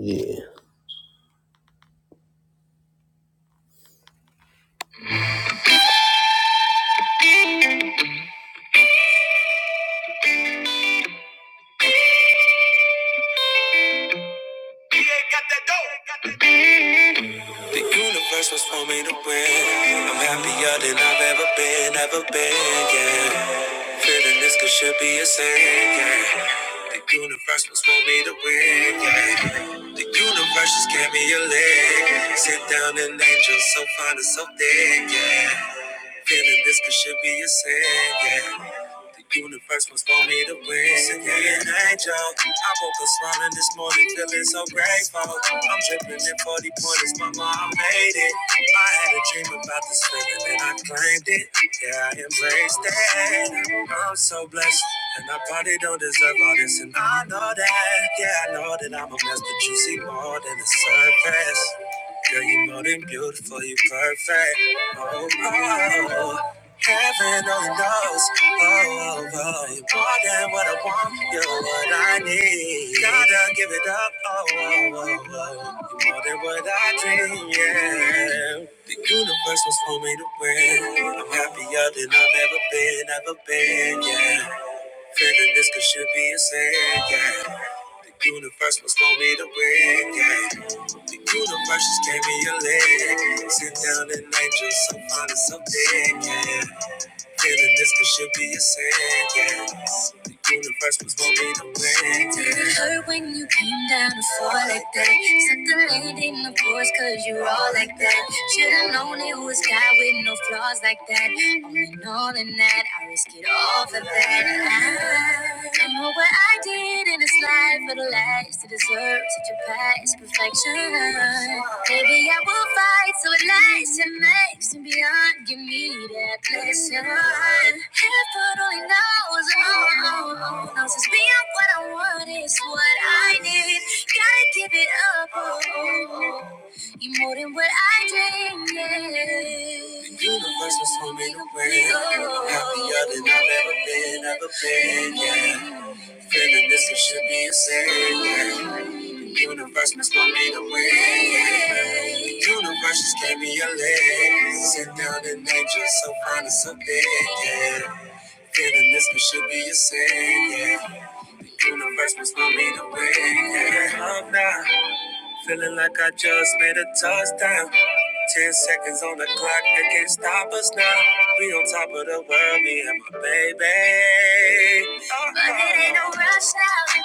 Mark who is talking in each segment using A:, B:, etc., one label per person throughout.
A: Yeah. The universe was for me to win. I'm happier than I've ever been, ever been, yeah. Feeling this could should be a sin, yeah. The universe was for me to win, yeah. The universe just gave me a leg. Sit down and angel so fine and so thick, yeah. Feeling this could should be a sin, yeah. The universe was for me to win. Send me an angel. I woke up smiling this morning, feeling so grateful. I'm dripping in 40 pointers, mama, I made it. I had a dream about this feeling and I claimed it. Yeah, I embraced it. I'm so blessed. And I probably don't deserve all this, and I know that. Yeah, I know that I'm a mess, but you see more than the surface. Girl, you are more than beautiful, you are perfect. Oh, oh, oh. heaven only knows. Oh, oh, oh, you more than what I want, you're what I need. Gotta give it up. Oh, oh, oh, oh. you more than what I dream. Yeah, the universe was for me to win. I'm happier than I've ever been, ever been. Yeah. Feeling this could should be a sin, yeah. The universe must want me to win, yeah. The universe just gave me a leg. Sit down and angel, so fine and so thick, yeah. Feeling this could should be a sin, yeah. The universe was gonna be the win, yeah. it hurt when you came down to fall like that? Set the land in the course, cause you're all like that. Should've known it was God with no flaws like that. All in all in that, I risk it all for that. I don't know what I did in this life for the last twice to deserve such a past perfection. Maybe I will fight so it lasts and makes and beyond. Give me that blessing. Heaven only knows, oh, knows it's beyond what I want, it's what I need. Gotta give it up, oh. You are more than what I dreamed. Yeah. The universe was homemade away. Happier than I've ever been, ever been. Yeah. Feeling this it should be a sin. The universe must want me to win. The universe just gave me a leg. Sit down and angel, so fine and so big. Yeah. Feeling this it should be a sin. Yeah. The universe must want me to win. Yeah. Love now. Feeling like I just made a touchdown. Ten seconds on the clock, they can't stop us now. We on top of the world, me and my baby. Oh, But it ain't no rush now.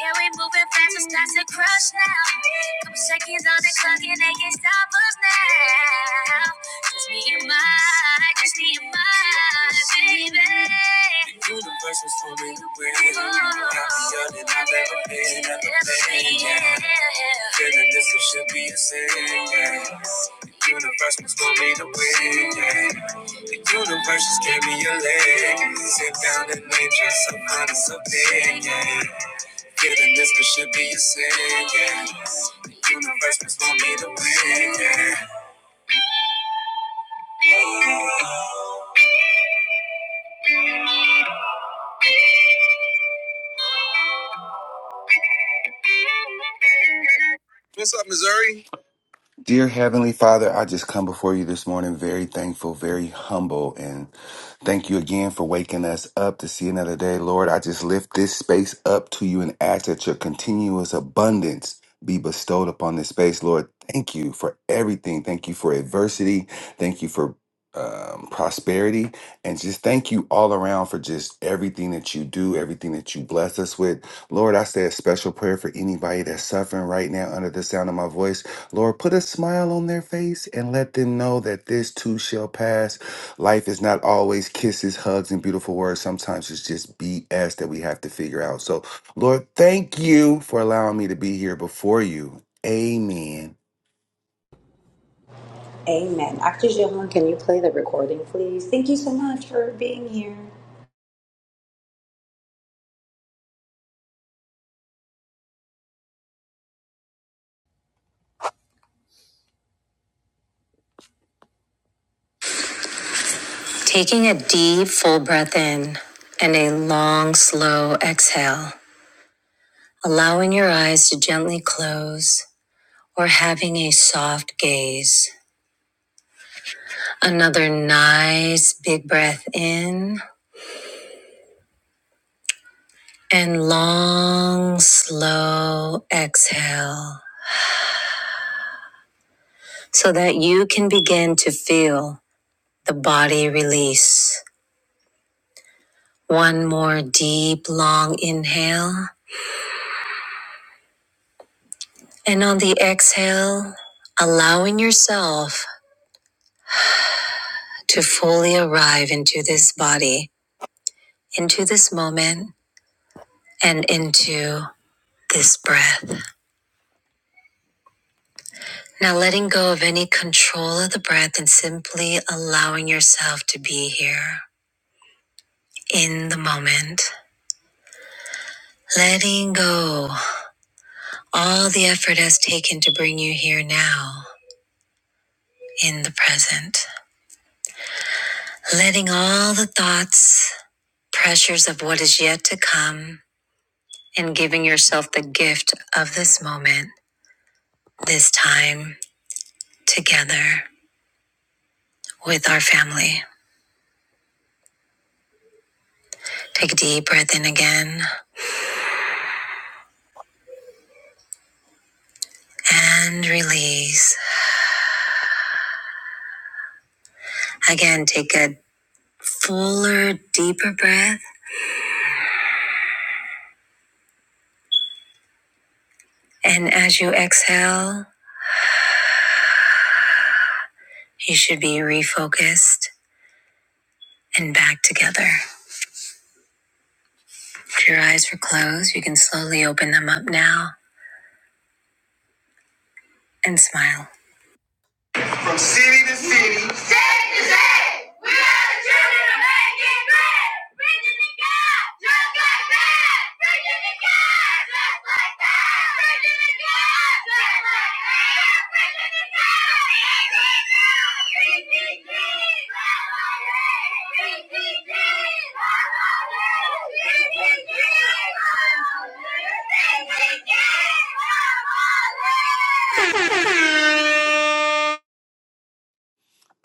A: Yeah, we moving fast, it's time to crush now. Couple seconds on the clock and they can not stop us now. Just me and my, just me and my baby. The universe was for me to win. I'm happier than I've ever been, ever been. Yeah. Feeling this it should be a sin. Yeah. The universe was for me to win. Yeah. The universe just gave me a leg. Sit down and nature, some honest opinion. Yeah. Feeling this could should be a sin, yeah. The universe was gonna win, yeah. What's up, Missouri?
B: Dear Heavenly Father, I just come before you this morning very thankful, very humble, and thank you again for waking us up to see another day. Lord, I just lift this space up to you and ask that your continuous abundance be bestowed upon this space. Lord, thank you for everything. Thank you for adversity. Thank you for um, prosperity. And just thank you all around for just everything that you do, everything that you bless us with. Lord, I say a special prayer for anybody that's suffering right now under the sound of my voice. Lord, put a smile on their face and let them know that this too shall pass. Life is not always kisses, hugs, and beautiful words. Sometimes it's just BS that we have to figure out. So, Lord, thank you for allowing me to be here before you. Amen.
C: Amen. Dr. Joan, can you play the recording, please? Thank you so much for being here.
A: Taking a deep, full breath in and a long, slow exhale, allowing your eyes to gently close or having a soft gaze. Another nice, big breath in and long, slow exhale so that you can begin to feel The body release. One more deep, long inhale. And on the exhale, allowing yourself to fully arrive into this body, into this moment, and into this breath. Now, letting go of any control of the breath and simply allowing yourself to be here in the moment. Letting go all the effort has taken to bring you here now in the present. letting all the thoughts, pressures of what is yet to come, and giving yourself the gift of this moment, this time together with our family. Take a deep breath in again and release. Again, take a fuller, deeper breath. And as you exhale, you should be refocused and back together. If your eyes were closed, you can slowly open them up now and smile. like like like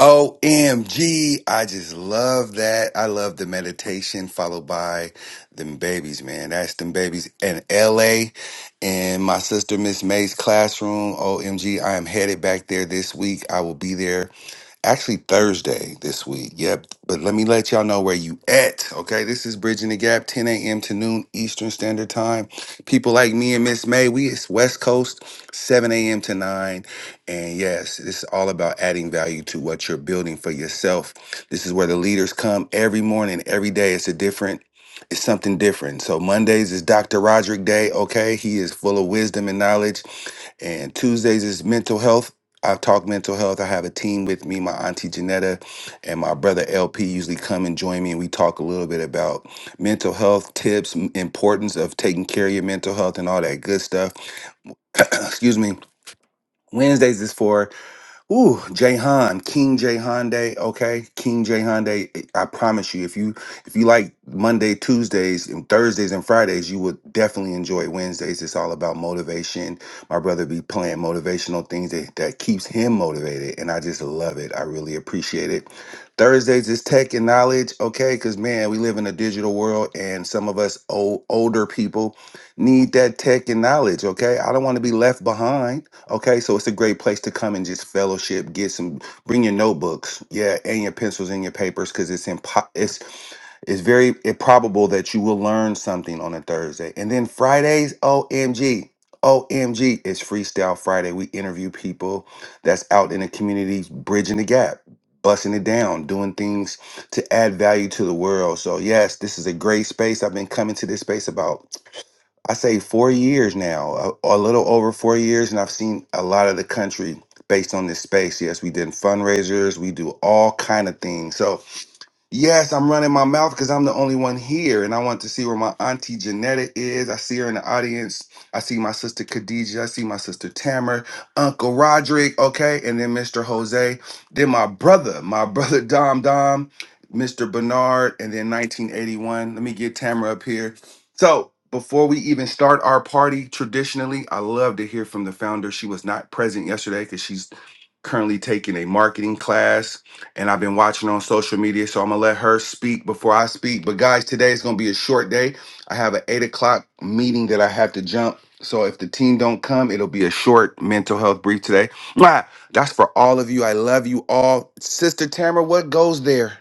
B: OMG. I just love that. I love the meditation followed by them babies, man. That's them babies in LA in my sister Miss May's classroom. OMG. I am headed back there this week. I will be there actually Thursday this week. Yep. But let me let y'all know where you at. Okay. This is Bridging the Gap, 10 a.m. to noon Eastern Standard Time. People like me and Miss May, we it's West Coast, 7 a.m. to 9. And yes, this is all about adding value to what you're building for yourself. This is where the leaders come every morning, every day. It's a different it's something different. So Mondays is Dr. Roderick Day, okay? He is full of wisdom and knowledge and Tuesdays is mental health. I talk mental health. I have a team with me. My auntie Janetta and my brother LP usually come and join me, and we talk a little bit about mental health tips, m- importance of taking care of your mental health, and all that good stuff. Excuse me. Wednesdays is for Ooh, Jahan, King Jahan Day. Okay, King Jahan Day. eh, I promise you, if you if you like Monday, Tuesdays, and Thursdays and Fridays, you will definitely enjoy Wednesdays. It's all about motivation. My brother be playing motivational things that, that keeps him motivated, and I just love it. I really appreciate it. Thursdays is tech and knowledge. Okay, because man, we live in a digital world, and some of us old, older people need that tech and knowledge. Okay, I don't want to be left behind. Okay, so it's a great place to come and just fellowship, get some, bring your notebooks, yeah, and your pencils and your papers, because it's impo- it's it's very improbable that you will learn something on a Thursday. And then Fridays, OMG, OMG, it's Freestyle Friday. We interview people that's out in the community, bridging the gap, busting it down, doing things to add value to the world. So yes, this is a great space. I've been coming to this space about I say four years now, a, a little over four years, and I've seen a lot of the country based on this space. Yes, we did fundraisers, we do all kind of things. So Yes, I'm running my mouth because I'm the only one here, and I want to see where my auntie Janetta is. I see her in the audience. I see my sister Khadija. I see my sister Tamara, Uncle Roderick, okay, and then Mr. Jose. Then my brother, my brother Dom Dom, Mr. Bernard, and then 1981. Let me get Tamara up here. So before we even start our party, traditionally, I love to hear from the founder. She was not present yesterday because she's currently taking a marketing class and I've been watching on social media. So I'm gonna let her speak before I speak. But guys, today is gonna be a short day. I have an eight o'clock meeting that I have to jump. So if the team don't come, it'll be a short mental health brief today. Mwah! That's for all of you. I love you all. Sister Tamara, what goes there?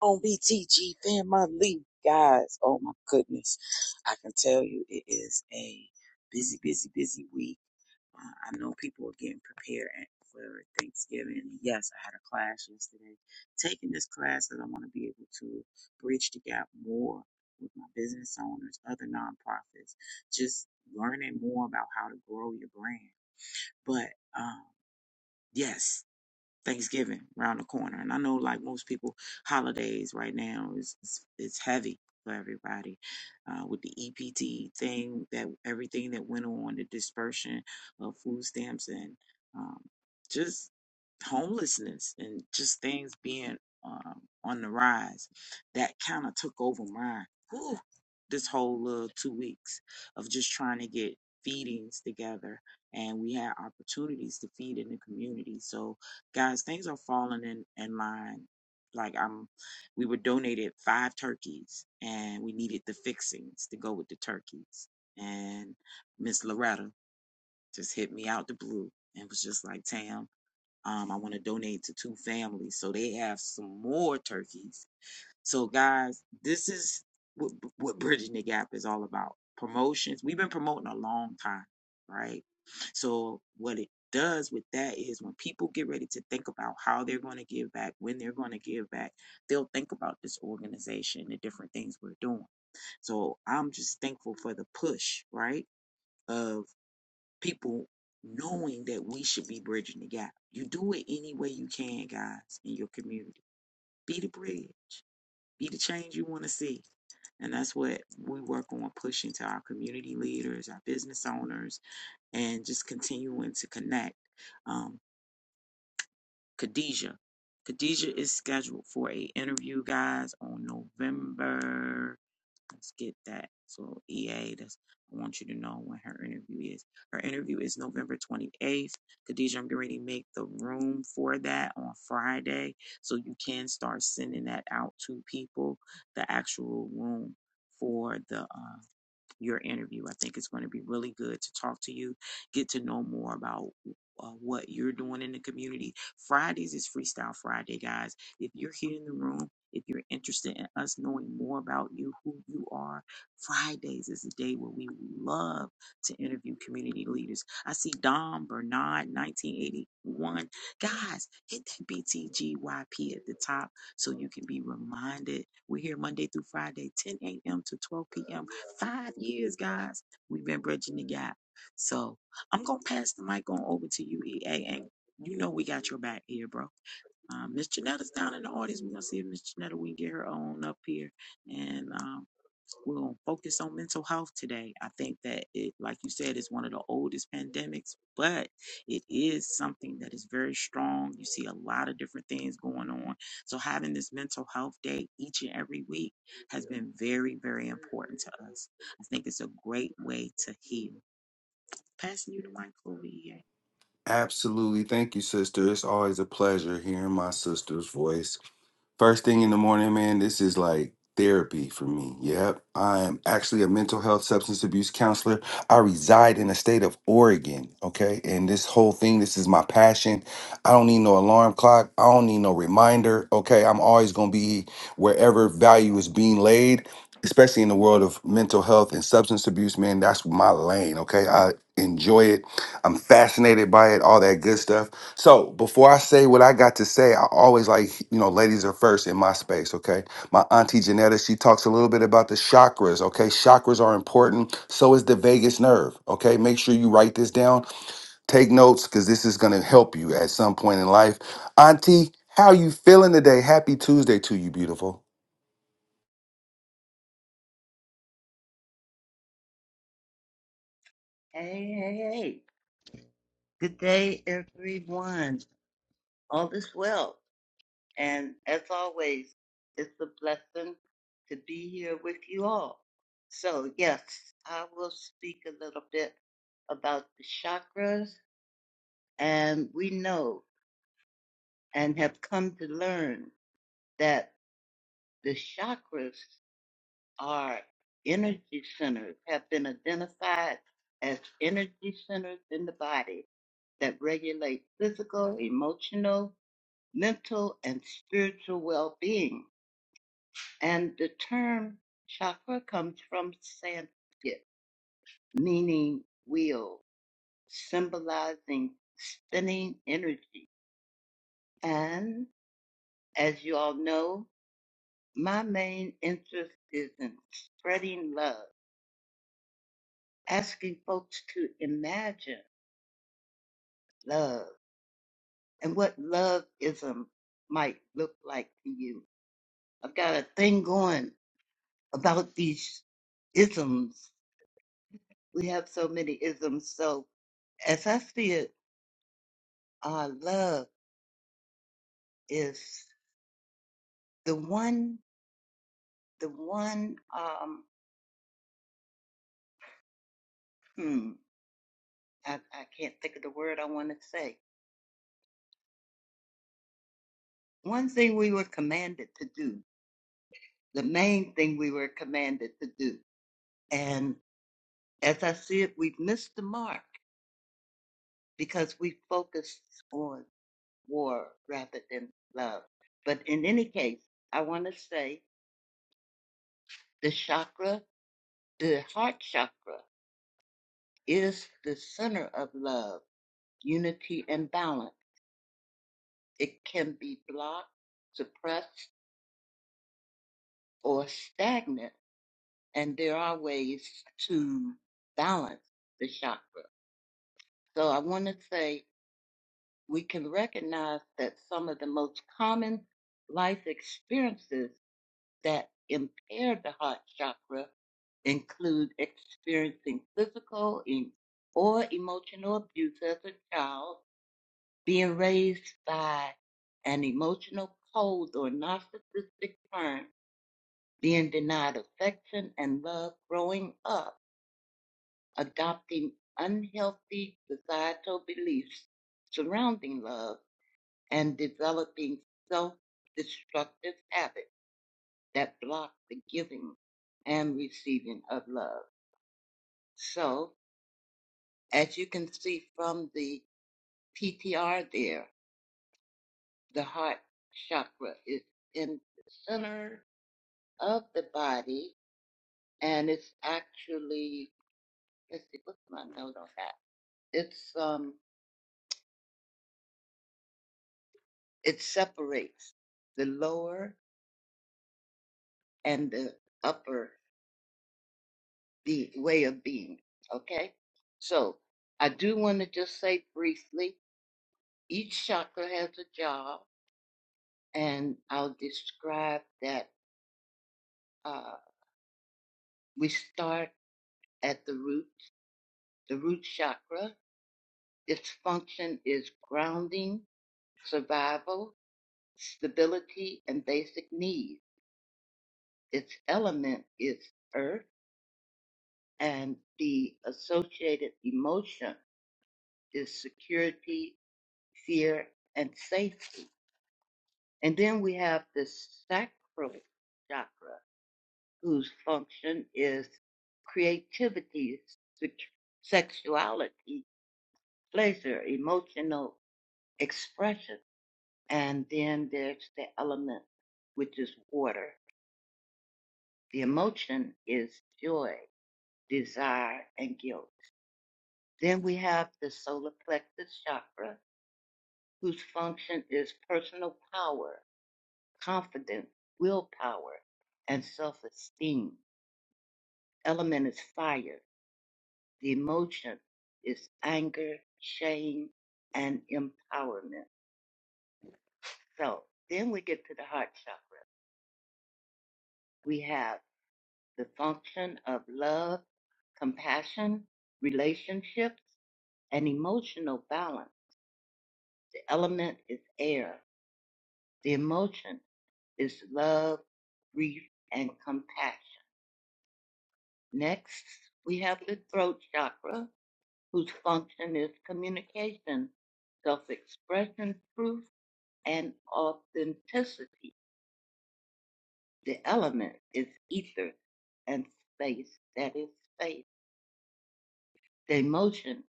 D: on BTG family, guys. Oh my goodness. I can tell you it is a busy, busy, busy week. Uh, I know people are getting prepared at- for Thanksgiving. Yes, I had a class yesterday. Taking this class that I want to be able to bridge the gap more with my business owners, other nonprofits, just learning more about how to grow your brand. But um, yes. Thanksgiving around the corner, and I know like most people, holidays right now is is, is heavy for everybody uh, with the EPT thing that everything that went on, the dispersion of food stamps and um, just homelessness and just things being um, on the rise. That kind of took over my whew, this whole little two weeks of just trying to get feedings together and we had opportunities to feed in the community. So guys, things are falling in, in line. Like I'm, we were donated five turkeys, and we needed the fixings to go with the turkeys. And Miss Loretta just hit me out the blue and was just like, "Tam, um, I want to donate to two families, so they have some more turkeys so, guys, this is what, what Bridging the Gap is all about promotions. We've been promoting a long time, right? So, what it does with that is when people get ready to think about how they're going to give back, when they're going to give back, they'll think about this organization, the different things we're doing. So, I'm just thankful for the push, right? Of people knowing that we should be bridging the gap. You do it any way you can, guys, in your community. Be the bridge be the change you want to see. And that's what we work on pushing to our community leaders, our business owners, and just continuing to connect. Um, Khadijah. Khadijah is scheduled for a interview, guys, on November. Let's get that. So EA, that's I want you to know when her interview is. Her interview is November 28th. Khadijah, I'm going to make the room for that on Friday. So you can start sending that out to people, the actual room for the uh, your interview. I think it's going to be really good to talk to you, get to know more about uh, what you're doing in the community. Fridays is Freestyle Friday, guys. If you're here in the room, if you're interested in us knowing more about you, who you are, Fridays is a day where we love to interview community leaders. I see Dom Bernard, 1981. Guys, hit that BTGYP at the top so you can be reminded. We're here Monday through Friday, 10 a.m. to 12 p.m Five years, guys, we've been bridging the gap. So I'm gonna pass the mic on over to you, EA, and you know we got your back here, bro. Um, Miss Janetta's down in the audience. We're gonna see if Miss Janetta we can get her on up here, and um, we're gonna focus on mental health today. I think that it, like you said, is one of the oldest pandemics, but it is something that is very strong. You see a lot of different things going on. So having this mental health day each and every week has been very, very important to us. I think it's a great way to heal. Passing you the mic over here.
B: Absolutely. Thank you, sister. It's always a pleasure hearing my sister's voice. First thing in the morning, man, this is like therapy for me. Yep. I am actually a mental health substance abuse counselor. I reside in the state of Oregon. Okay. And this whole thing, this is my passion. I don't need no alarm clock. I don't need no reminder. Okay. I'm always going to be wherever value is being laid, especially in the world of mental health and substance abuse, man. That's my lane. Okay. I enjoy it. I'm fascinated by it, all that good stuff. So before I say what I got to say, I always like, you know, ladies are first in my space, okay? My auntie Janetta, she talks a little bit about the chakras, okay? Chakras are important. So is the vagus nerve, okay? Make sure you write this down. Take notes because this is going to help you at some point in life. Auntie, how you feeling today? Happy Tuesday to you, beautiful.
E: Hey, hey, hey. Good day, everyone. All is well. And as always, it's a blessing to be here with you all. So, yes, I will speak a little bit about the chakras. And we know and have come to learn that the chakras our energy centers have been identified as energy centers in the body that regulate physical, emotional, mental, and spiritual well being. And the term chakra comes from Sanskrit, meaning wheel, symbolizing spinning energy. And as you all know, my main interest is in spreading love, asking folks to imagine love and what loveism might look like to you. I've got a thing going about these isms. We have so many isms. So as I see it, uh, love is the one, the one, um, hmm, I, I can't think of the word I want to say. One thing we were commanded to do, the main thing we were commanded to do. And as I see it, we've missed the mark because we focused on. war rather than love. But in any case, I want to say the chakra, the heart chakra, is the center of love, unity, and balance. It can be blocked, suppressed, or stagnant, and there are ways to balance the chakra. So I want to say we can recognize that some of the most common life experiences that impair the heart chakra include experiencing physical or emotional abuse as a child, being raised by an emotional cold or narcissistic parent, being denied affection and love growing up, adopting unhealthy societal beliefs surrounding love, and developing self destructive habits. that block the giving and receiving of love. So, as you can see from the PTR there, the heart chakra is in the center of the body and it's actually, let's see, what's my note on that? It's, um, it separates the lower and the upper be- way of being. Okay. So I do want to just say briefly, each chakra has a job and I'll describe that uh, we start at the root, the root chakra. Its function is grounding, survival, stability, and basic needs. Its element is earth, and the associated emotion is security, fear, and safety. And then we have the sacral chakra, whose function is creativity, sexuality, pleasure, emotional expression. And then there's the element, which is water. The emotion is joy, desire, and guilt. Then we have the solar plexus chakra, whose function is personal power, confidence, willpower, and self esteem. Element is fire. The emotion is anger, shame, and empowerment. So then we get to the heart chakra. We have the function of love, compassion, relationships, and emotional balance. The element is air. The emotion is love, grief, and compassion. Next, we have the throat chakra, whose function is communication, self expression, truth. and authenticity. The element is ether and space, that is space. The emotion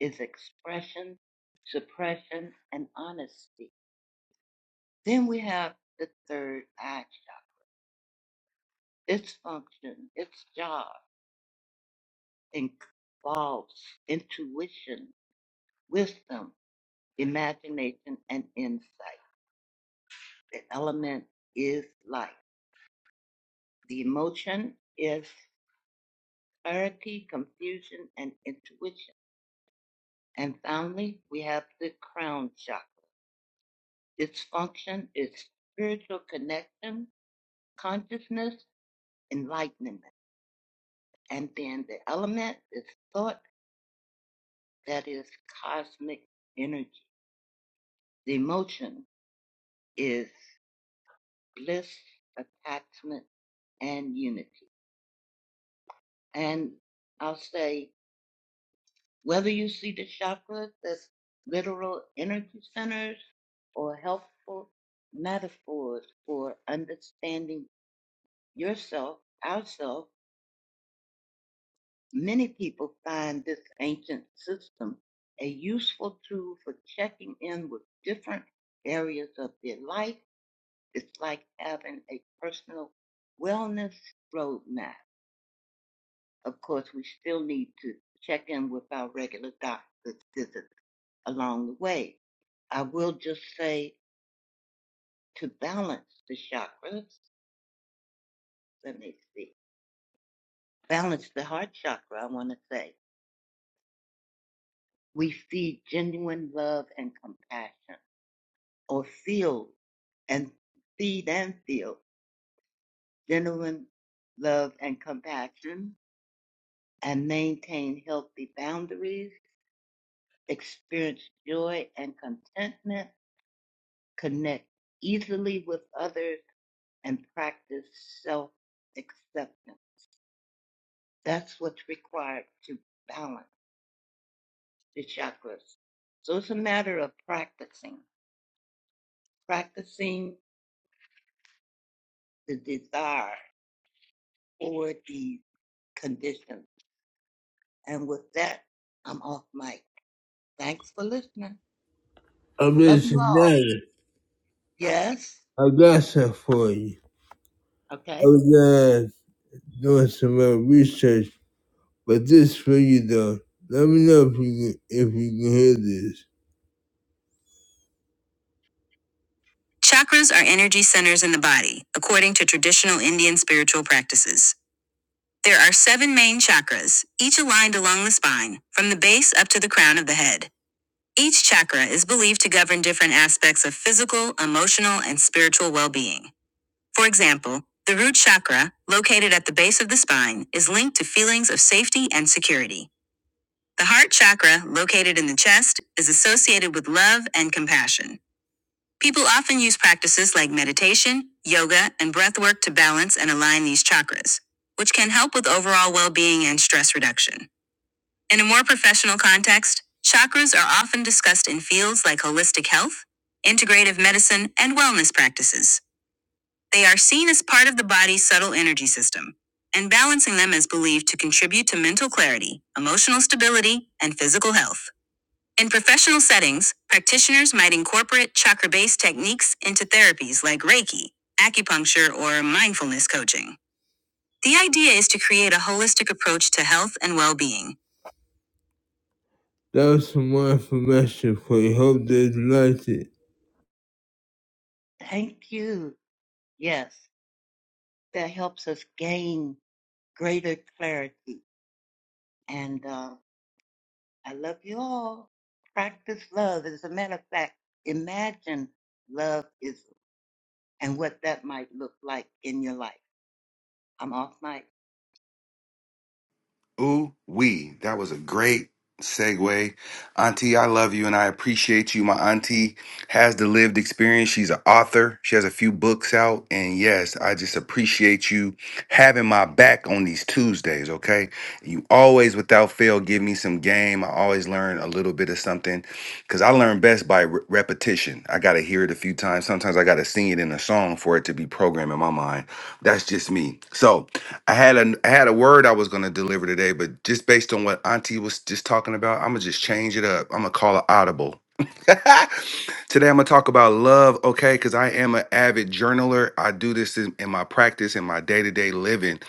E: is expression, suppression, and honesty. Then we have the third eye chakra. Its function, its job involves intuition, wisdom, imagination, and insight. The element is light. The emotion is clarity, confusion, and intuition. And finally, we have the crown chakra. Its function is spiritual connection, consciousness, enlightenment. And then the element is thought, that is cosmic energy. The emotion is bliss, attachment, and unity. And I'll say whether you see the chakras as literal energy centers or helpful metaphors for understanding yourself, ourself, many people find this ancient system a useful tool for checking in with different areas of their life. It's like having a personal wellness roadmap. Of course, we still need to check in with our regular doctor's visits along the way. I will just say to balance the chakras, let me see, balance the heart chakra, I want to say. we see genuine love and compassion, or feel and feed and feel genuine love and compassion, and maintain healthy boundaries, experience joy and contentment, connect easily with others, and practice self acceptance. That's what's required to balance the chakras. So it's a matter of practicing, practicing the desire for these. conditions. And with that, I'm off mic. Thanks for listening.
A: I'm
E: Love you all.
A: listening.
E: Yes?
A: I got some for you. I
E: Okay.
A: was uh, doing some uh, research, but this for you though. Let me know if you can, if you can hear this. Chakras are energy centers in the body, according to traditional Indian spiritual practices. There are seven main chakras, each aligned along the spine, from the base up to the crown of the head. Each chakra is believed to govern different aspects of physical, emotional, and spiritual well being. For example, the root chakra, located at the base of the spine, is linked to feelings of safety and security. The heart chakra, located in the chest, is associated with love and compassion. People often use practices like meditation, yoga, and breathwork to balance and align these chakras, which can help with overall well being and stress reduction. In a more professional context, chakras are often discussed in fields like holistic health, integrative medicine, and wellness practices. They are seen as part of the body's subtle energy system, and balancing them is believed to contribute to mental clarity, emotional stability, and physical health. In professional settings, practitioners might incorporate chakra based techniques into therapies like Reiki, acupuncture, or mindfulness coaching. The idea is to create a holistic approach to health and well being. That was some more information for you. Hope they liked it.
E: Thank you. Yes. That helps us gain greater clarity. And uh, I love you all. Practice love. As a matter of fact, imagine love is and what that might look like in your life. I'm off mic.
B: Ooh, we. That was a great segue. Auntie, I love you and I appreciate you. My auntie has the lived experience. She's an author, she has a few books out. And yes, I just appreciate you having my back on these Tuesdays, okay? You always, without fail, give me some game. I always learn a little bit of something because I learn best by re- repetition. I got to hear it a few times. Sometimes I got to sing it in a song for it to be programmed in my mind. That's just me. So, I had a I had a word I was gonna deliver today, but just based on what Auntie was just talking about, I'm gonna just change it up. I'm gonna call it audible. today I'm gonna talk about love, okay? Because I am an avid journaler. I do this in, in my practice, in my day to day living,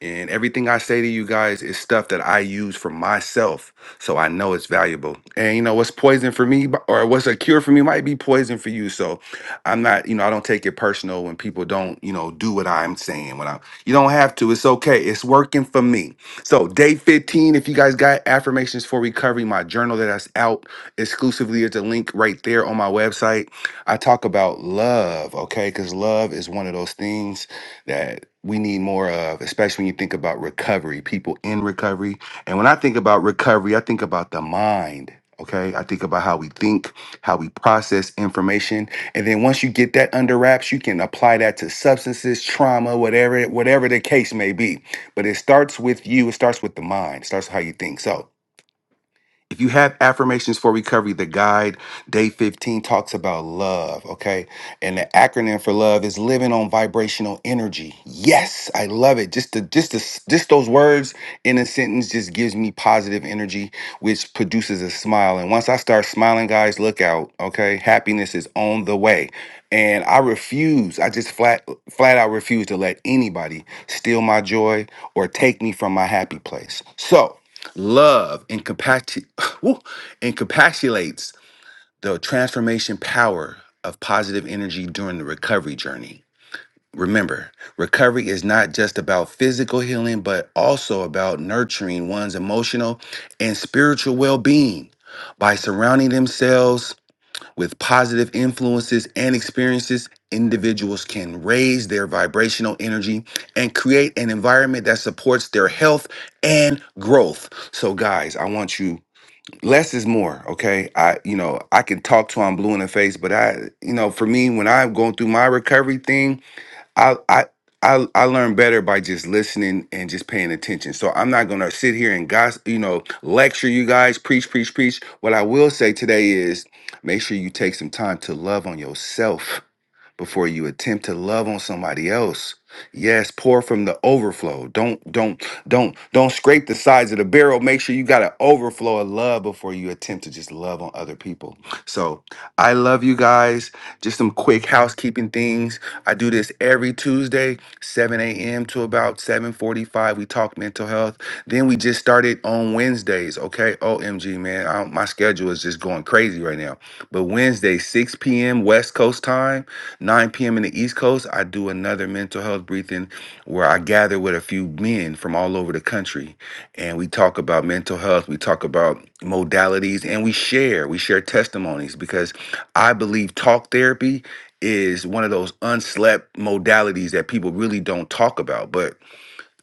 B: and everything I say to you guys is stuff that I use for myself, so I know it's valuable. And you know what's poison for me, b- or what's a cure for me, might be poison for you. So I'm not, you know, I don't take it personal when people don't, you know, do what I'm saying when I am you don't have to. It's okay. It's working for me. So, day 15, if you guys got affirmations for recovery, my journal that that's out exclusively is a link right there on my website. I talk about love, okay? Because love is one of those things that we need more of, especially when you think about recovery, people in recovery. And when I think about recovery, I think about the mind. Okay, I think about how we think, how we process information, and then once you get that under wraps, you can apply that to substances, trauma, whatever, whatever the case may be. But it starts with you. It starts with the mind. It starts with how you think. So if you have affirmations for recovery, the guide day 15 talks about love, okay? And the acronym for love is living on vibrational energy. Yes, I love it. Just the just the, just those words in a sentence just gives me positive energy which produces a smile. And once I start smiling, guys, look out, okay? Happiness is on the way. And I refuse, I just flat flat out refuse to let anybody steal my joy or take me from my happy place. So, Love incapaci- woo, encapsulates the transformation power of positive energy during the recovery journey. Remember, recovery is not just about physical healing, but also about nurturing one's emotional and spiritual well being. By surrounding themselves with positive influences and experiences, individuals can raise their vibrational energy and create an environment that supports their health and growth. So guys, I want you less is more, okay? I you know, I can talk to I'm blue in the face, but I you know, for me when I'm going through my recovery thing, I I I I learn better by just listening and just paying attention. So I'm not gonna sit here and gossip, you know, lecture you guys, preach, preach, preach. What I will say today is make sure you take some time to love on yourself before you attempt to love on somebody else. Yes, pour from the overflow. Don't don't don't don't scrape the sides of the barrel. Make sure you got an overflow of love before you attempt to just love on other people. So I love you guys. Just some quick housekeeping things. I do this every Tuesday, 7 a.m. to about 7:45. We talk mental health. Then we just started on Wednesdays. Okay, OMG, man, I, my schedule is just going crazy right now. But Wednesday, 6 p.m. West Coast time, 9 p.m. in the East Coast, I do another mental health briefing where I gather with a few men from all over the country and we talk about mental health, we talk about modalities, and we share. We share testimonies because I believe talk therapy is one of those unslept modalities that people really don't talk about. But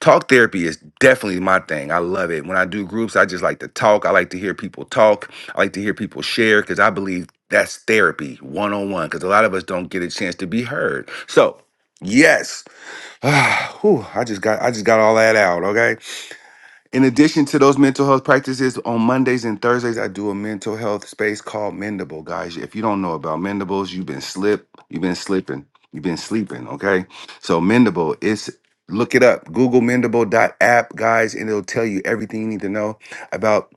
B: talk therapy is definitely my thing. I love it. When I do groups, I just like to talk. I like to hear people talk. I like to hear people share because I believe that's therapy one on one because a lot of us don't get a chance to be heard. So, yes. Whew, I just got I just got all that out, okay? In addition to those mental health practices, on Mondays and Thursdays, I do a mental health space called Mendable. Guys, if you don't know about Mendables, you've been slip, you've been slipping, you've been sleeping. Okay, so Mendable it's look it up. Google Mendable dot app, guys, and it'll tell you everything you need to know about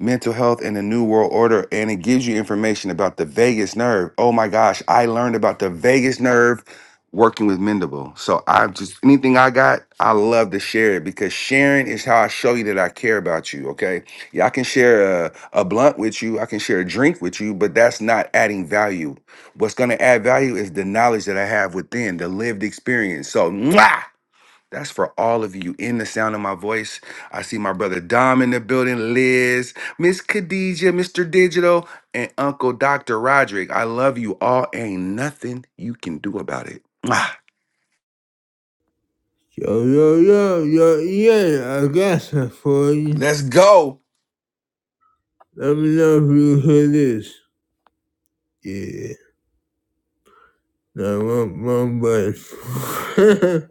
B: mental health and the new world order and it gives you information about the vagus nerve oh my gosh i learned about the vagus nerve working with mendable so i just anything i got i love to share it because sharing is how i show you that i care about you okay yeah i can share a, a blunt with you i can share a drink with you but that's not adding value what's going to add value is the knowledge that i have within the lived experience so mwah! That's for all of you in the sound of my voice. I see my brother Dom in the building, Liz, Miss Khadija, Mr. Digital, and Uncle Dr. Roderick. I love you all. Ain't nothing you can do about it. Mwah.
A: Yo, yo, yo, yo, yeah, I got some for you.
B: Let's go.
A: Let me know if you hear this. Yeah, no, one, one button.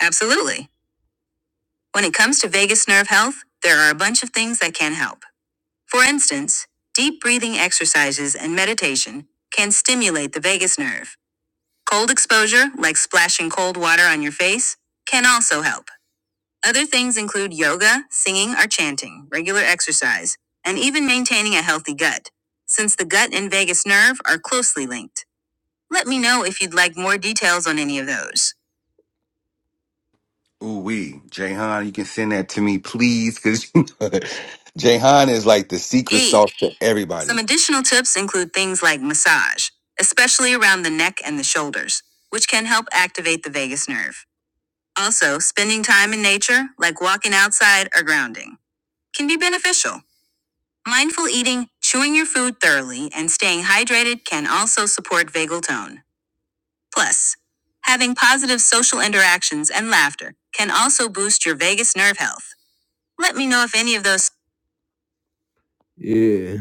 A: Absolutely. When it comes to vagus nerve health, there are a bunch of things that can help. For instance, deep breathing exercises and meditation can stimulate the vagus nerve. Cold exposure, like splashing cold water on your face, can also help. Other things include yoga, singing or chanting, regular exercise, and even maintaining a healthy gut, since the gut and vagus nerve are closely linked. Let me know if you'd like more details on any of those.
B: Ooh, wee. Jayhan, you can send that to me, please, because Jayhan is like the secret
A: E.
B: sauce to
A: Some
B: everybody.
A: additional tips include things like massage, especially around the neck and the shoulders, which can help activate the vagus nerve. Also, spending time in nature, like walking outside or grounding, can be beneficial. Mindful eating, chewing your food thoroughly, and staying hydrated can also support vagal tone. Plus, having positive social interactions and laughter can also boost your vagus nerve health. Let me know if any of those. Yeah.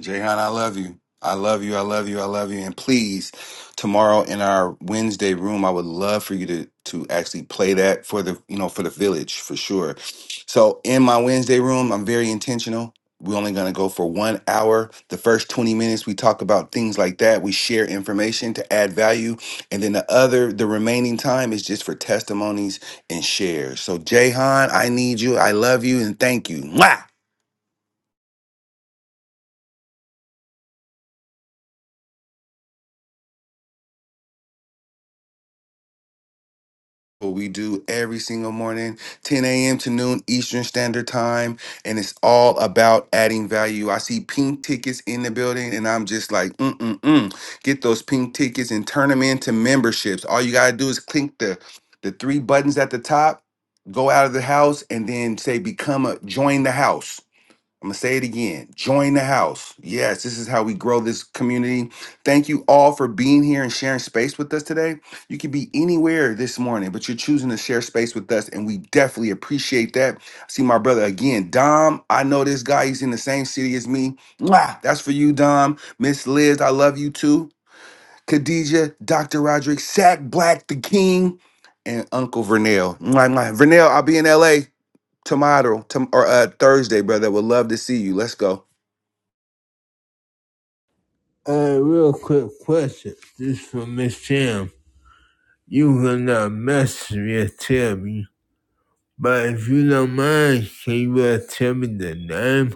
B: Jayhan, I love you. I love you. I love you. I love you. And please, tomorrow in our Wednesday room, I would love for you to to actually play that for the you know for the village for sure. So in my Wednesday room, I'm very intentional. We're only going to go for one hour. The first 20 minutes, we talk about things like that. We share information to add value. And then the other, the remaining time is just for testimonies and shares. So, Jayhan, I need you. I love you and thank you. Mwah! what we do every single morning 10 a.m to noon eastern standard time and it's all about adding value i see pink tickets in the building and i'm just like mm-mm-mm get those pink tickets and turn them into memberships all you gotta do is click the the three buttons at the top go out of the house and then say become a join the house I'm gonna say it again. Join the house. Yes, this is how we grow this community. Thank you all for being here and sharing space with us today. You could be anywhere this morning, but you're choosing to share space with us, and we definitely appreciate that. I see my brother again, Dom. I know this guy, he's in the same city as me. Mwah! That's for you, Dom. Miss Liz, I love you too. Khadijah, Dr. Roderick, Sack Black, the King, and Uncle Vernell. Mwah, mwah. Vernell, I'll be in LA tomorrow tom- or uh, Thursday, brother. Would love to see you. Let's go.
A: Uh, real quick question. This from Miss Tim. You can uh, message me and tell me, but if you don't mind, can you uh, tell me the name?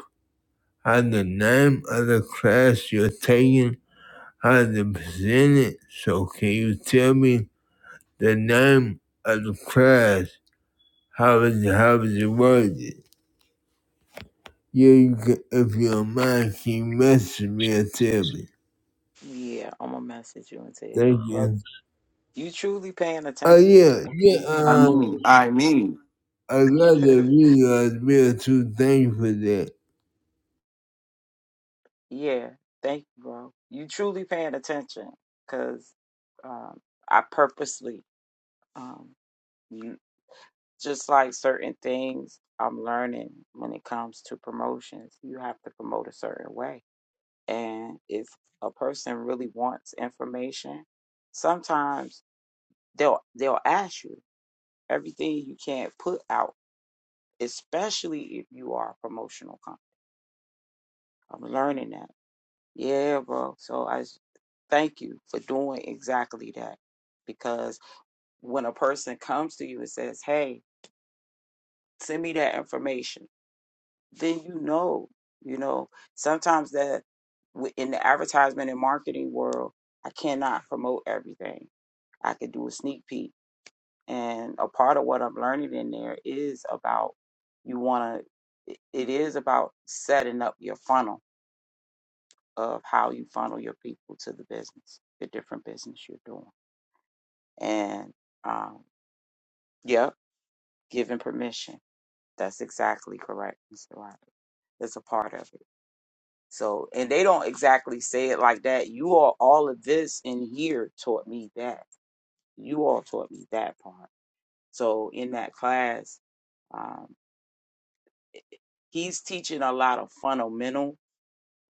A: how the name of the class you're taking, how to present it. So can you tell me the name of the class? How is it, how is it worded? Yeah, you can, if you don't mind, can you message me and tell me?
D: Yeah, I'm gonna message you and tell you,
A: Thank
D: bro.
A: you.
D: You truly paying
A: Oh
D: attention.
A: yeah, yeah.
B: I
A: Um,
B: mean, I mean,
A: I got the video as well too. Thank you for that.
D: yeah, thank you, bro. You truly paying attention, cause um, I purposely, um, you, just like certain things, I'm learning when it comes to promotions. You have to promote a certain way, and if a person really wants information, sometimes they'll they'll ask you. Everything you can't put out, especially if you are a promotional company. I'm learning that. Yeah, bro. So I s- thank you for doing exactly that. Because when a person comes to you and says, Hey, send me that information, then you know, you know, sometimes that w- in the advertisement and marketing world, I cannot promote everything. I could do a sneak peek And a part of what I'm learning in there is about you want to, it is about setting up your funnel of how you funnel your people to the business, the different business you're doing. And um, yep, giving permission. That's exactly correct, Mr. Ryder. That's a part of it. So, and they don't exactly say it like that. You all, all of this in here taught me that. You all taught me that part. So, in that class, um, he's teaching a lot of fundamental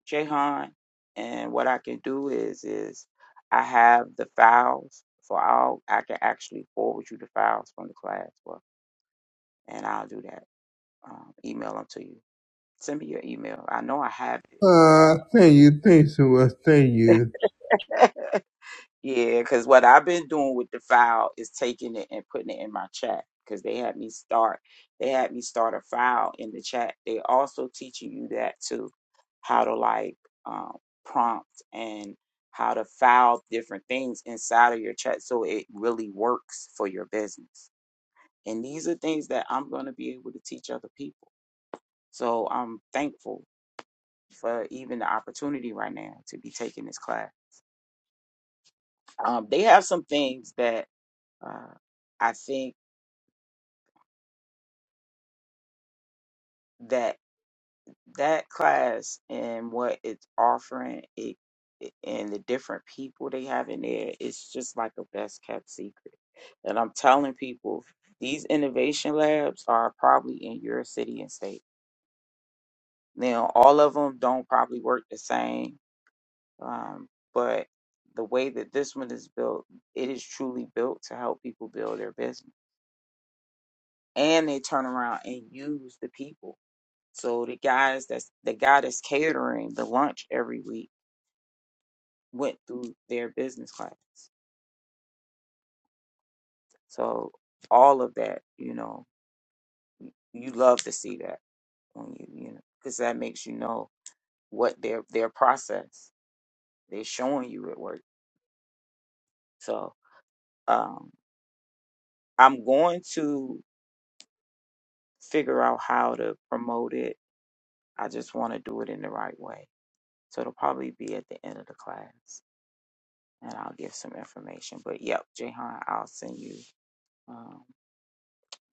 D: Jahan. And what I can do is is I have the files for all. I can actually forward you the files from the class, well, and I'll do that. Um, email them to you. Send me your email. I know I have it, but.
A: Uh, thank you, thanks so much. Thank you.
D: Yeah, because what I've been doing with the file is taking it and putting it in my chat because they had me start they had me start a file in the chat. They also teaching you that too, how to like um, prompt and how to file different things inside of your chat so it really works for your business. And these are things that I'm going to be able to teach other people. So I'm thankful for even the opportunity right now to be taking this class. Um, they have some things that Uh, I think that that class and what it's offering it, and the different people they have in there, it's just like a best kept secret. And I'm telling people, these innovation labs are probably in your city and state. Now, all of them don't probably work the same, um, but the way that this one is built, it is truly built to help people build their business. And they turn around and use the people. So the guys that's the guy that's catering the lunch every week went through their business class. So all of that, you know, you love to see that when you you know because that makes you know what their their process they're showing you at work. So um, I'm going to figure out how to promote it. I just want to do it in the right way. So it'll probably be at the end of the class, and I'll give some information. But yep, Jahan, I'll send you. Um,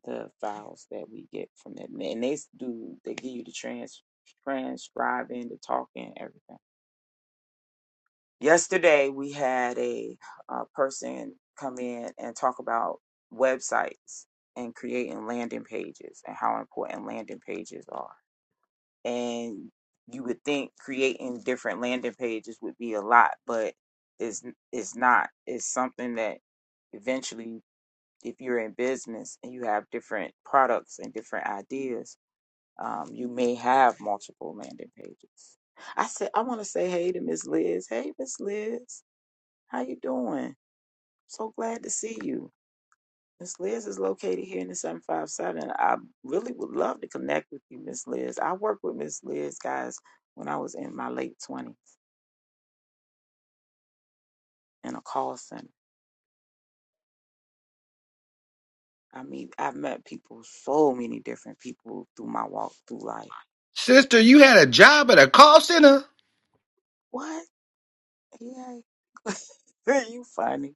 D: the files that we get from them. And they do, they give you the trans, transcribing, the talking, everything. Yesterday, we had a, uh person come in and talk about websites and creating landing pages and how important landing pages are. And you would think creating different landing pages would be a lot, but it's, it's not. It's something that eventually, if you're in business and you have different products and different ideas, Um, you may have multiple landing pages. I said I want to say hey to Miss Liz. Hey, Miss Liz, how you doing? So glad to see you. Miss Liz is located here in the 757. I really would love to connect with you, Miss Liz. I worked with Miss Liz, guys, when I was in my late 20s in a call center. I mean, I've met people, so many different people through my walk through life.
B: sister, you had a job at a call center.
D: What? Yeah, you funny.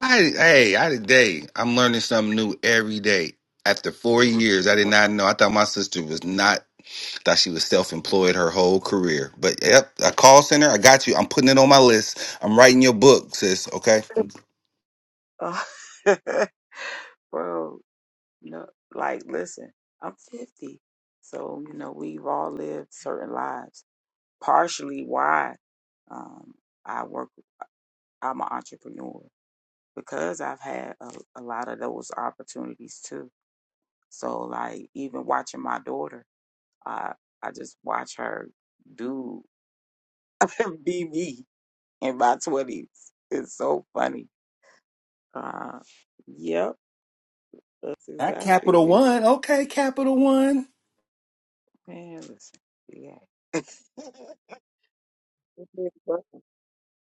B: I, hey, I today I'm learning something new every day. After four years, I did
D: Bro.
B: not know. I thought my sister was not. Thought she was self-employed her whole career. But yep, a call center. I got you. I'm putting it on my list. I'm writing your book, sis. Okay.
D: bro. You know, like, listen, I'm 50. So, you know, we've all lived certain lives. Partially why um, I work, I'm an entrepreneur because I've had a, a lot of those opportunities too. So, like, even watching my daughter, I, I just watch her do, be me in my 20s. It's so funny. Uh, yep, that's
B: Not
D: exactly
B: Capital
D: what,
B: One. Okay, Capital One.
D: man, listen, yeah.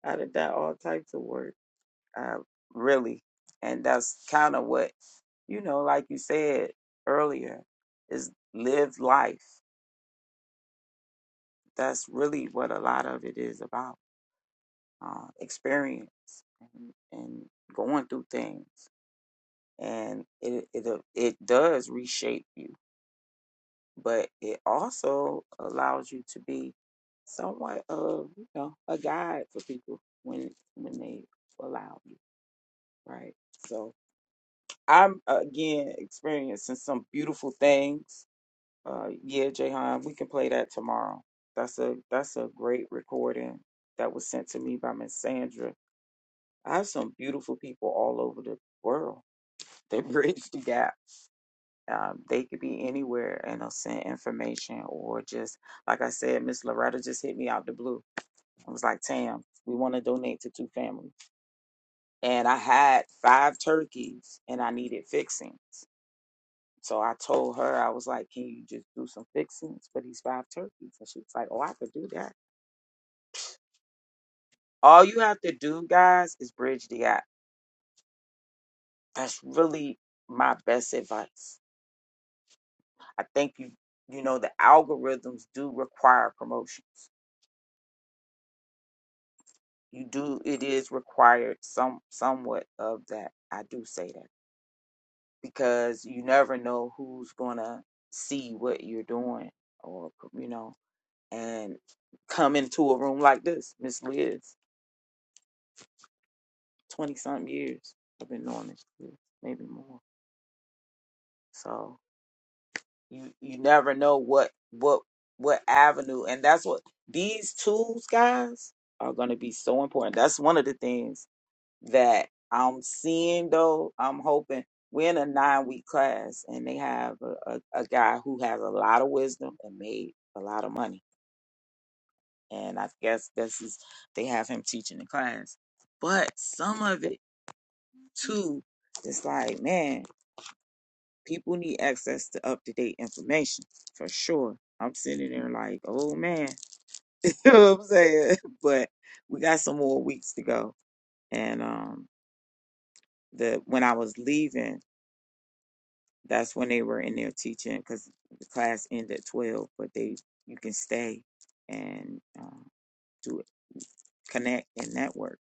D: I done done all types of work, uh, really, and that's kind of what you know, like you said earlier, is live life. That's really what a lot of it is about, uh, experience and, and going through things, and it it uh, it does reshape you, but it also allows you to be somewhat of you know a guide for people when when they allow you, right? So I'm uh, again experiencing some beautiful things. Uh, yeah, Jahan, we can play that tomorrow. That's a that's a great recording that was sent to me by Miss Sandra. I have some beautiful people all over the world. They bridge the gap. Um, they could be anywhere and they'll send information or just like I said, Miss Loretta just hit me out the blue. I was like, Tam, we want to donate to two families. And I had five turkeys and I needed fixings So I told her, I was like, can you just do some fixings for these five turkeys? And she was like, oh, I could do that. All you have to do, guys, is bridge the gap. That's really my best advice. I think you, you know, the algorithms do require promotions. You do, it is required some, somewhat of that. I do say that because you never know who's gonna see what you're doing or, you know, and come into a room like this, Miss Liz. 20 something years I've been doing this, maybe more. So you you never know what what what avenue and that's what these tools guys are going to be so important. That's one of the things that I'm seeing though. I'm hoping we're in a 9 week class and they have a, a, a guy who has a lot of wisdom and made a lot of money. And I guess this is they have him teaching the class. But some of it too it's like, man, People need access to up to date information for sure. I'm sitting there like, oh man, you know what I'm saying? But we got some more weeks to go. And um, the when I was leaving, that's when they were in there teaching because the class ended at 12, but they you can stay and um, do it, connect and network.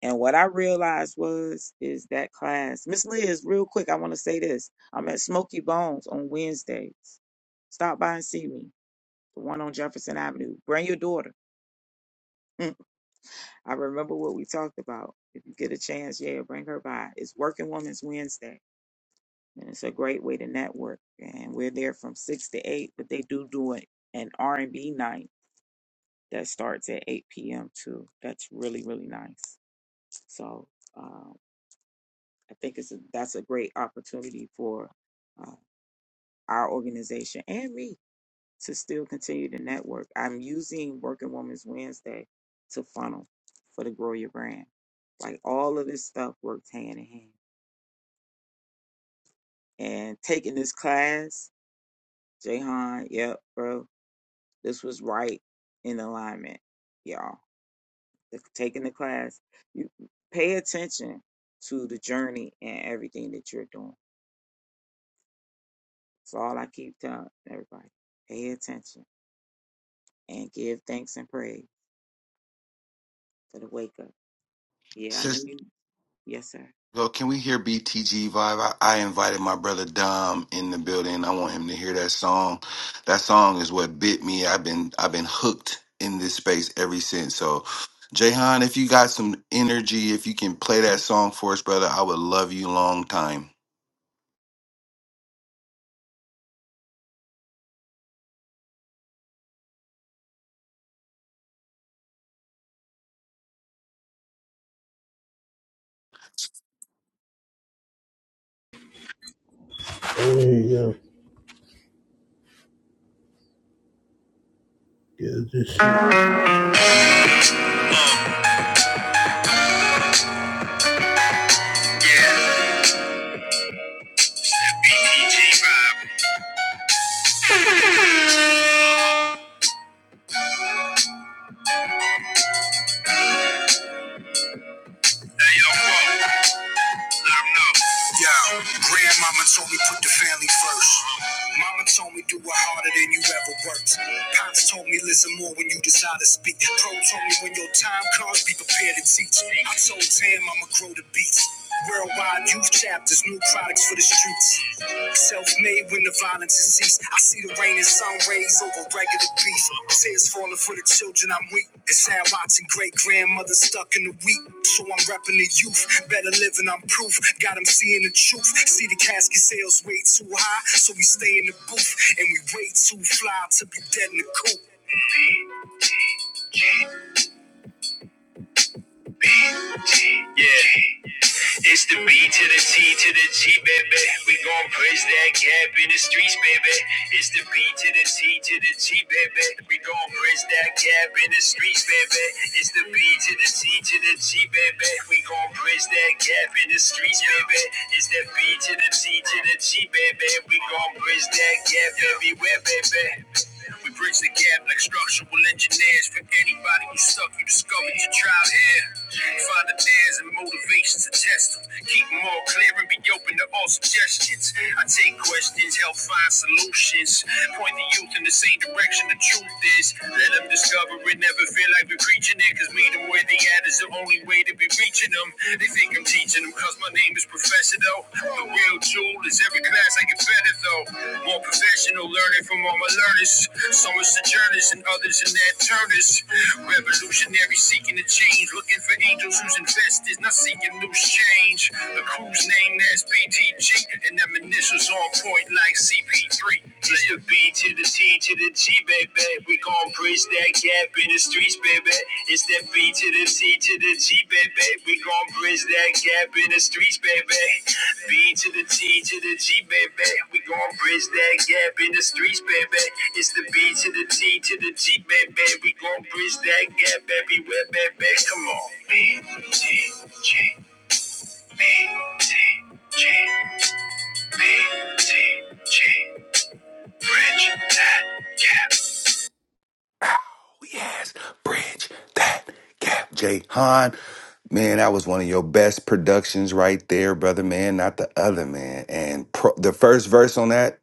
D: And what I realized was is that class, Miss Liz, real quick, I want to say this. I'm at Smoky Bones on Wednesdays. Stop by and see me. the one on Jefferson Avenue. Bring your daughter. Mm. I remember what we talked about. If you get a chance, yeah, bring her by. It's Working Women's Wednesday, and it's a great way to network. And we're there from six to eight, but they do do it an R and B night that starts at eight p.m. too. That's really really nice. So um, I think it's a, that's a great opportunity for uh, our organization and me to still continue to network. I'm using Working Women's Wednesday to funnel for the Grow Your Brand. Like all of this stuff works hand in hand. And taking this class, Jahan, yep, bro, this was right in alignment, y'all. The- Taking the class, you pay attention to the journey and everything that you're doing. That's all I keep telling everybody. Pay attention and give thanks and praise for the wake up. Yeah, I know
B: Sis,
D: you. Yes, sir.
B: well, can we hear BTG vibe? I, I invited my brother Dom in the building. I want him to hear that song. That song is what bit me. I've been I've been hooked in this space ever since. So, Jahan, if you got some energy, if you can play that song for us, brother, I would love you long time.
A: Oh, yeah, yeah. This is- Yo, grandmama told me put the family first. Mama told me do it harder than you ever worked. Pops told me listen more when you decide to speak. Pro told me when your time comes, be prepared to teach. I told Tam I'ma grow the beats. Worldwide youth chapters, new products for the streets. Self-made when the violence I see the rain and sun rays over regular beef. Tears falling for the children I'm weak. It's sad watching great grandmother stuck in the wheat. So I'm repping the youth. Better living, I'm proof. Got 'em seeing the truth. See the casket sales way too high. So we stay in the booth. And we way too fly to be dead in the coop. Yeah. It's the B to the C to the G, baby. We gon' bridge that gap in the streets, baby. It's the B to the C to the G, baby. We gon' bridge that gap in the streets, baby. It's the B to the C to the G, baby. We gon' bridge that gap in the streets, baby. It's the B to the C to the G, baby. We gon' bridge that gap everywhere, baby. We bridge the gap like structural engineers. For anybody who's stuck, you discovered your tribe here. Find the dares and motivations to test them. Keep them all clear and be open to all suggestions. I take questions, help find solutions. Point the youth in the same direction the truth is. Let them discover it. Never feel like we're preaching it. Cause meet them where they at is the only way to be reaching them. They think think I'm teaching them cause my name is Professor though. The real jewel is every class I get better though. More professional learning from all my learners. Some are sojourners and others in their turners. Revolutionary seeking to change, looking for angels whose investors, not seeking loose change. The crew's name that's BTG and them initials on point like CP3. Just the B to the T to the G, baby. We gon' bridge that gap in the streets, baby. It's that B to the T to the G, baby. We gon' bridge that gap in the streets, baby. B to the T to the G, baby. We gon' bridge that gap in the streets, baby. It's the B to the T to the G, baby. We gon' bridge that gap everywhere, baby. Come on. B, T, G.
B: Oh, Yes, bridge that gap. Jay Han, man, that was one of your best productions right there, brother, man, not the other, man. And pro- the first verse on that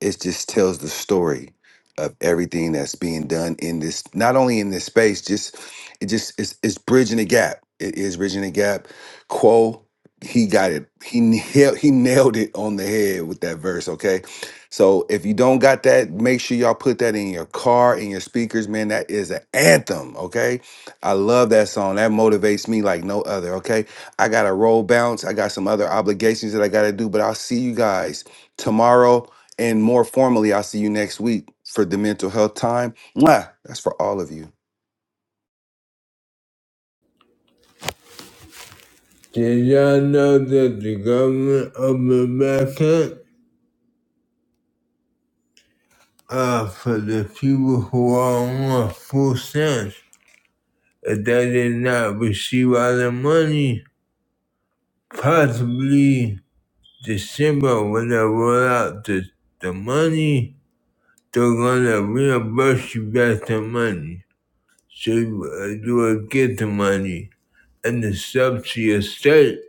B: it just tells the story of everything that's being done in this not only in this space just it just it's, it's bridging the gap it is bridging the gap quo he got it he nailed, he nailed it on the head with that verse okay so if you don't got that make sure y'all put that in your car in your speakers man that is an anthem okay i love that song that motivates me like no other okay i got a roll bounce i got some other obligations that i got to do but i'll see you guys tomorrow and more formally, I'll see you next week for the mental health time. Mwah! That's for all of you.
A: Did y'all know that the government of America uh for the people who are on full stamps? If they did not receive all the money, possibly December when they roll out the, the money, they're gonna reimburse you back the money. So you, uh, you will get the money. and the up to your state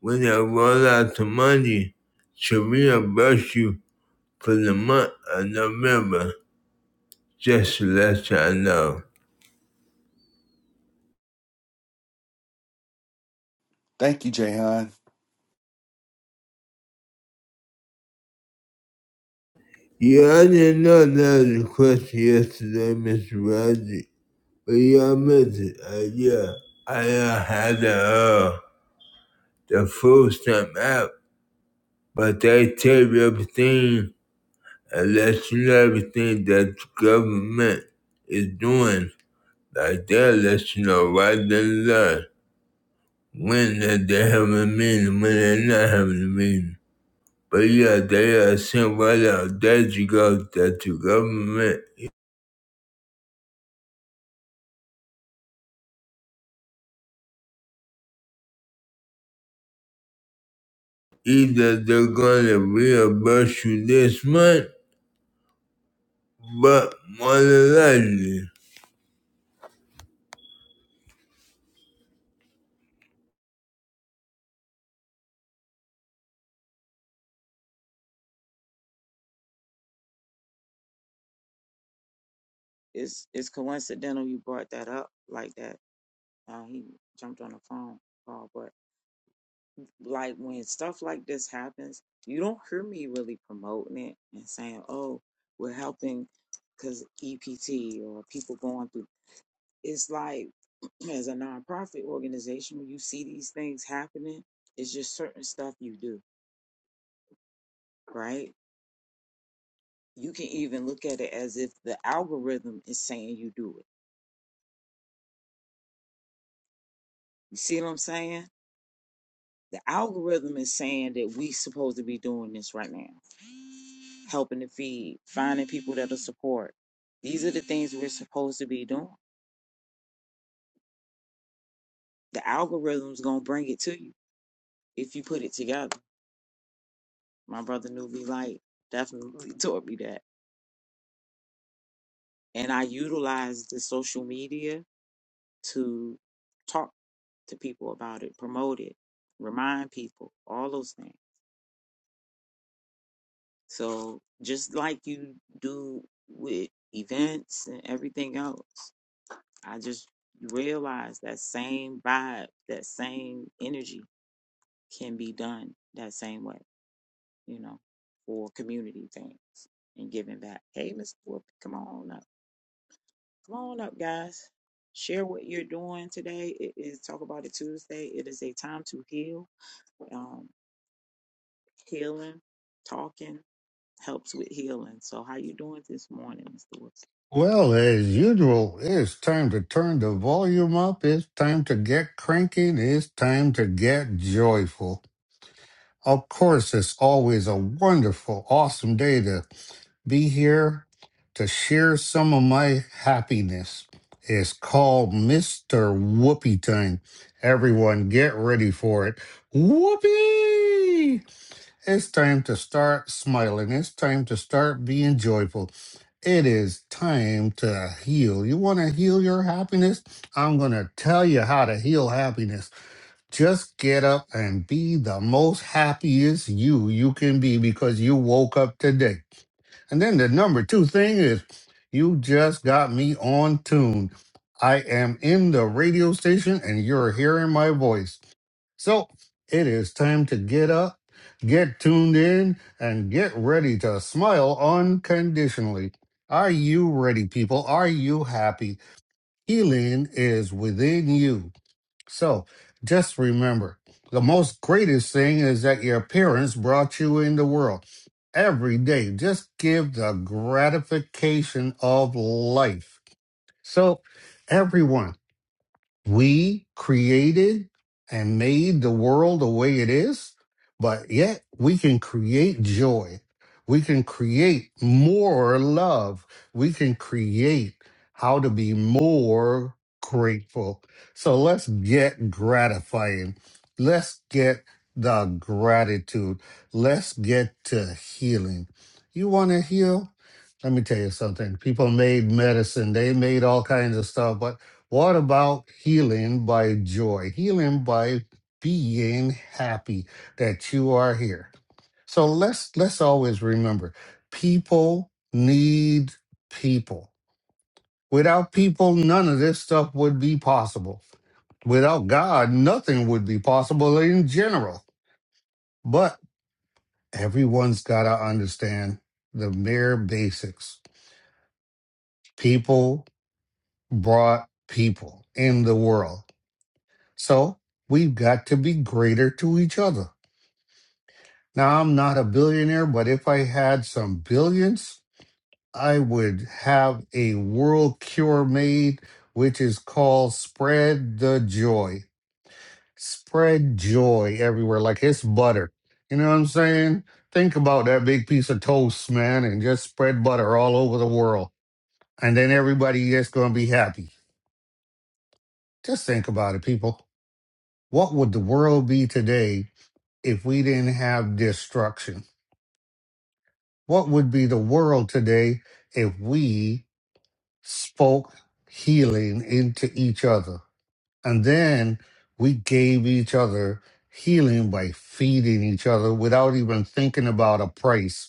A: when they roll out the money to reimburse you for the month of November, just to let y'all know.
B: Thank you, Jayhan.
A: Yeah, I didn't know that was a question yesterday, Mr. Roger, but y'all missed it. Uh, yeah, I uh, had the, uh, the food stamp app, but they tell you everything and let you know everything that the government is doing. Like they'll let you know right then and there. when that they have a meaning, when they're not having a meaning. But yeah, they are sent right out that you got that your government. Either they're gonna reimburse you this month, but more than likely.
D: it's it's coincidental you brought that up like that. Uh, he jumped on the phone call, but like when stuff like this happens, you don't hear me really promoting it and saying, "Oh, we're helping," because EPT or people going through. It's like as a nonprofit organization, when you see these things happening, it's just certain stuff you do, right? You can even look at it as if the algorithm is saying you do it. You see what I'm saying? the algorithm is saying that we supposed to be doing this right now helping to feed finding people that'll support these are the things we're supposed to be doing the algorithm's gonna bring it to you if you put it together my brother newbie light definitely taught me that and i utilized the social media to talk to people about it promote it remind people all those things so just like you do with events and everything else I just realized that same vibe, that same energy can be done that same way, you know, for community things and giving back. Hey, Miss Whoop, come on up. Come on up, guys. Share what you're doing today. It is Talk About It Tuesday. It is a time to heal. Um, healing, talking helps with healing. So how you doing this morning, Mr. Whoop?
F: Well, as usual, it's time to turn the volume up. It's time to get cranky. and It's time to get joyful. Of course, it's always a wonderful, awesome day to be here to share some of my happiness. It's called Mr. Whoopee Time. Everyone, get ready for it. Whoopee! It's time to start smiling. It's time to start being joyful. It is time to heal. You want to heal your happiness? I'm going to tell you how to heal happiness. Just get up and be the most happiest you you can be because you woke up today. And then the number two thing is you just got me on tune. I am in the radio station and you're hearing my voice. So it is time to get up, get tuned in, and get ready to smile unconditionally. Are you ready, people? Are you happy? Healing is within you. So just remember the most greatest thing is that your parents brought you in the world. Every day, just give the gratification of life. So, everyone, we created and made the world the way it is, but yet we can create joy. We can create more love. We can create how to be more grateful. So let's get gratifying. Let's get the gratitude. Let's get to healing. You want to heal? Let me tell you something. People made medicine, they made all kinds of stuff, but what about healing by joy? Healing by being happy that you are here. So let's let's always remember people need people. Without people, none of this stuff would be possible. Without God, nothing would be possible in general. But everyone's got to understand the mere basics. People brought people in the world. So we've got to be greater to each other. Now, I'm not a billionaire, but if I had some billions, I would have a world cure made, which is called spread the joy. Spread joy everywhere, like it's butter. You know what I'm saying? Think about that big piece of toast, man, and just spread butter all over the world. And then everybody is going to be happy. Just think about it, people. What would the world be today if we didn't have destruction? What would be the world today if we spoke healing into each other? And then we gave each other healing by feeding each other without even thinking about a price,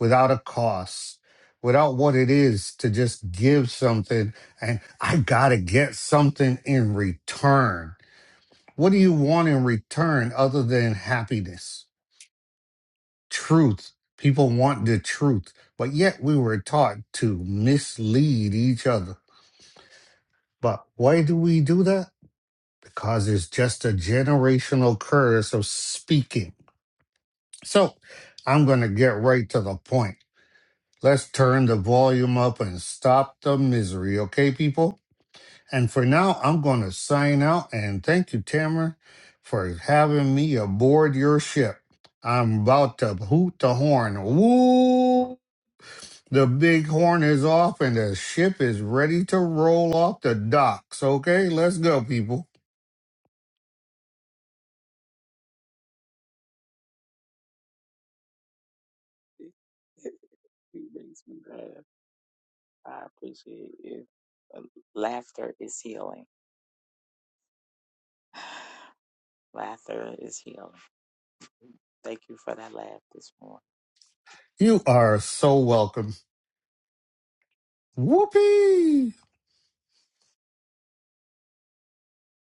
F: without a cost, without what it is to just give something and I got to get something in return. What do you want in return other than happiness? truth. People want the truth, but yet we were taught to mislead each other. But why do we do that? Because it's just a generational curse of speaking. So I'm going to get right to the point. Let's turn the volume up and stop the misery, okay, people? And for now, I'm going to sign out and thank you, Tamara, for having me aboard your ship. I'm about to hoot the horn. Woo! The big horn is off and the ship is ready to roll off the docks. Okay, let's go, people.
D: It, it it makes me laugh. I appreciate it. Uh, Laughter is healing. Laughter is healing. Thank you for that laugh this morning.
F: You are so welcome. Whoopee!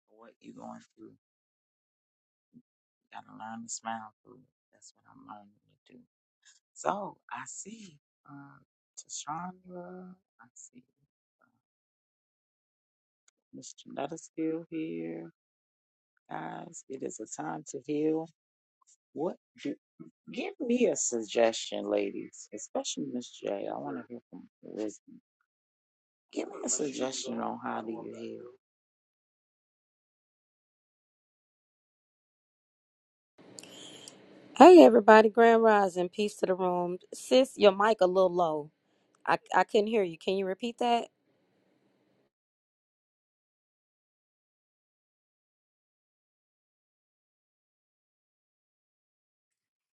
D: What you going through? You gotta learn to smile through it. That's what I'm learning to do. So I see uh Tashandra, I see uh, Miss Janetta's still here. Guys, it is a time to heal. What do give me a suggestion, ladies, especially Miss J. I want to hear from Liz. Give me a suggestion on how do you heal.
G: Hey everybody, Grand Rising, peace to the room. Sis, your mic a little low. I I couldn't hear you. Can you repeat that?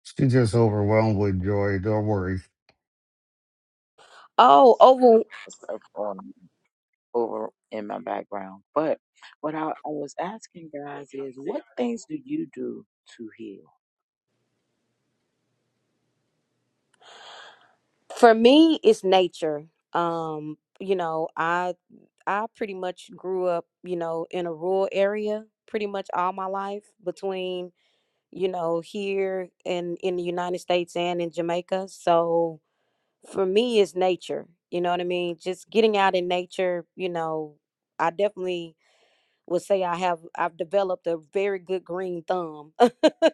F: She's just overwhelmed with joy. Don't worry.
G: Oh, over
D: It's up on over in my background. But what I, I was asking guys is what things do you do to heal?
G: for me it's nature. Um, you know, I I pretty much grew up, you know, in a rural area pretty much all my life between, you know, here and in the United States and in Jamaica. So for me it's nature. You know what I mean? Just getting out in nature, you know, I definitely would say I have I've developed a very good green thumb.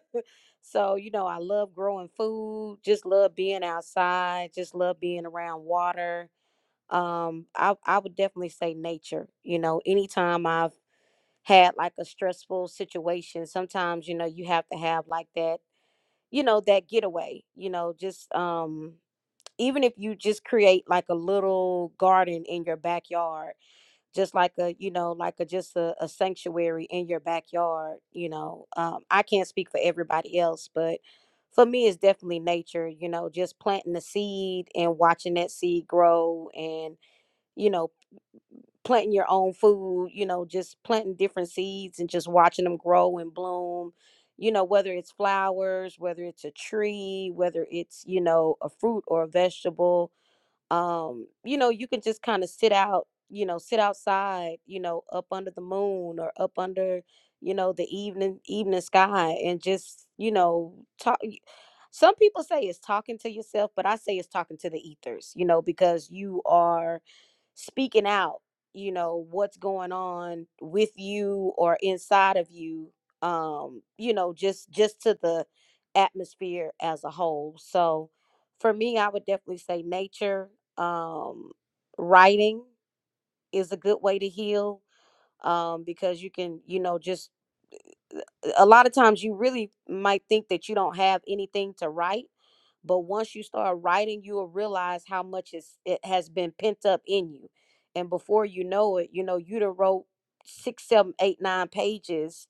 G: so, you know, I love growing food, just love being outside, just love being around water. Um, I I would definitely say nature. You know, anytime I've had like a stressful situation, sometimes, you know, you have to have like that, you know, that getaway, you know, just um even if you just create like a little garden in your backyard just like a you know like a just a, a sanctuary in your backyard you know um, i can't speak for everybody else but for me it's definitely nature you know just planting the seed and watching that seed grow and you know planting your own food you know just planting different seeds and just watching them grow and bloom you know whether it's flowers whether it's a tree whether it's you know a fruit or a vegetable um you know you can just kind of sit out you know sit outside you know up under the moon or up under you know the evening evening sky and just you know talk y- some people say it's talking to yourself but i say it's talking to the ethers you know because you are speaking out you know what's going on with you or inside of you um you know just just to the atmosphere as a whole so for me, I would definitely say nature. Um, writing is a good way to heal um, because you can, you know, just uh, uh, a lot of times you really might think that you don't have anything to write but once you start writing you will realize how much is it has been pent up in you and before you know it you know you done wrote six seven eight nine pages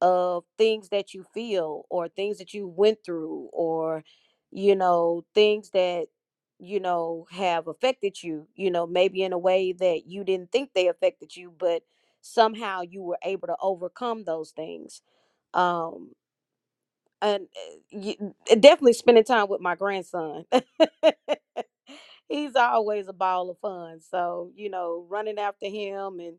G: of things that you feel or things that you went through or you know things that you know have affected you you know maybe in a way that you didn't think they affected you but somehow you were able to overcome those things um and uh, you, definitely spending time with my grandson he's always a ball of fun so you know running after him and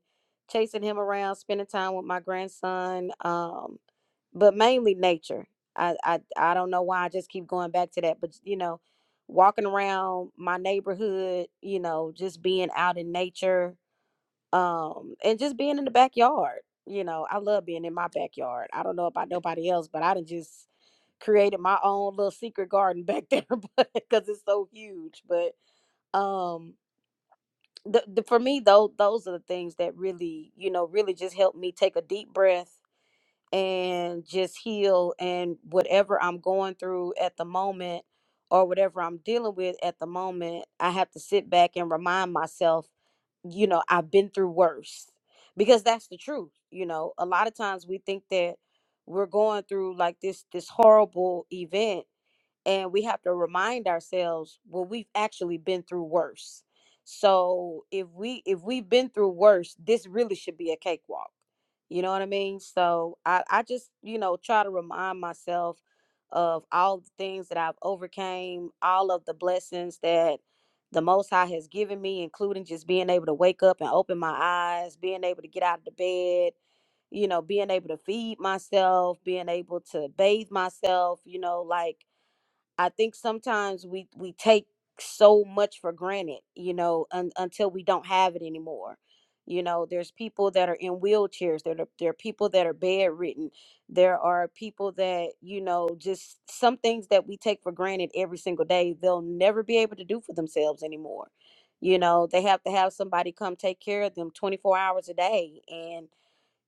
G: chasing him around spending time with my grandson um but mainly nature. I, I I don't know why I just keep going back to that, but you know, walking around my neighborhood, you know, just being out in nature, um, and just being in the backyard. You know, I love being in my backyard. I don't know about nobody else, but I done just created my own little secret garden back there because it's so huge. But um, the, the for me though, those are the things that really, you know, really just help me take a deep breath and just heal and whatever I'm going through at the moment or whatever I'm dealing with at the moment, I have to sit back and remind myself, you know, I've been through worse because that's the truth. You know, a lot of times we think that we're going through like this this horrible event and we have to remind ourselves well we've actually been through worse so if we if we've been through worse this really should be a cakewalk you know what i mean so i i just you know try to remind myself of all the things that i've overcame all of the blessings that the most high has given me including just being able to wake up and open my eyes being able to get out of the bed you know being able to feed myself being able to bathe myself you know like I think sometimes we we take so much for granted, you know, un, until we don't have it anymore. You know, there's people that are in wheelchairs. There are, there are people that are bedridden. There are people that you know just some things that we take for granted every single day. They'll never be able to do for themselves anymore. You know, they have to have somebody come take care of them 24 hours a day, and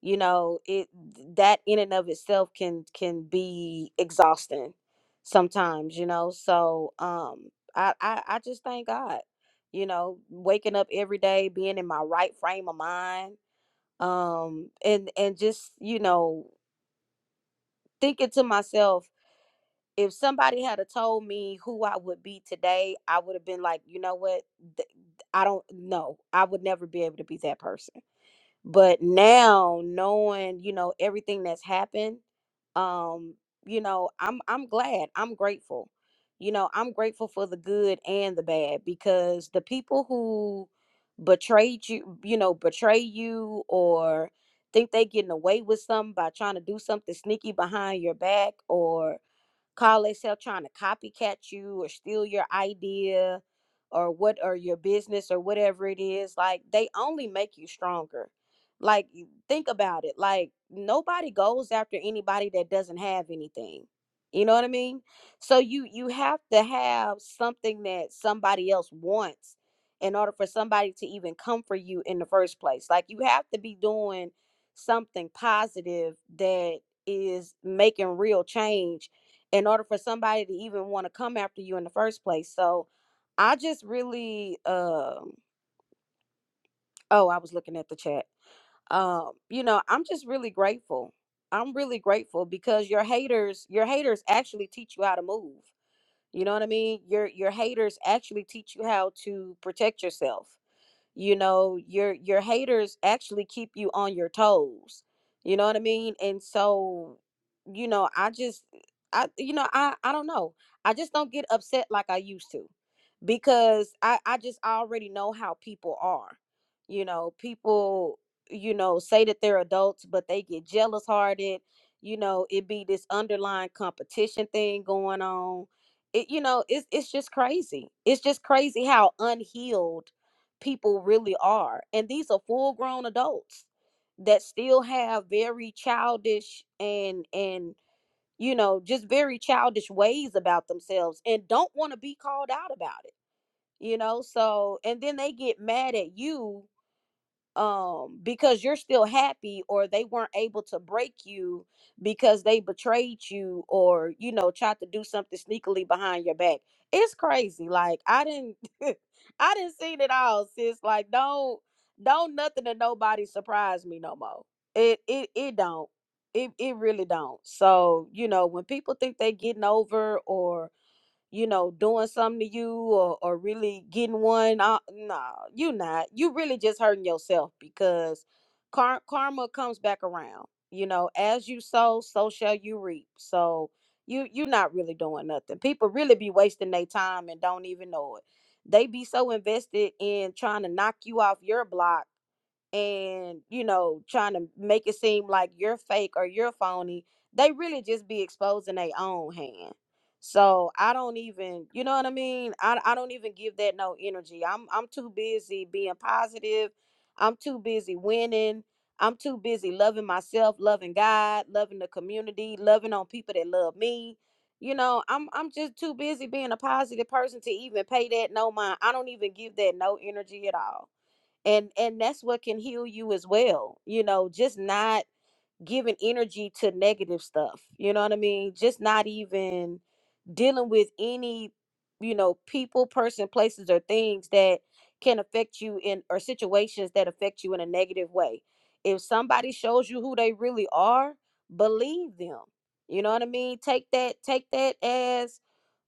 G: you know it that in and of itself can can be exhausting sometimes you know so um I, I i just thank god you know waking up every day being in my right frame of mind um and and just you know thinking to myself if somebody had a told me who i would be today i would have been like you know what Th- i don't know i would never be able to be that person but now knowing you know everything that's happened um you know i'm i'm glad i'm grateful you know i'm grateful for the good and the bad because the people who betrayed you you know betray you or think they getting away with something by trying to do something sneaky behind your back or call themselves trying to copycat you or steal your idea or what or your business or whatever it is like they only make you stronger like you- think about it like nobody goes after anybody that doesn't have anything you know what i mean so you you have to have something that somebody else wants in order for somebody to even come for you in the first place like you have to be doing something positive that is making real change in order for somebody to even want to come after you in the first place. So I just really um oh, I was looking at the chat. Um, you know, I'm just really grateful. I'm really grateful because your haters, your haters actually teach you how to move. You know what I mean? Your your haters actually teach you how to protect yourself you know your your haters actually keep you on your toes you know what i mean and so you know i just i you know i i don't know i just don't get upset like i used to because i i just already know how people are you know people you know say that they're adults but they get jealous hearted you know it be this underlying competition thing going on it you know it's it's just crazy it's just crazy how unhealed people really are. And these are full grown adults that still have very childish and and you know just very childish ways about themselves and don't want to be called out about it you know so and then they get mad at you um because you're still happy or they weren't able to break you because they betrayed you or you know tried to do something sneakily behind your back it's crazy like i didn't i didn't see it all sis like don't don't nothing to nobody surprise me no more it it it don't it, it really don't so you know when people think they getting over or you know, doing something to you or, or really getting one. Uh, no, you not. You really just hurting yourself because kar- karma comes back around. You know, as you sow, so shall you reap. So you you're not really doing nothing. People really be wasting their time and don't even know it. They be so invested in trying to knock you off your block and you know trying to make it seem like you're fake or you're phony they really just be exposing their own hand so i don't even you know what i mean I, I don't even give that no energy i'm i'm too busy being positive i'm too busy winning i'm too busy loving myself loving god loving the community loving on people that love me you know i'm i'm just too busy being a positive person to even pay that no mind i don't even give that no energy at all and and that's what can heal you as well you know just not giving energy to negative stuff you know what i mean just not even dealing with any you know people person places or things that can affect you in or situations that affect you in a negative way if somebody shows you who they really are believe them you know what i mean take that take that as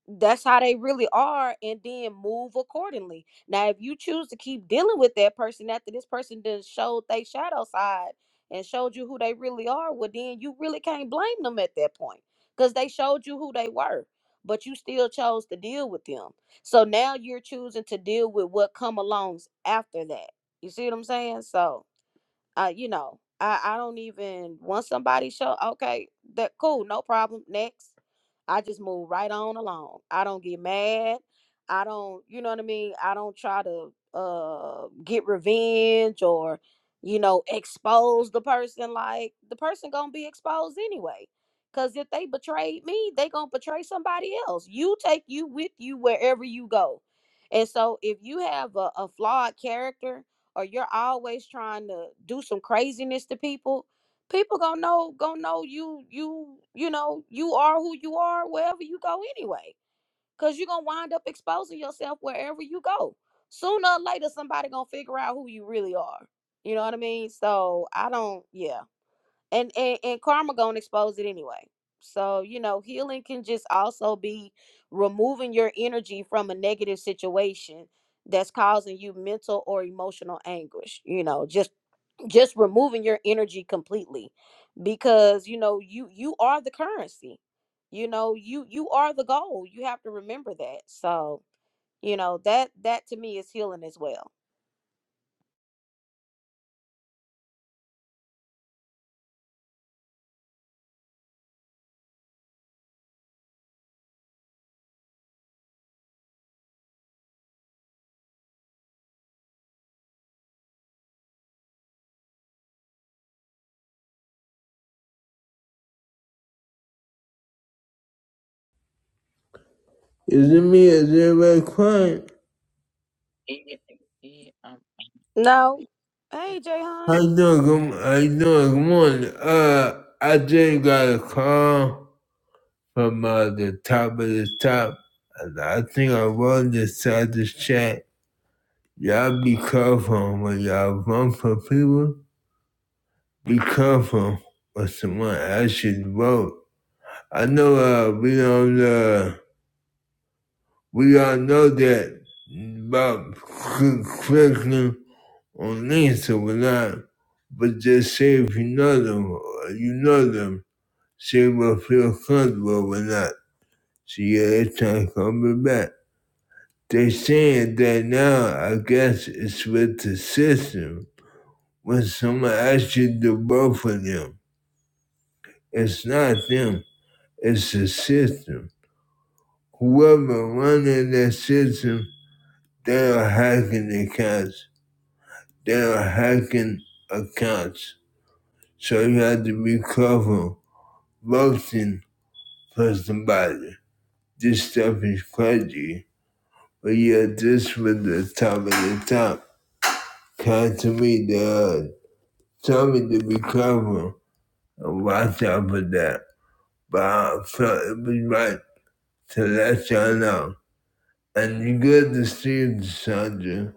G: that's how they really are and then move accordingly now if you choose to keep dealing with that person after this person done showed they shadow side and showed you who they really are well then you really can't blame them at that point because they showed you who they were but you still chose to deal with them so now you're choosing to deal with what come alongs after that you see what i'm saying so uh, you know, I, I don't even once somebody show okay, that cool, no problem. Next. I just move right on along. I don't get mad. I don't, you know what I mean? I don't try to uh get revenge or, you know, expose the person like the person gonna be exposed anyway. Cause if they betrayed me, they gonna betray somebody else. You take you with you wherever you go. And so if you have a, a flawed character or you're always trying to do some craziness to people, people gonna know gonna know you you you know you are who you are wherever you go anyway. Cause you're gonna wind up exposing yourself wherever you go. Sooner or later somebody gonna figure out who you really are. You know what I mean? So I don't yeah and and, and karma gonna expose it anyway so you know healing can just also be removing your energy from a negative situation that's causing you mental or emotional anguish you know just just removing your energy completely because you know you you are the currency you know you you are the goal you have to remember that so you know that that to me is healing as well
A: Is it me? Is everybody quiet?
D: Yeah, I'm I'm,
G: no
D: I'm here.
G: hey jay
A: How you doing? Good, mo-
D: Okay.
A: how you doing? Good morning. Uh, I just got a call from uh, the top of the top, and I think I wrote this out this chat. Y'all be careful when y'all vote for people. Be careful when someone asks you to vote. I know uh, we don't uh, we all know that about cl- clicking on links or whatnot, but just say if you know them, or you know them, say what feel comfortable or not. So yeah, it's not coming back. They saying that now. I guess it's with the system When someone asks you to do both of them, it's not them, it's the system. Whoever running that system, they are hacking accounts. They are hacking accounts. So you have to be careful voting for somebody. This stuff is crazy. But yeah, this was the top of the top. Come to me, the Tell me to be careful and watch out for that. But I felt it was right to let y'all know. And you good to see you, Sandra.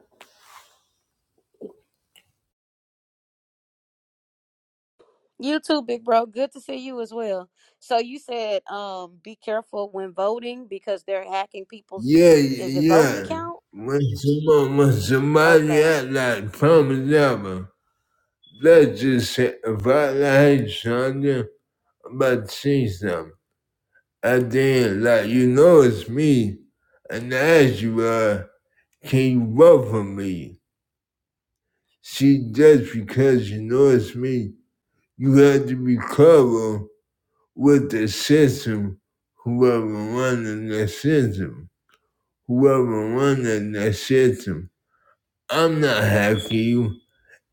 G: You too, big bro. Good to see you as well. So you said um be careful when voting because they're hacking people's
A: Yeah,
G: is it voting
A: yeah.
G: account?
A: When somebody, when somebody
G: Okay.
A: act like Thomas Alva, that just say, if I like Sandra, I'm about to see something. And then, like, you know it's me. And I ask you, uh, can you vote for me? See, just because you know it's me, you have to be clever with the system, whoever running the system, whoever running the system. I'm not hacking you.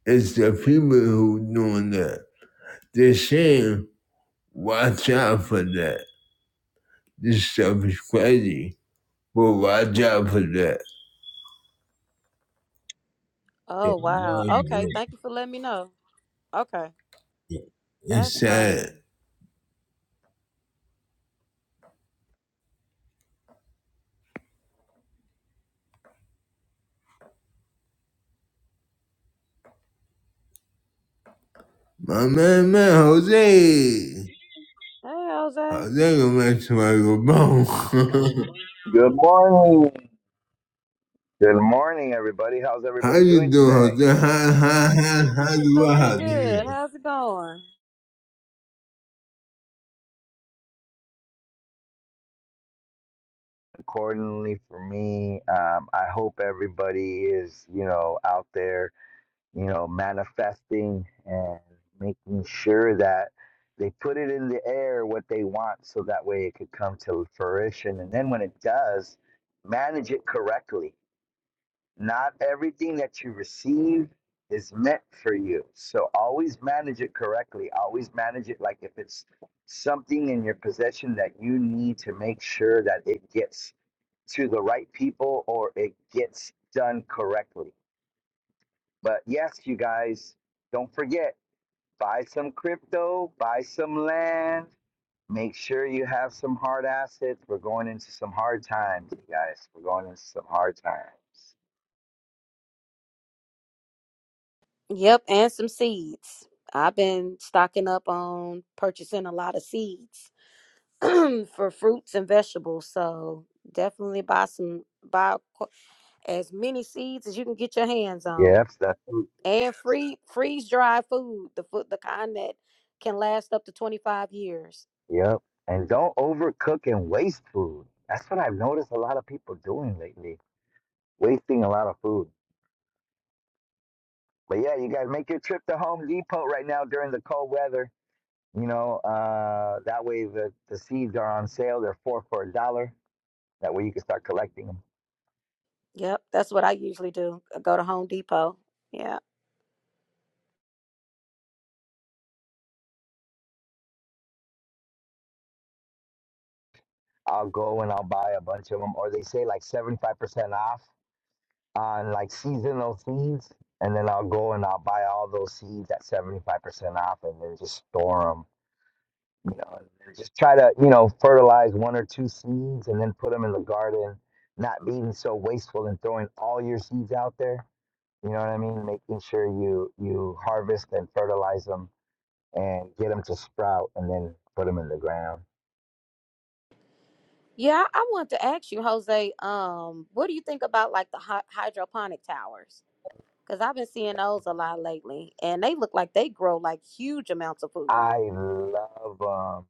A: It's the people who doing that. They're saying, watch out for that. This stuff is crazy, but watch out for that. Yeah,
G: Oh
A: no,
G: wow. Okay, thank you for letting me know. Okay. That's
A: It's sad.
G: crazy.
A: My man, man, Jose.
G: Hey Jose.
A: Jose gonna make somebody go boom.
H: Good morning. Good morning, everybody. How's
A: How
H: everybody
A: you
H: doing
A: doing,
H: today?
A: How, how, how, how do
G: Oh, we
A: I do?
G: good.
A: you
G: How's it going?
H: Accordingly, for me, um, I hope everybody is, you know, out there, you know, manifesting and making sure that they put it in the air what they want so that way it could come to fruition. And then when it does, manage it correctly Not everything that you receive is meant for you. So always manage it correctly. Always manage it like if it's something in your possession that you need to make sure that it gets to the right people or it gets done correctly. But yes, you guys, don't forget buy some crypto, buy some land, make sure you have some hard assets. We're going into some hard times, you guys. We're going into some hard times.
G: Yep, and some seeds. I've been stocking up on purchasing a lot of seeds for fruits and vegetables. So definitely buy some buy as many seeds as you can get your hands on
H: Yes, that's
G: and free freeze dry food the food the kind that can last up to 25 years
H: Yep. And don't overcook and waste food. That's what I've noticed a lot of people doing lately, wasting a lot of food. But yeah, you guys make your trip to Home Depot right now during the cold weather. You know, uh, that way the, the seeds are on sale. They're four for a dollar. That way you can start collecting them.
G: yep that's what i usually do I go to home depot yeah
H: I'll go and I'll buy a bunch of them, or they say like 75% off on like seasonal seeds. And then I'll go and I'll buy all those seeds at 75% off and then just store them. you know, and then just try to, you know, fertilize one or two seeds and then put them in the garden, not being so wasteful and throwing all your seeds out there. You know what I mean? Making sure you you harvest and fertilize them and get them to sprout and then put them in the ground.
G: yeah i want to ask you jose um what do you think about like the hy- hydroponic towers because i've been seeing those a lot lately and they look like they grow like huge amounts of food
H: I love um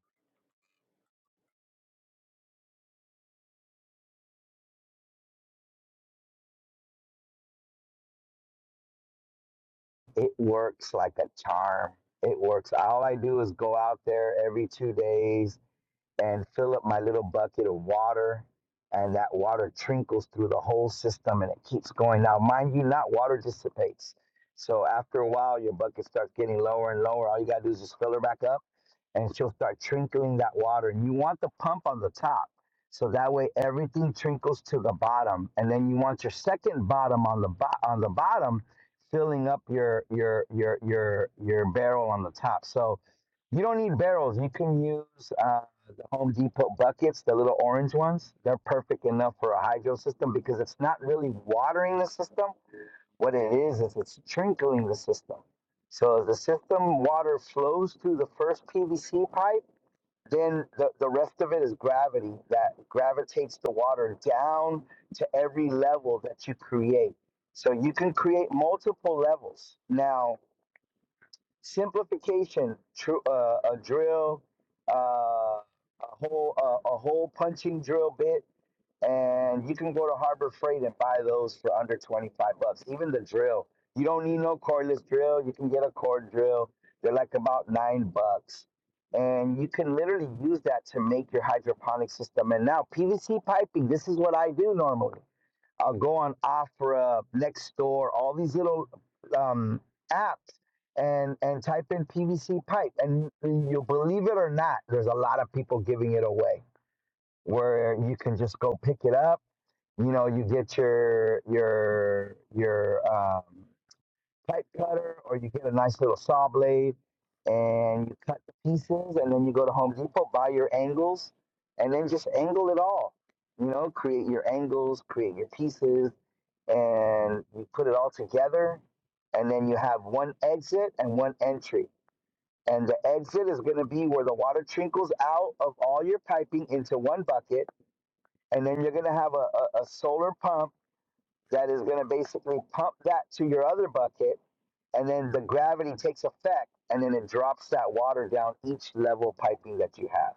H: it works like a charm. It works. All I do is go out there every 2 days and fill up my little bucket of water. And that water trickles through the whole system and it keeps going. Now, mind you, not water dissipates. So after a while, your bucket starts getting lower and lower. All you got to do is just fill her back up and she'll start trickling that water. And you want the pump on the top. So that way everything trickles to the bottom. And then you want your second bottom on the bo- on the bottom filling up your your your your your barrel on the top. So you don't need barrels. You can use uh, the Home Depot buckets, the little orange ones. They're perfect enough for a hydro system because it's not really watering the system what it is is it's trickling the system. So as the system water flows through the first PVC pipe, then the, the rest of it is gravity that gravitates the water down to every level that you create. So you can create multiple levels. Now, simplification, tr- uh, a drill, uh, a hole, uh, a hole punching drill bit, and you can go to Harbor Freight and buy those for under 25 bucks. Even the drill, you don't need no cordless drill. You can get a cord drill. They're like about nine bucks, and you can literally use that to make your hydroponic system. And now PVC piping. This is what I do normally. I'll go on Afra, Nextdoor, all these little um, apps, and and type in PVC pipe, and you'll believe it or not, there's a lot of people giving it away where you can just go pick it up you know, you get your your your um, pipe cutter, or you get a nice little saw blade, and you cut the pieces, and then you go to Home Depot, buy your angles, and then just angle it all. You know, create your angles, create your pieces, and you put it all together, and then you have one exit and one entry. And the exit is going to be where the water trickles out of all your piping into one bucket, and then you're going to have a, a, a solar pump that is going to basically pump that to your other bucket, and then the gravity takes effect, and then it drops that water down each level piping that you have.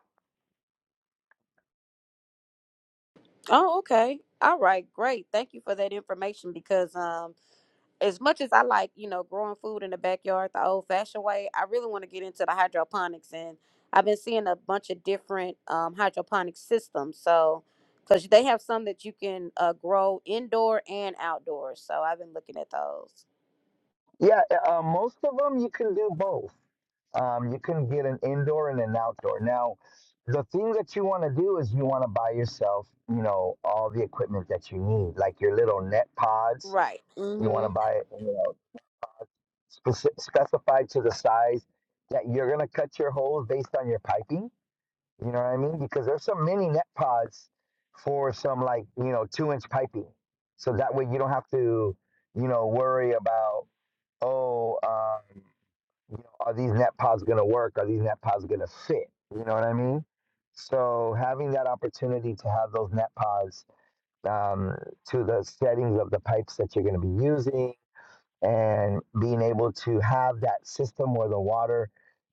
G: oh okay all right great thank you for that information because um as much as I like, you know, growing food in the backyard the old fashioned way, I really want to get into the hydroponics. And I've been seeing a bunch of different um, hydroponic systems. So, because they have some that you can uh, grow indoor and outdoors. So I've been looking at those.
H: Yeah, uh, uh, most of them you can do both. Um, you can get an indoor and an outdoor. Now, the thing that you want to do is you want to buy yourself, you know, all the equipment that you need, like your little net pods.
G: Right.
H: You want
G: hmm
H: to buy it, you know, speci- specified to the size that you're going to cut your holes based on your piping You know what I mean? Because there's some mini net pods for some like, you know, two inch piping. So that way you don't have to, you know, worry about, oh, um, you know, are these net pods going to work? Are these net pods going to fit? You know what I mean? So having that opportunity to have those net pods um, to the settings of the pipes that you're going to be using and being able to have that system where the water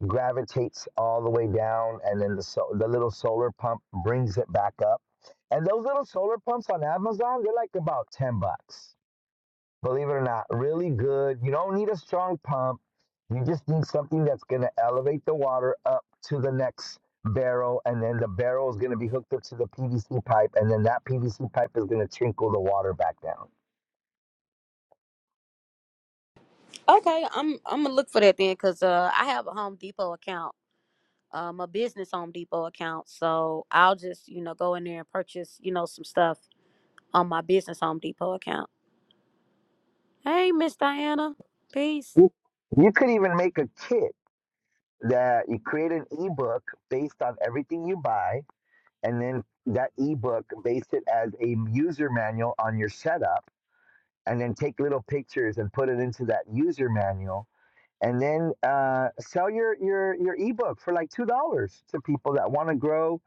H: gravitates all the way down and then the so, the little solar pump brings it back up and those little solar pumps on amazon they're like about 10 bucks believe it or not, really good. You don't need a strong pump. You just need something that's going to elevate the water up to the next barrel, and then the barrel is going to be hooked up to the PVC pipe, and then that PVC pipe is going to trickle the water back down.
G: Okay. I'm, I'm going to look for that then because uh, I have a Home Depot account. Um, a business Home Depot account, so I'll just you know go in there and purchase you know some stuff on my business Home Depot account. Hey, Miss Diana. Peace.
H: You could even make a kit. that you create an ebook based on everything you buy, and then that ebook base it as a user manual on your setup, and then take little pictures and put it into that user manual and then uh, sell your your your ebook for like two dollars to people that want to grow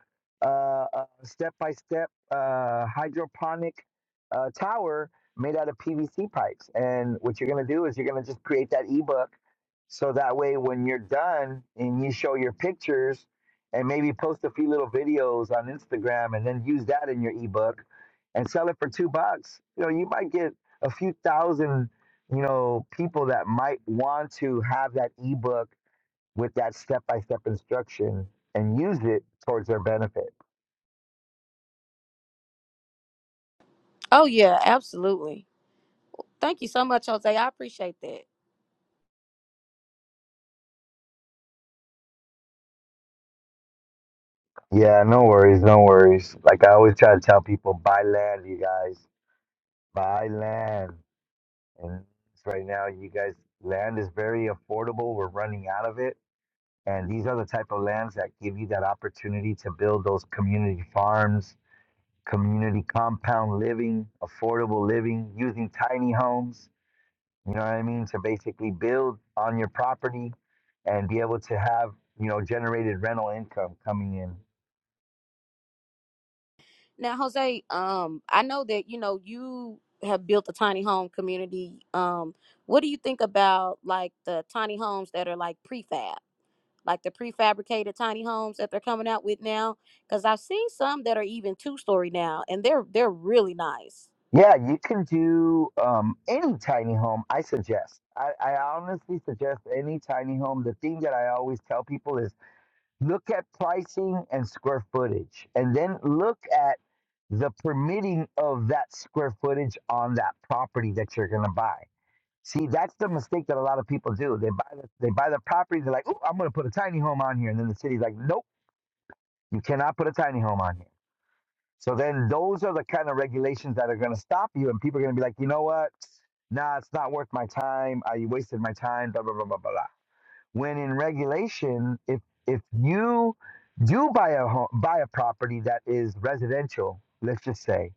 H: uh, a step by step uh, hydroponic uh, tower made out of PVC pipes. And what you're gonna do is you're gonna just create that ebook, so that way when you're done and you show your pictures and maybe post a few little videos on Instagram and then use that in your ebook and sell it for two bucks. You know, you might get a few thousand you know, people that might want to have that ebook with that step by step instruction and use it towards their benefit.
G: Oh yeah, absolutely. Thank you so much, Jose. I appreciate that.
H: Yeah, no worries, no worries. Like I always try to tell people, buy land, you guys, buy land. And right now, you guys, land is very affordable. We're running out of it. And these are the type of lands that give you that opportunity to build those community farms, community compound living, affordable living, using tiny homes You know what I mean? To basically build on your property and be able to have, you know, generated rental income coming in.
G: Now, Jose, um, I know that you know you have built a tiny home community. Um, what do you think about like the tiny homes that are like prefab, like the prefabricated tiny homes that they're coming out with now? Because I've seen some that are even two story now, and they're they're really nice.
H: Yeah, you can do um, any tiny home, I suggest. I, I honestly suggest any tiny home. The thing that I always tell people is look at pricing and square footage, and then look at the permitting of that square footage on that property that you're going to buy See, that's the mistake that a lot of people do. They buy the, they buy the property. They're like, "Ooh, I'm going to put a tiny home on here," and then the city's like, "Nope, you cannot put a tiny home on here." So then those are the kind of regulations that are going to stop you, and people are going to be like, "You know what? Nah, it's not worth my time. I wasted my time." Blah blah blah blah blah. When in regulation, if if you do buy a home, buy a property that is residential, let's just say,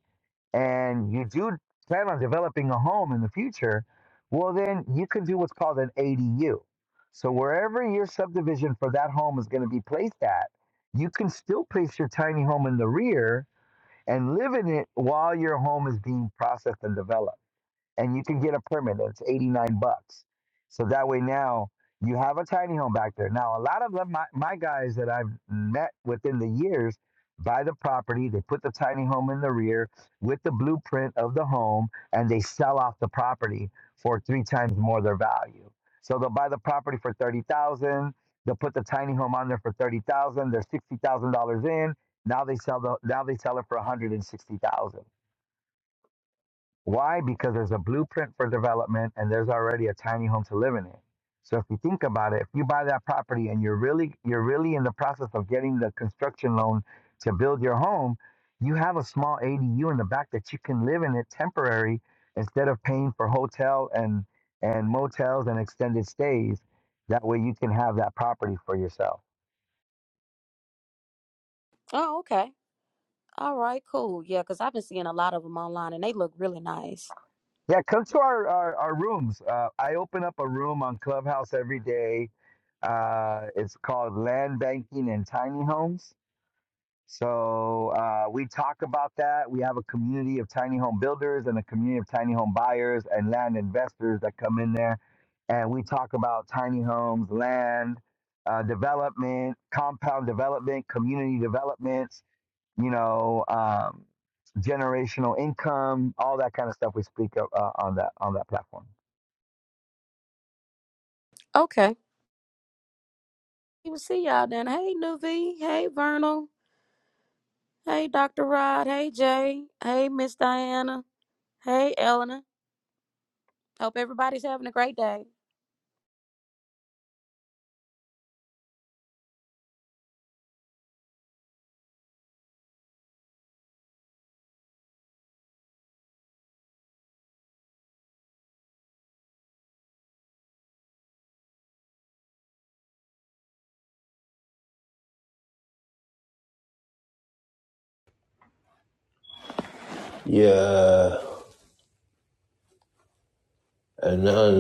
H: and you do plan on developing a home in the future, well, then you can do what's called an ADU. So wherever your subdivision for that home is going to be placed at, you can still place your tiny home in the rear and live in it while your home is being processed and developed and you can get a permit. It's 89 bucks. So that way now you have a tiny home back there. Now, a lot of them, my, my guys that I've met within the years buy the property, they put the tiny home in the rear with the blueprint of the home, and they sell off the property for three times more their value. So they'll buy the property for 30,000, they'll put the tiny home on there for 30,000, they're $60,000 in. Now they sell the now they sell it for 160,000. Why? Because there's a blueprint for development and there's already a tiny home to live in it. So if you think about it, if you buy that property and you're really you're really in the process of getting the construction loan to build your home, you have a small ADU in the back that you can live in it temporary instead of paying for hotel and and motels and extended stays. That way you can have that property for yourself.
G: Oh, okay. All right, cool. Yeah, because I've been seeing a lot of them online, and they look really nice.
H: Yeah, come to our our, our rooms. Uh, I open up a room on Clubhouse every day. Uh, it's called Land Banking and Tiny Homes. So uh, we talk about that. We have a community of tiny home builders and a community of tiny home buyers and land investors that come in there, and we talk about tiny homes, land. Uh, development, compound development, community development you know, um, generational income, all that kind of stuff we speak of uh, on that on that platform.
G: Okay. even see y'all then. Hey, Nuvi. Hey, Vernal. Hey, Dr. Rod. Hey, Jay. Hey, Miss Diana. Hey, Eleanor. Hope everybody's having a great day.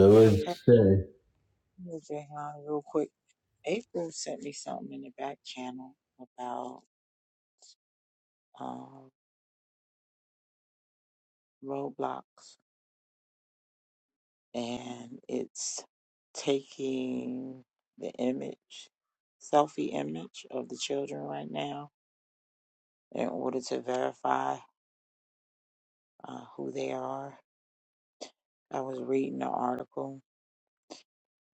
D: So hey,
A: doing?
D: Miss Jehan, real quick. April sent me something in the back channel about um roadblocks and it's taking the image, selfie image of the children right now in order to verify uh, who they are. I was reading the article,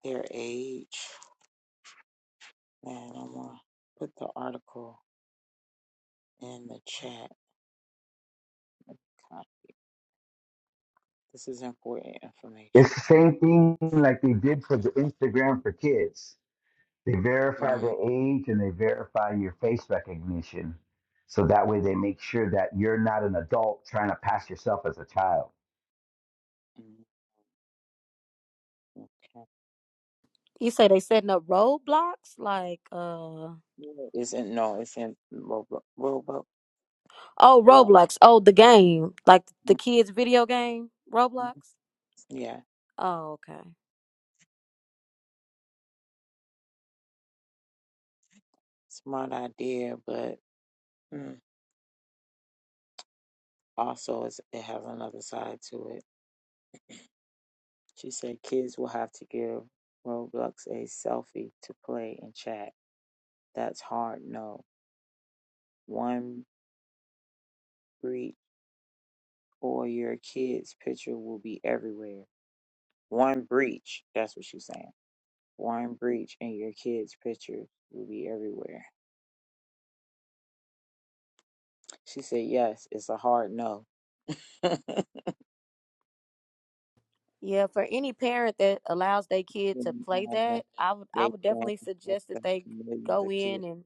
D: their age, and I'm going to put the article in the chat. God, This is important
H: It's
D: information.
H: the same thing like they did for the Instagram for kids. They verify the
D: mm
H: age and they verify your face recognition, so that way they make sure that you're not an adult trying to pass yourself as a child.
D: mm, Okay.
G: You say they setting up roadblocks? Like, uh, oh,
D: Yeah, It's in, no, it's in Robo, Robo, block.
G: Roblox. Oh, the game. Like the kids' video game, Roblox.
D: mhm. yeah,
G: Oh, okay.
D: smart idea, but. mm. Also, it's, it has another side to it. She said kids will have to give Roblox a selfie to play and chat. That's hard, no. One breach or your kid's picture will be everywhere. One breach, that's what she's saying. One breach and your kid's picture will be everywhere. She said, yes, it's a hard no. Can
G: Yeah, for any parent that allows their kid to
D: you
G: play that,
D: imagine?
G: I would I
D: They
G: would
D: can
G: definitely suggest that
D: affect
G: they
D: millions
G: go
D: of
G: in
D: kids.
G: and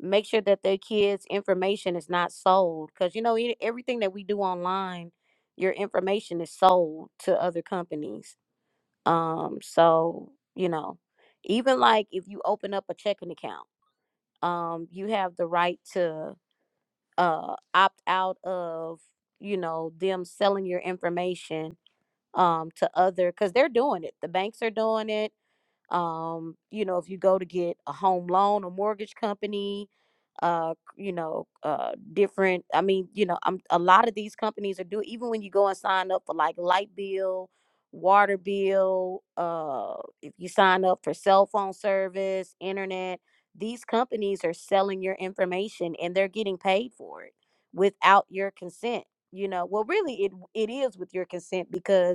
G: make sure that their kids information is not sold because you know e- everything that we do online your information is sold to other companies um so you know even like if you open up a checking account um you have the right to uh opt out of you know them selling your information um to other because they're doing it the banks are doing it um you know if you go to get a home loan a mortgage company uh you know uh different i mean you know i'm a lot of these companies are doing even when you go and sign up for like light bill water bill uh if you sign up for cell phone service internet these companies are selling your information and they're getting paid for it without your consent you know well really it it is with your consent because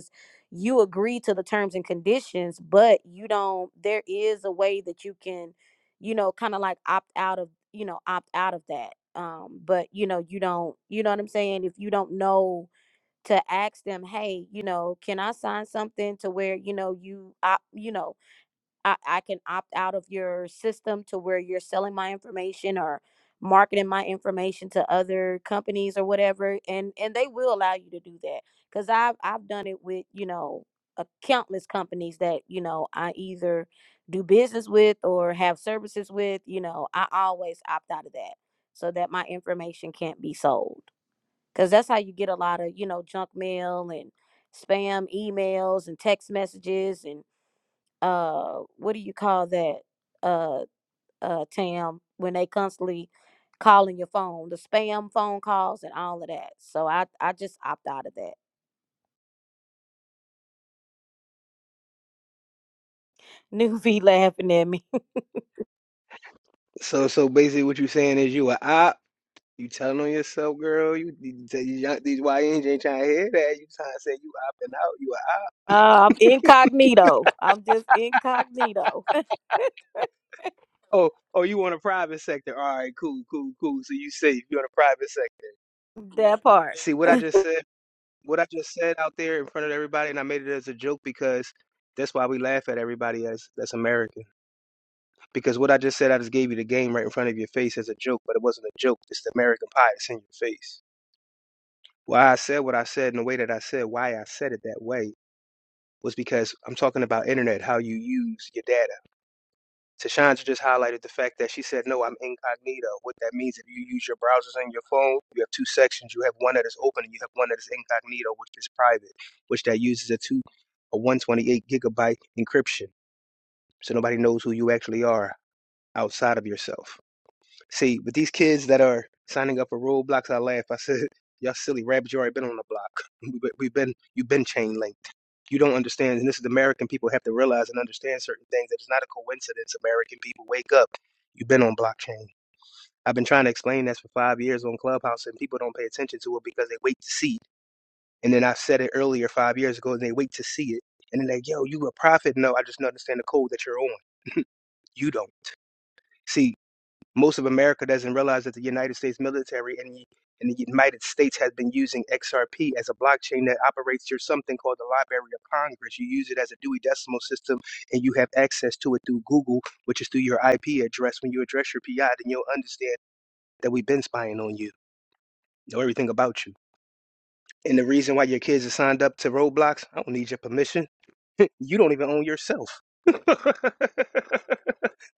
G: you agree to the terms and conditions, but you don't there is a way that you can, you know, kind of like opt out of, you know, opt out of that. Um, but you know, you don't, you know what I'm saying? If you don't know to ask them, hey, you know, can I sign something to where, you know, you opt, you know, I, I can opt out of your system to where you're selling my information or marketing my information to other companies or whatever and and they will allow you to do that because i've i've done it with you know a countless companies that you know i either do business with or have services with you know i always opt out of that so that my information can't be sold because that's how you get a lot of you know junk mail and spam emails and text messages and uh what do you call that uh uh tam when they constantly calling your phone the spam phone calls and all of that so i i just opt out of that new v laughing at me
I: So so basically, what you saying is you a op. You telling on yourself, girl. You, you tell these young- these YNs ain't trying to hear that. You trying to say you opting out. You a op.
G: uh, i'm incognito i'm just incognito
I: oh oh you on a private sector. All right, cool, cool, cool. So you safe. You on a private sector.
G: that part
I: See what I just said. What I just said out there in front of everybody, and I made it as a joke because that's why we laugh at everybody as that's American. Because what I just said, I just gave you the game right in front of your face as a joke, but it wasn't a joke. It's the American pie that's in your face. Why I said what I said in the way that I said, why I said it that way was because I'm talking about internet, how you use your data. Tashandra just highlighted the fact that she said, No, I'm incognito. What that means, if you use your browsers and your phone, you have two sections. You have one that is open and you have one that is incognito, which is private, which that uses a two a 128 gigabyte encryption. So nobody knows who you actually are outside of yourself. See, with these kids that are signing up for Roblox, I laugh. I said, Y'all silly rabbit, you already been on the block. We- We've been you've been chain linked you don't understand, and this is American people have to realize and understand certain things that it's not a coincidence. American people wake up. You've been on blockchain. I've been trying to explain this for five years on Clubhouse, and people don't pay attention to it because they wait to see. it. And then I said it earlier five years ago, and they wait to see it. And they're like, yo, you a prophet. No, I just don't understand the code that you're on. you don't. see. Most of America doesn't realize that the United States military and the, and the United States has been using XRP as a blockchain that operates through something called the Library of Congress. You use it as a Dewey Decimal System, and you have access to it through Google, which is through your IP address. When you address your PI, then you'll understand that we've been spying on you, know everything about you. And the reason why your kids are signed up to Roblox, I don't need your permission. you don't even own yourself.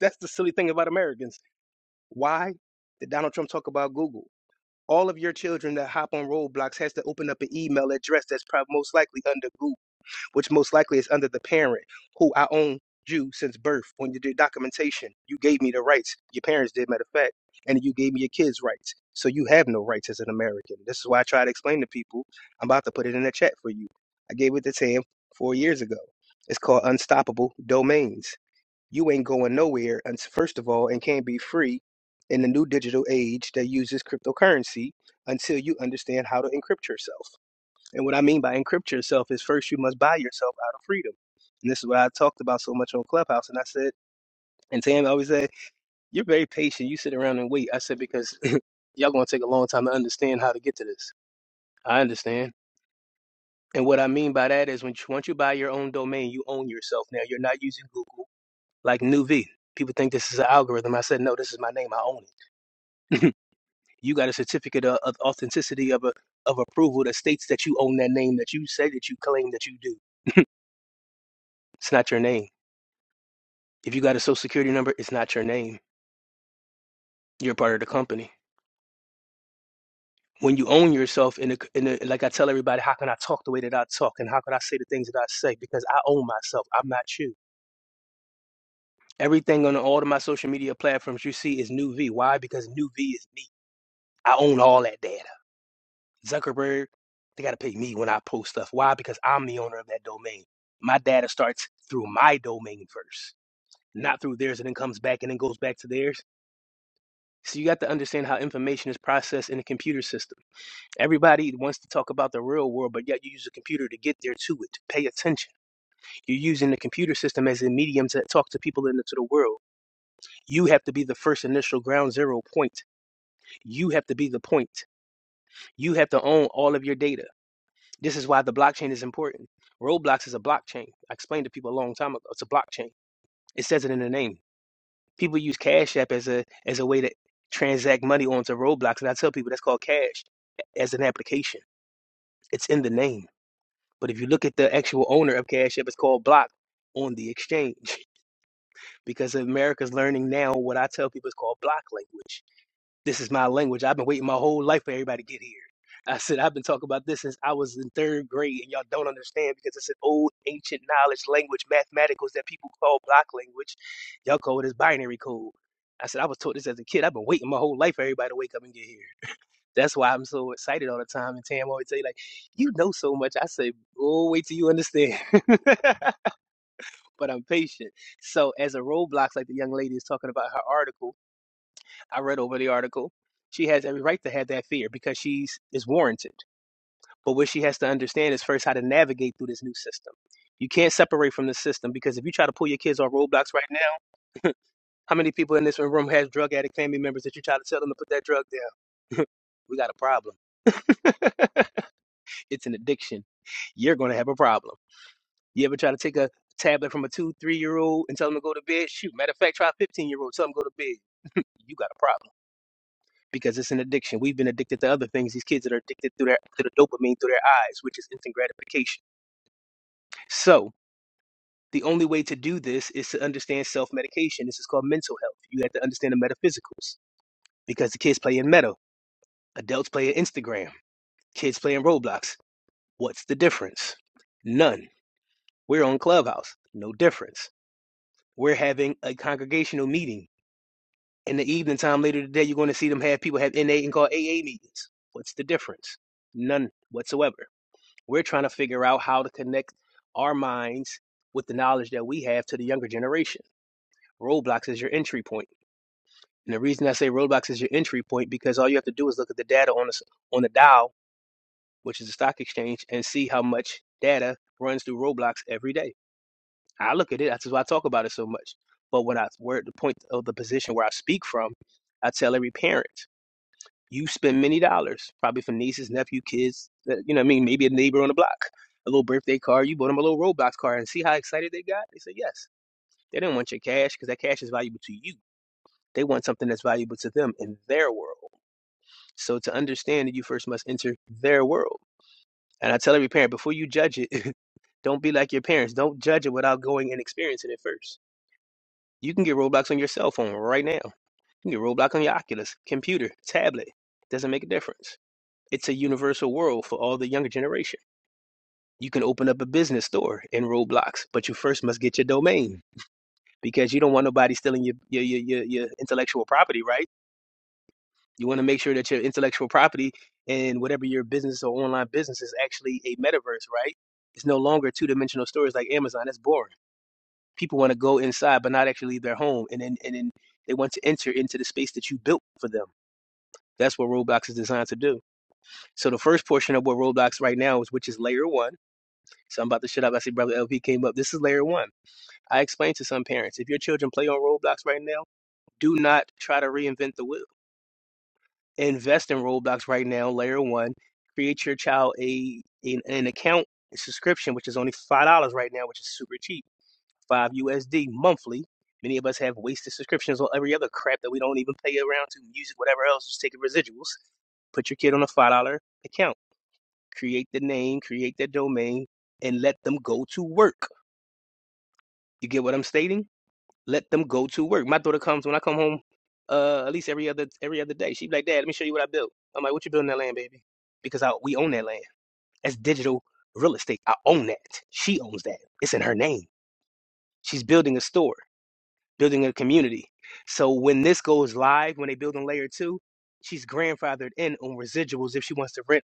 I: That's the silly thing about Americans. Why did Donald Trump talk about Google? all of your children that hop on Roblox has to open up an email address that's probably most likely under group, which most likely is under the parent who I own you since birth. On your documentation, you gave me the rights. Your parents did, matter of fact, and you gave me your kids' rights. So you have no rights as an American. This is why I try to explain to people. I'm about to put it in the chat for you. I gave it to Tam four years ago. It's called Unstoppable Domains you ain't going nowhere and first of all and can't be free in the new digital age that uses cryptocurrency until you understand how to encrypt yourself and what i mean by encrypt yourself is first you must buy yourself out of freedom and this is what i talked about so much on clubhouse and i said and tam always said you're very patient you sit around and wait i said because y'all going to take a long time to understand how to get to this i understand and what i mean by that is when you, once you buy your own domain you own yourself now you're not using google like New V. People think this is an algorithm. I said, no, this is my name. I own it. you got a certificate of, of authenticity of a, of approval that states that you own that name that you say that you claim that you do. It's not your name. If you got a social security number, it's not your name. You're part of the company. When you own yourself, in the, in the, like I tell everybody, how can I talk the way that I talk, and how can I say the things that I say? Because I own myself. I'm not you. Everything on all of my social media platforms you see is New V. Why? Because New V is me. I own all that. damn. Zuckerberg, they got to pay me when I post stuff. Why? Because I'm the owner of that domain. My data starts through my domain first, not through theirs, and then comes back and then goes back to theirs. So you got to understand how information is processed in a computer system. Everybody wants to talk about the real world, but yet you use a computer to get there to it. Pay attention. You're using the computer system as a medium to talk to people into the world. You have to be the first initial ground zero point. You have to be the point. You have to own all of your data. This is why the blockchain is important. Roblox is a blockchain. I explained to people a long time ago. It's a blockchain. It says it in the name. People use Cash App as a as a way to transact money onto Roblox, and I tell people that's called Cash as an application. It's in the name. But if you look at the actual owner of Cash App, it's called Block on the exchange because America's learning now what I tell people is called block language. This is my language. I've been waiting my whole life for everybody to get here. I said, I've been talking about this since I was in third grade, and y'all don't understand because it's an old, ancient knowledge language, mathematicals that people call block language. Y'all call it as binary code. I said, I was taught this as a kid. I've been waiting my whole life for everybody to wake up and get here. That's why I'm so excited all the time. And Tam always say, like, you know so much. I say, oh, wait till you understand. but I'm patient. So as a roadblocks, like the young lady is talking about her article, I read over the article. She has every right to have that fear because she's is warranted. But what she has to understand is first how to navigate through this new system. You can't separate from the system because if you try to pull your kids on Roblox right now, how many people in this room have drug addict family members that you try to tell them to put that drug down? We got a problem. it's an addiction. You're going to have a problem. You ever try to take a tablet from a two, three year old and tell them to go to bed? Shoot, matter of fact, try a 15 year old, tell them to go to bed. You got a problem because it's an addiction. We've been addicted to other things. These kids that are addicted through their to the dopamine through their eyes, which is instant gratification. So the only way to do this is to understand self-medication. This is called mental health. You have to understand the metaphysicals because the kids play in meta, adults play in Instagram, kids play in Roblox. What's the difference? None. We're on Clubhouse. No difference. We're having a congregational meeting. In the evening time later today, you're going to see them have people have NA and call AA meetings. What's the difference? None whatsoever. We're trying to figure out how to connect our minds with the knowledge that we have to the younger generation. Roblox is your entry point. And the reason I say Roblox is your entry point because all you have to do is look at the data on the, on the Dow, which is the stock exchange, and see how much data runs through Roblox every day. I look at it. That's why I talk about it so much. But when I, we're at the point of the position where I speak from, I tell every parent. you spend many dollars, probably for nieces, nephew, kids, that- you know what I mean? Maybe a neighbor on the block, a little birthday card. You bought them a little Roblox card and see how excited they got? They said yes. They didn't want your cash because that cash is valuable to you. They want something that's valuable to them in their world. So to understand that you first must enter their world. And I tell every parent, before you judge it, don't be like your parents. Don't judge it without going and experiencing it first. You can get Roblox on your cell phone right now. You can get Roblox on your Oculus, computer, tablet. Doesn't make a difference It's a universal world for all the younger generation. You can open up a business store in Roblox, but you first must get your domain because you don't want nobody stealing your your your, your, intellectual property, right? You want to make sure that your intellectual property and whatever your business or online business is actually a metaverse, right? It's no longer two dimensional stores like Amazon. That's boring. People want to go inside but not actually leave their home and then and then they want to enter into the space that you built for them. That's what Roblox is designed to do. So the first portion of what Roblox right now is, which is layer one So I'm about to shut up. I see Brother LP came up. This is layer one. I explained to some parents if your children play on Roblox right now, do not try to reinvent the wheel. Invest in Roblox right now, layer one. Create your child a an, an account subscription, which is only five dollars right now, which is super cheap. Five USD monthly. Many of us have wasted subscriptions on every other crap that we don't even pay around to music, whatever else, just taking residuals put your kid on a five dollar account, create the name, create the domain, and let them go to work. You get what I'm stating? Let them go to work. My daughter comes when I come home, uh, at least every other every other day. She'd be like, Dad, let me show you what I built. I'm like, What you building that land, baby? Because I we own that land. That's digital real estate. I own that. She owns that. It's in her name. She's building a store, building a community. So when this goes live, when they build on layer two, she's grandfathered in on residuals if she wants to rent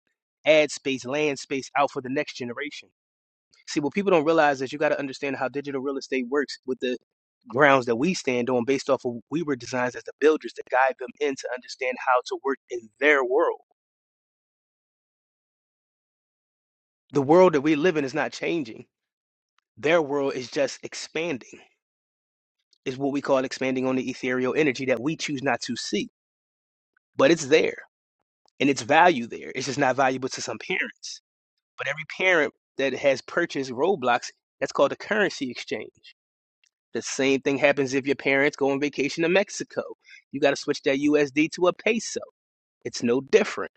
I: ad space, land space out for the next generation. See, what people don't realize is you got to understand how digital real estate works with the grounds that we stand on based off of we were designed as the builders to guide them in to understand how to work in their world. The world that we live in is not changing. Their world is just expanding. Is what we call expanding on the ethereal energy that we choose not to see. But it's there and it's value there. It's just not valuable to some parents. But every parent that has purchased Roblox, that's called a currency exchange. The same thing happens if your parents go on vacation to Mexico. You got to switch that USD to a peso. It's no different.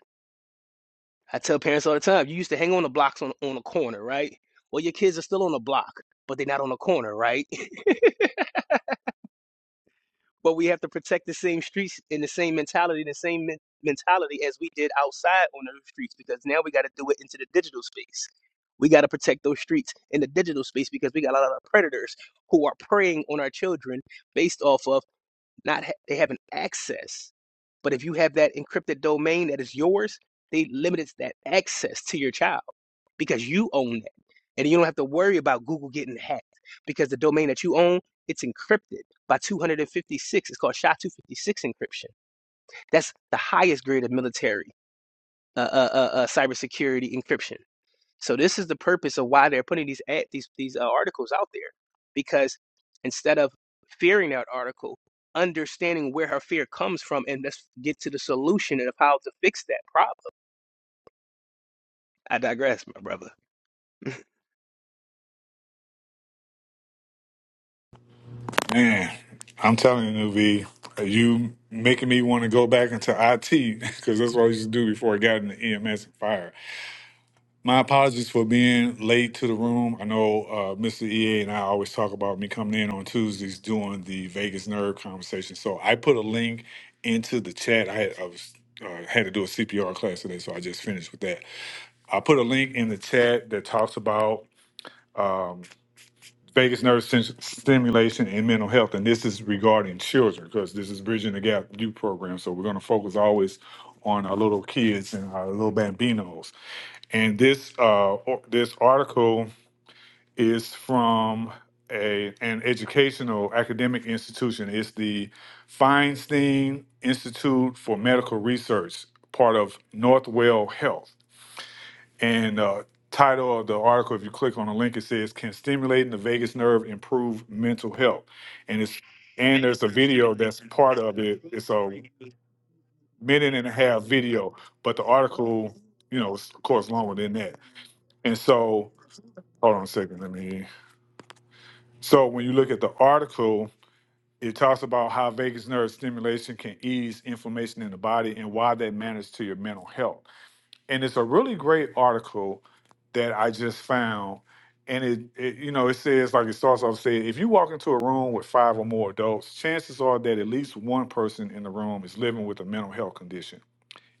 I: I tell parents all the time, you used to hang on the blocks on, on a corner, right? Well, your kids are still on the block, but they're not on the corner, right? but we have to protect the same streets in the same mentality, the same men- mentality as we did outside on the streets because now we got to do it into the digital space. We got to protect those streets in the digital space because we got a lot of predators who are preying on our children based off of not ha- they have an access. But if you have that encrypted domain that is yours, they limits that access to your child because you own it, and you don't have to worry about Google getting hacked because the domain that you own it's encrypted by 256. It's called SHA-256 encryption. That's the highest grade of military uh, uh, uh, uh, cybersecurity encryption. So this is the purpose of why they're putting these ad, these these uh, articles out there, because instead of fearing that article, understanding where her fear comes from, and let's get to the solution and of how to fix that problem. I digress, my brother.
J: Man, I'm telling you, V, you making me want to go back into IT because that's what I used to do before I got into EMS and fire. My apologies for being late to the room. I know uh, Mr. EA and I always talk about me coming in on Tuesdays doing the Vegas Nerve conversation. So I put a link into the chat. I, had, I was uh, had to do a CPR class today, so I just finished with that. I put a link in the chat that talks about. Um, vagus nerve stim- stimulation and mental health. And this is regarding children because this is Bridging the Gap Youth Program. So we're going to focus always on our little kids and our little bambinos. And this uh, or- this article is from a an educational academic institution. It's the Feinstein Institute for Medical Research, part of Northwell Health and uh, title of the article, if you click on the link, it says, "Can stimulating the vagus nerve improve mental health?" And it's and there's a video that's part of it. It's a minute and a half video, but the article, you know, is of course longer than that. And so, hold on a second, let me. So when you look at the article. It talks about how vagus nerve stimulation can ease inflammation in the body and why that matters to your mental health. and it's a really great article that I just found. And it, it you know, it says like it starts off saying, if you walk into a room with five or more adults, chances are that at least one person in the room is living with a mental health condition.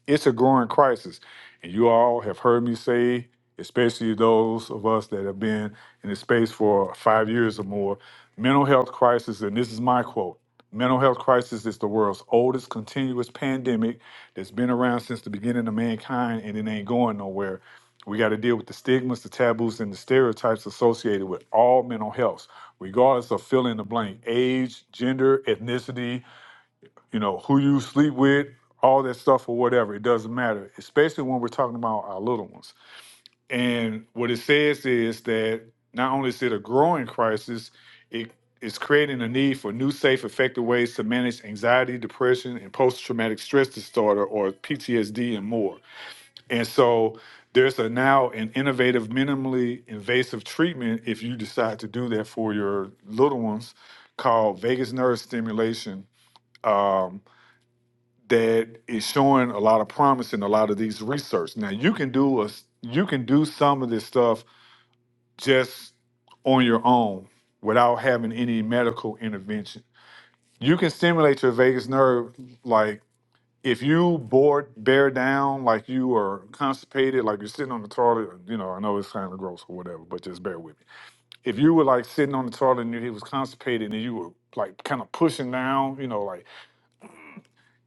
J: It's a growing crisis. And you all have heard me say, especially those of us that have been in the space for five years or more, mental health crisis, and this is my quote mental health crisis is the world's oldest continuous pandemic that's been around since the beginning of mankind and it ain't going nowhere. We got to deal with the stigmas, the taboos, and the stereotypes associated with all mental health, regardless of fill in the blank age, gender, ethnicity, you know, who you sleep with, all that stuff or whatever. It doesn't matter, especially when we're talking about our little ones. And what it says is that not only is it a growing crisis, it is creating a need for new, safe, effective ways to manage anxiety, depression, and post traumatic stress disorder or PTSD and more. And so there's a now an innovative, minimally invasive treatment if you decide to do that for your little ones called vagus nerve stimulation Um, that is showing a lot of promise in a lot of these research. Now you can do a, you can do some of this stuff just on your own without having any medical intervention. You can stimulate your vagus nerve like if you bored bear down like you are constipated, like you're sitting on the toilet, you know, I know it's kind of gross or whatever, but just bear with me. If you were like sitting on the toilet and you he was constipated and you were like kind of pushing down, you know, like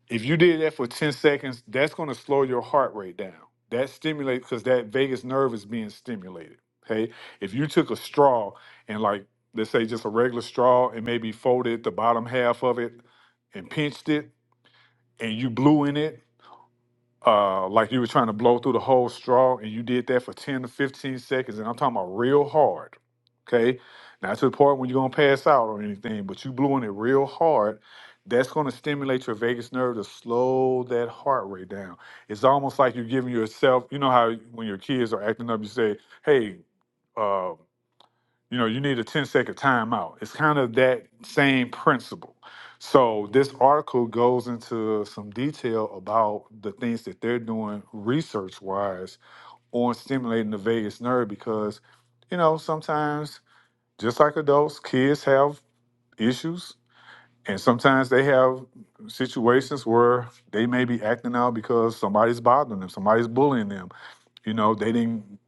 J: If you did that for 10 seconds, that's going to slow your heart rate down. That stimulates because that vagus nerve is being stimulated. Okay. If you took a straw and, like, let's say just a regular straw and maybe folded the bottom half of it and pinched it and you blew in it, uh, like you were trying to blow through the whole straw, and you did that for 10 to 15 seconds, and I'm talking about real hard, okay? Not to the point when you're gonna pass out or anything, but you blew on it real hard, that's gonna stimulate your vagus nerve to slow that heart rate down. It's almost like you're giving yourself, you know how when your kids are acting up, you say, hey, uh, you know, you need a ten-second timeout. It's kind of that same principle. So this article goes into some detail about the things that they're doing research wise on stimulating the vagus nerve because, you know, sometimes just like adults, kids have issues and sometimes they have situations where they may be acting out because somebody's bothering them, somebody's bullying them. You know, they didn't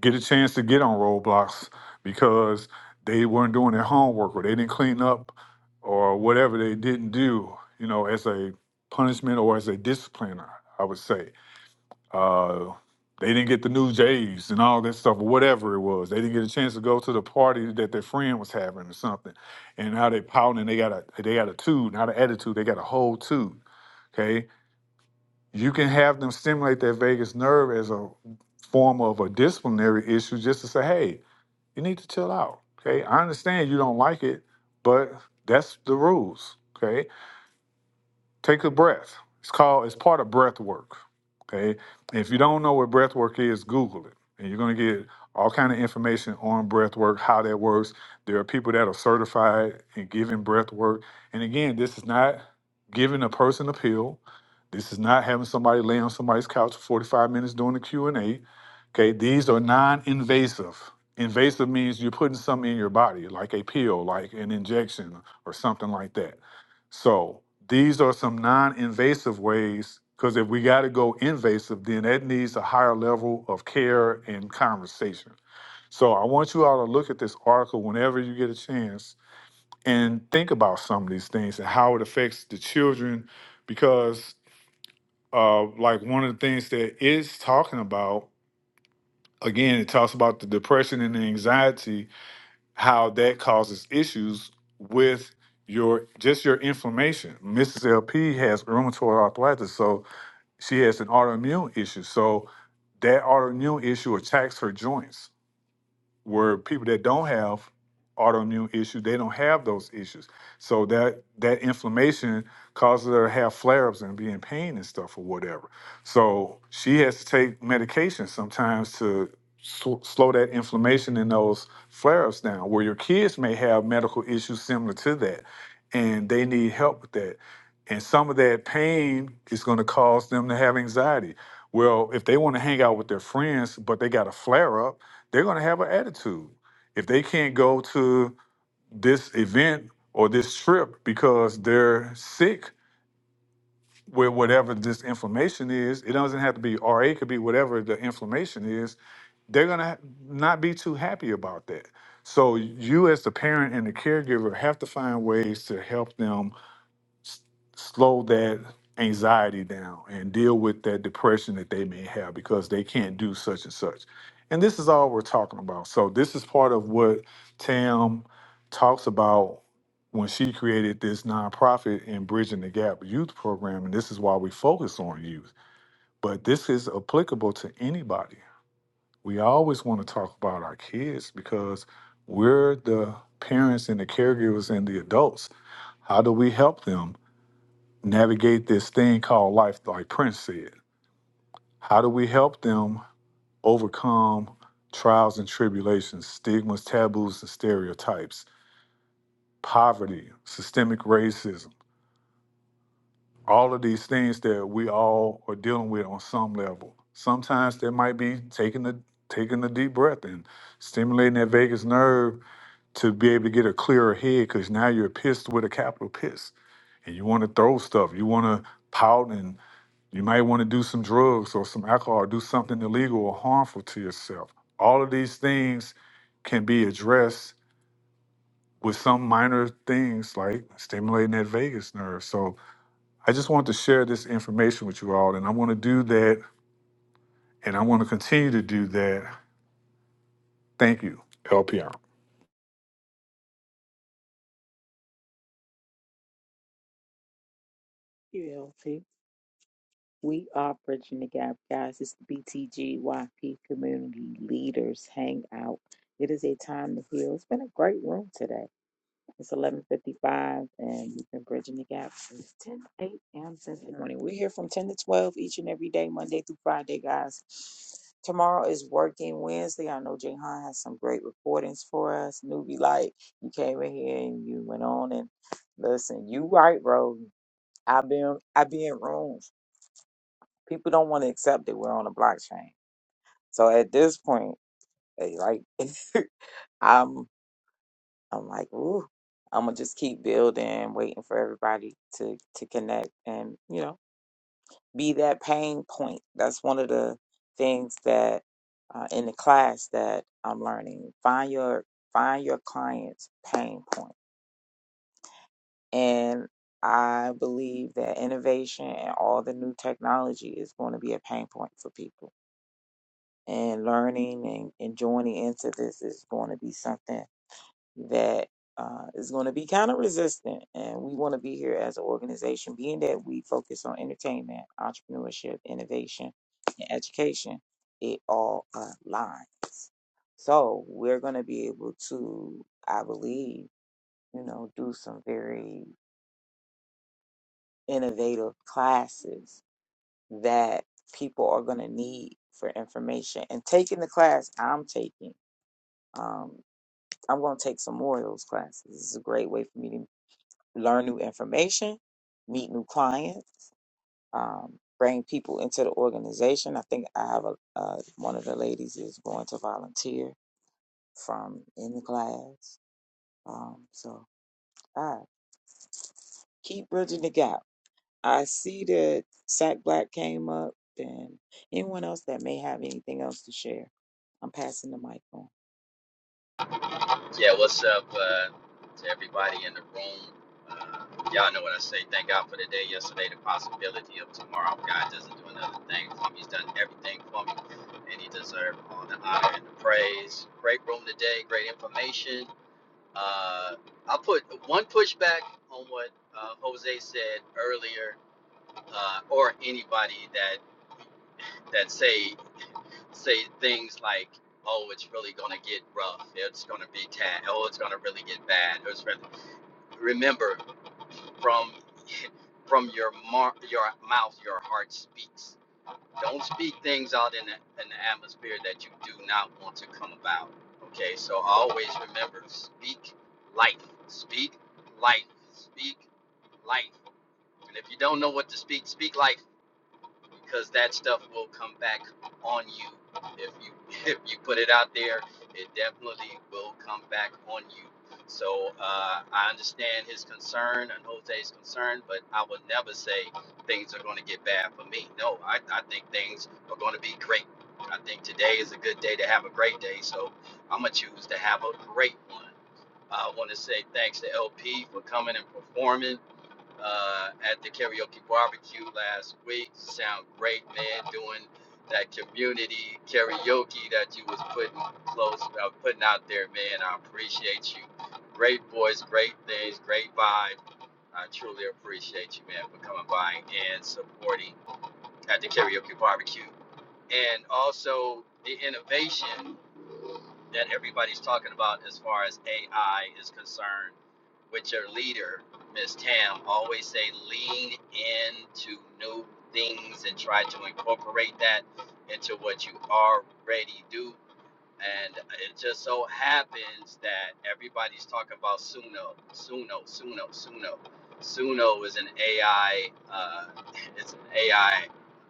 J: get a chance to get on roadblocks because they weren't doing their homework or they didn't clean up or whatever they didn't do, you know, as a punishment or as a discipliner, I would say. Uh, they didn't get the new Jays and all that stuff, or whatever it was. They didn't get a chance to go to the party that their friend was having or something. And now they pouting and they got a they got a tube, not an attitude. They got a whole tube. Okay, you can have them stimulate their vagus nerve as a form of a disciplinary issue, just to say, hey, you need to chill out. Okay, I understand you don't like it, but that's the rules. Okay. Take a breath. It's called, it's part of breath work. Okay. If you don't know what breath work is, Google it. And you're gonna get all kind of information on breath work, how that works. There are people that are certified in giving breath work. And again, this is not giving a person a pill. This is not having somebody lay on somebody's couch for 45 minutes doing a Q and a Okay, these are non-invasive. Invasive means you're putting something in your body, like a pill, like an injection or something like that. So these are some non invasive ways, because if we got to go invasive, then that needs a higher level of care and conversation. So I want you all to look at this article whenever you get a chance and think about some of these things and how it affects the children, because uh, like one of the things that it's talking about, again, it talks about the depression and the anxiety, how that causes issues with your just your inflammation. Mrs. LP has rheumatoid arthritis, so she has an autoimmune issue. So that autoimmune issue attacks her joints where people that don't have autoimmune issues, they don't have those issues. So that that inflammation causes her to have flare-ups and be in pain and stuff or whatever. So she has to take medication sometimes to sl- slow that inflammation in those flare-ups down. Where your kids may have medical issues similar to that, and they need help with that. And some of that pain is going to cause them to have anxiety. Well, if they want to hang out with their friends, but they got a flare-up they're going to have an attitude if they can't go to this event or this trip because they're sick with whatever this inflammation is it doesn't have to be ra it could be whatever the inflammation is they're going to not be too happy about that so you as the parent and the caregiver have to find ways to help them s- slow that anxiety down and deal with that depression that they may have because they can't do such and such. And this is all we're talking about. So this is part of what Tam talks about when she created this nonprofit in Bridging the Gap youth program. And this is why we focus on youth. But this is applicable to anybody. We always want to talk about our kids because we're the parents and the caregivers and the adults. How do we help them? navigate this thing called life, like Prince said. How do we help them overcome trials and tribulations, stigmas, taboos, and stereotypes, poverty, systemic racism, all of these things that we all are dealing with on some level? Sometimes that might be taking the taking a deep breath and stimulating that vagus nerve to be able to get a clearer head because now you're pissed with a capital piss and you want to throw stuff. You want to pout and. You might want to do some drugs or some alcohol, or do something illegal or harmful to yourself. All of these things can be addressed with some minor things like stimulating that vagus nerve. So I just want to share this information with you all, and I want to do that, and I want to continue to do that. Thank you, LPR.
D: You healthy? We are bridging the gap, guys. It's the BTGYP Community Leaders Hangout. It is a time to heal. It's been a great room today. It's 11:55, and we've been bridging the gap since 10 a.m. since morning. We're here from 10 to 12 each and every day, Monday through Friday, guys. Tomorrow is working Wednesday. I know Jayhan has some great recordings for us. Newbie Light, you came in here and you went on and listen. You right, bro. I been I be in rooms. People don't want to accept that we're on a blockchain. So at this point, they like I'm I'm like, ooh, I'm gonna just keep building, waiting for everybody to to connect and you know be that pain point. That's one of the things that uh, in the class that I'm learning. Find your find your client's pain point, and I believe that innovation and all the new technology is going to be a pain point for people and learning and, and joining into this is going to be something that uh, is going to be kind of resistant. And we want to be here as an organization, being that we focus on entertainment, entrepreneurship, innovation, and education, it all aligns. So we're going to be able to, I believe, you know, do some very innovative classes that people are going to need for information. And taking the class I'm taking. um, I'm going to take some more of those classes. This is a great way for me to learn new information, meet new clients, um, bring people into the organization. I think I have a uh, one of the ladies is going to volunteer from in the class. Um, so I keep bridging the gap. I see that Sack Black came up, and anyone else that may have anything else to share, I'm passing the mic on.
K: Yeah, what's up uh, to everybody in the room? Uh, y'all know what I say. Thank God for the day yesterday, the possibility of tomorrow. God doesn't do another thing for me. He's done everything for me, and He deserves all the honor and the praise. Great room today, great information. Uh, I'll put one pushback on what uh, Jose said earlier, uh, or anybody that that say say things like oh, it's really gonna get rough. It's gonna be tad. Oh, it's gonna really get bad. It's really Remember, from from your mar- your mouth, your heart speaks. Don't speak things out in the, in the atmosphere that you do not want to come about. Okay, so always remember, speak life, speak life, speak life. And if you don't know what to speak, speak life because that stuff will come back on you if you if you put it out there it definitely will come back on you so uh, i understand his concern and jose's concern but i would never say things are going to get bad for me no i, I think things are going to be great i think today is a good day to have a great day so i'm going to choose to have a great one i want to say thanks to lp for coming and performing uh, at the karaoke barbecue last week. Sound great, man. Doing that community karaoke that you was putting close, uh, putting out there, man. I appreciate you. Great voice, great things, great vibe. I truly appreciate you, man, for coming by and supporting at the karaoke barbecue, and also the innovation that everybody's talking about as far as AI is concerned, with your leader, Ms. Tam, always say lean into new things and try to incorporate that into what you already do and it just so happens that everybody's talking about Suno, Suno, Suno, Suno. Suno is an AI, uh, it's an AI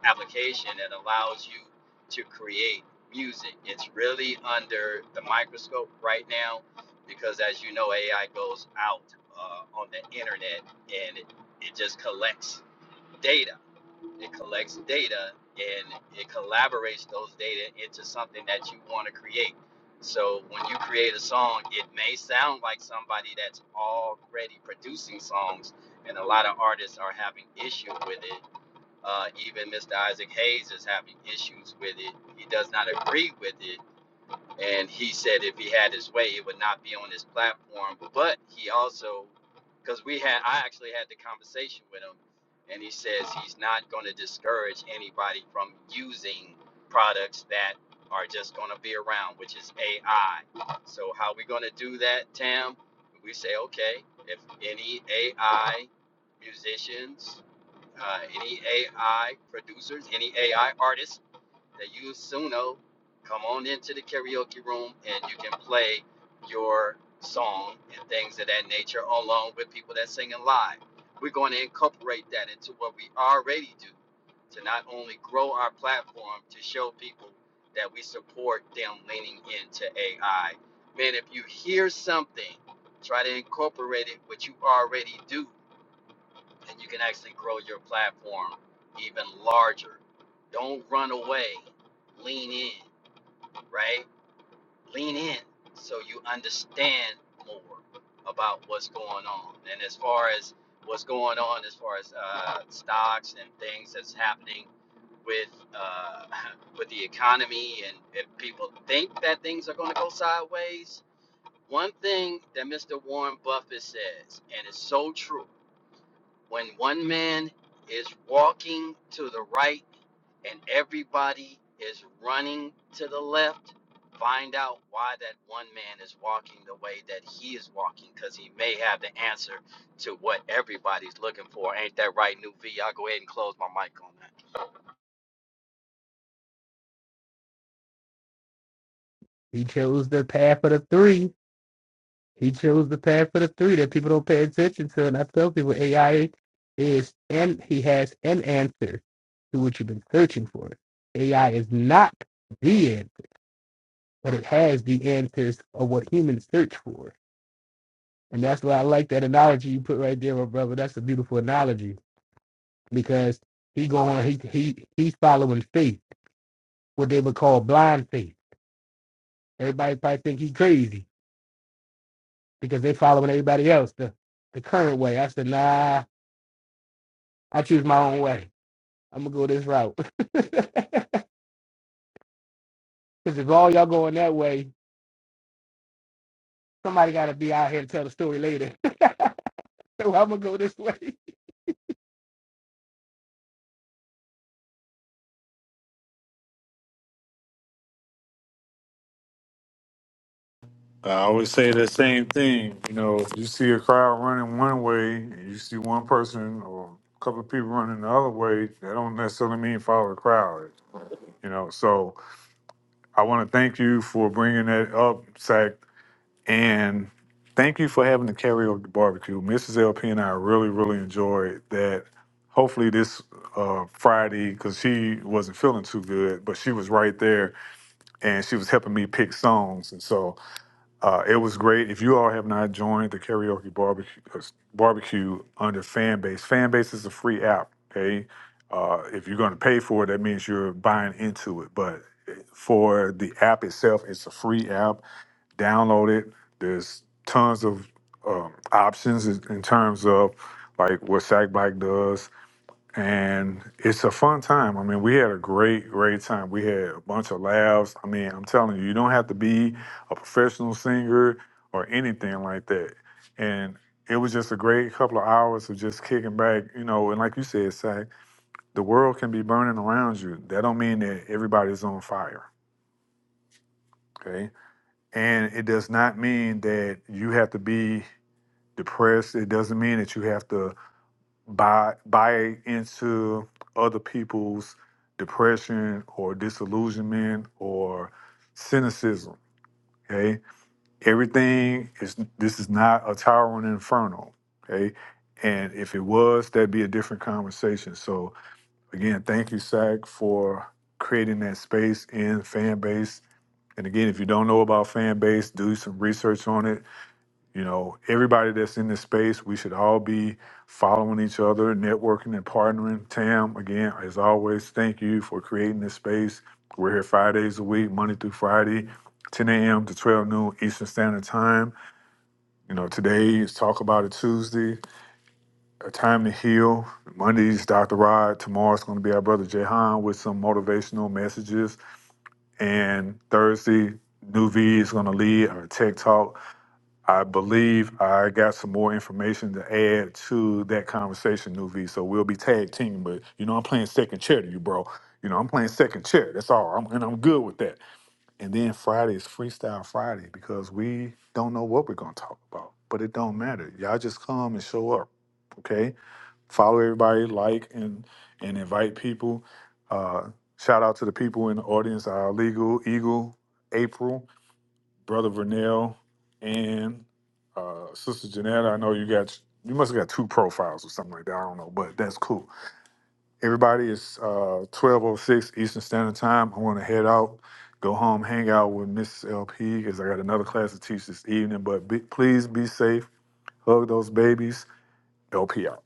K: application that allows you to create music. It's really under the microscope right now because, as you know, AI goes out uh, on the internet and it, it just collects data it collects data and it collaborates those data into something that you want to create. So when you create a song, it may sound like somebody that's already producing songs, and a lot of artists are having issue with it. Uh, even Mr. Isaac Hayes is having issues with it. He does not agree with it and he said if he had his way, it would not be on his platform. But he also, because we had, I actually had the conversation with him, and he says he's not going to discourage anybody from using products that are just going to be around, which is AI. So how are we going to do that, Tam? We say, okay, if any AI musicians, uh, any AI producers, any AI artists that you soon know. Come on into the karaoke room and you can play your song and things of that nature along with people that singing live. We're going to incorporate that into what we already do to not only grow our platform to show people that we support them leaning into AI. Man, if you hear something, try to incorporate it what you already do and you can actually grow your platform even larger. Don't run away. Lean in, right? Lean in so you understand more about what's going on. And as far as what's going on, as far as uh, stocks and things that's happening with uh, with the economy, and if people think that things are going to go sideways, one thing that Mr. Warren Buffett says, and it's so true when one man is walking to the right and everybody is running to the left, find out why that one man is walking the way that he is walking because he may have the answer to what everybody's looking for. Ain't that right, New V? I'll go ahead and close my mic on that.
I: He chose the path of the three. He chose the path of the three that people don't pay attention to. And I tell people AI is and he has an answer to what you've been searching for. AI is not the answer, but it has the answers of what humans search for. And that's why I like that analogy you put right there, my brother. That's a beautiful analogy because he going he he he's following faith, what they would call blind faith. Everybody probably think he's crazy. because they following everybody else the the current way. I said, nah, I choose my own way. I'm gonna go this route. Because if all y'all going that way, somebody gotta be out here to tell the story later. so I'm gonna go this way.
J: I always say the same thing. You know, if you see a crowd running one way, and you see one person or a couple of people running the other way. That don't necessarily mean follow the crowd. You know, so I want to thank you for bringing that up, Zach, and thank you for having the karaoke barbecue. Mrs. LP and I really, really enjoyed that. Hopefully this uh, Friday, because she wasn't feeling too good, but she was right there and she was helping me pick songs, and so uh, it was great. If you all have not joined the karaoke barbecue uh, barbecue under Fanbase, Fanbase is a free app. Okay, uh, if you're going to pay for it, that means you're buying into it. But eh, for the app itself, it's a free app. Download it. There's tons of um, options in in terms of like what Sack Black does, and it's a fun time. I mean, we had a great, great time. We had a bunch of laughs. I mean, I'm telling you, you don't have to be a professional singer or anything like that. And it was just a great couple of hours of just kicking back, you know. And like you said, Sack, the world can be burning around you. That don't mean that everybody's on fire, okay? And it does not mean that you have to be depressed. It doesn't mean that you have to buy buy into other people's depression or disillusionment or cynicism. Okay, everything is this is not a towering inferno. Okay, and if it was, that'd be a different conversation. So again, thank you, Sack, for creating that space in fan base. And again, if you don't know about fan base, do some research on it. You know, everybody that's in this space, we should all be following each other, networking and partnering. Tam, again, as always, thank you for creating this space. We're here five days a week, Monday through Friday, 10 a.m. to 12 noon Eastern Standard Time. You know, today is Talk About It Tuesday, A Time to Heal. Monday's Dr. Rod. Tomorrow's going to be our brother Jehan with some motivational messages. And Thursday, New V is going to lead our Tech Talk I believe I got some more information to add to that conversation, Nuvi. So we'll be tag teaming. but you know I'm playing second chair to you, bro. You know I'm playing second chair. That's all, I'm, and I'm good with that. And then Friday is Freestyle Friday because we don't know what we're gonna talk about, but it don't matter. Y'all just come and show up, okay? Follow everybody, like and and invite people. Uh, shout out to the people in the audience, our legal eagle, April. Brother Vernell and uh, Sister Janetta. I know you got you must have got two profiles or something like that. I don't know, but that's cool. Everybody is uh, twelve oh six Eastern Standard Time. I want to head out, go home, hang out with Miss LP because I got another class to teach this evening. But be, please be safe. Hug those babies. LP out.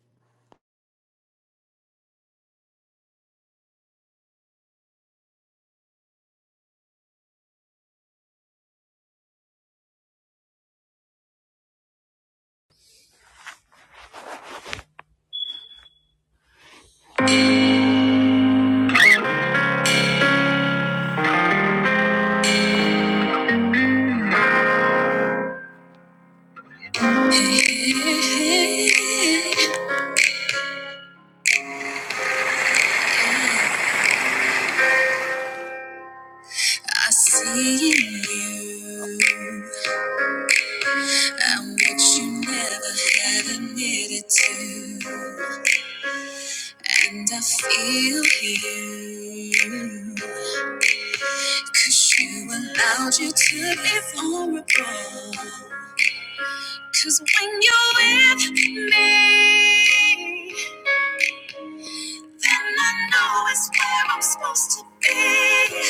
A: I see in you. I'm what you never had admitted to. And I feel you, 'cause you allowed you to be vulnerable. 'Cause when you're with me, then I know it's where I'm supposed to be.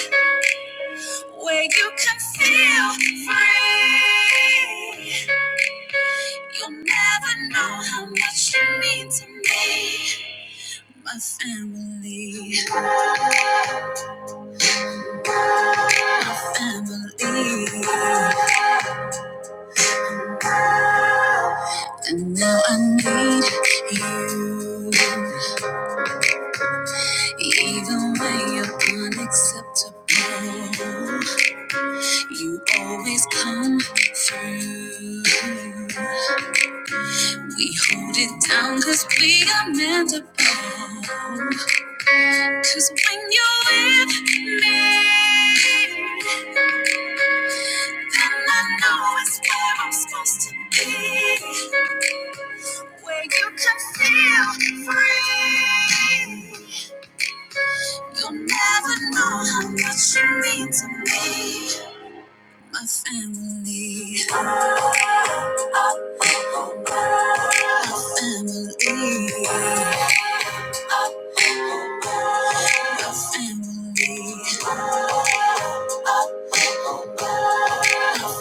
A: where you can feel free. You'll never know how much you mean to me, my family, family. And now I need you, even when you're unacceptable. You always come through. We hold it down 'cause we are meant to bond. Cause when you're with me, then I know it's where I'm supposed to be. Where you can feel free. You'll never know how much you mean to me. My family, family,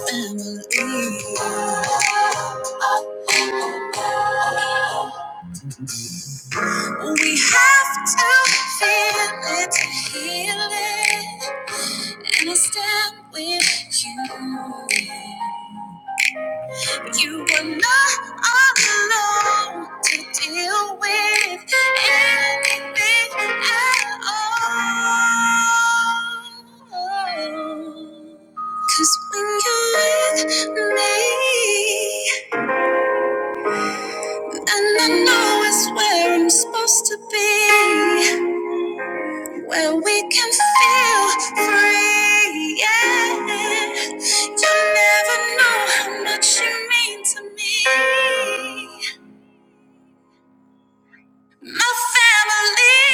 A: family, family. We have to feel it to heal it, and I stand with you. You were not alone to deal with anything at all. Cause when you're with me, and I know it's where I'm supposed to be. Well, we can feel free, yeah. You never know how much you mean to me. My family,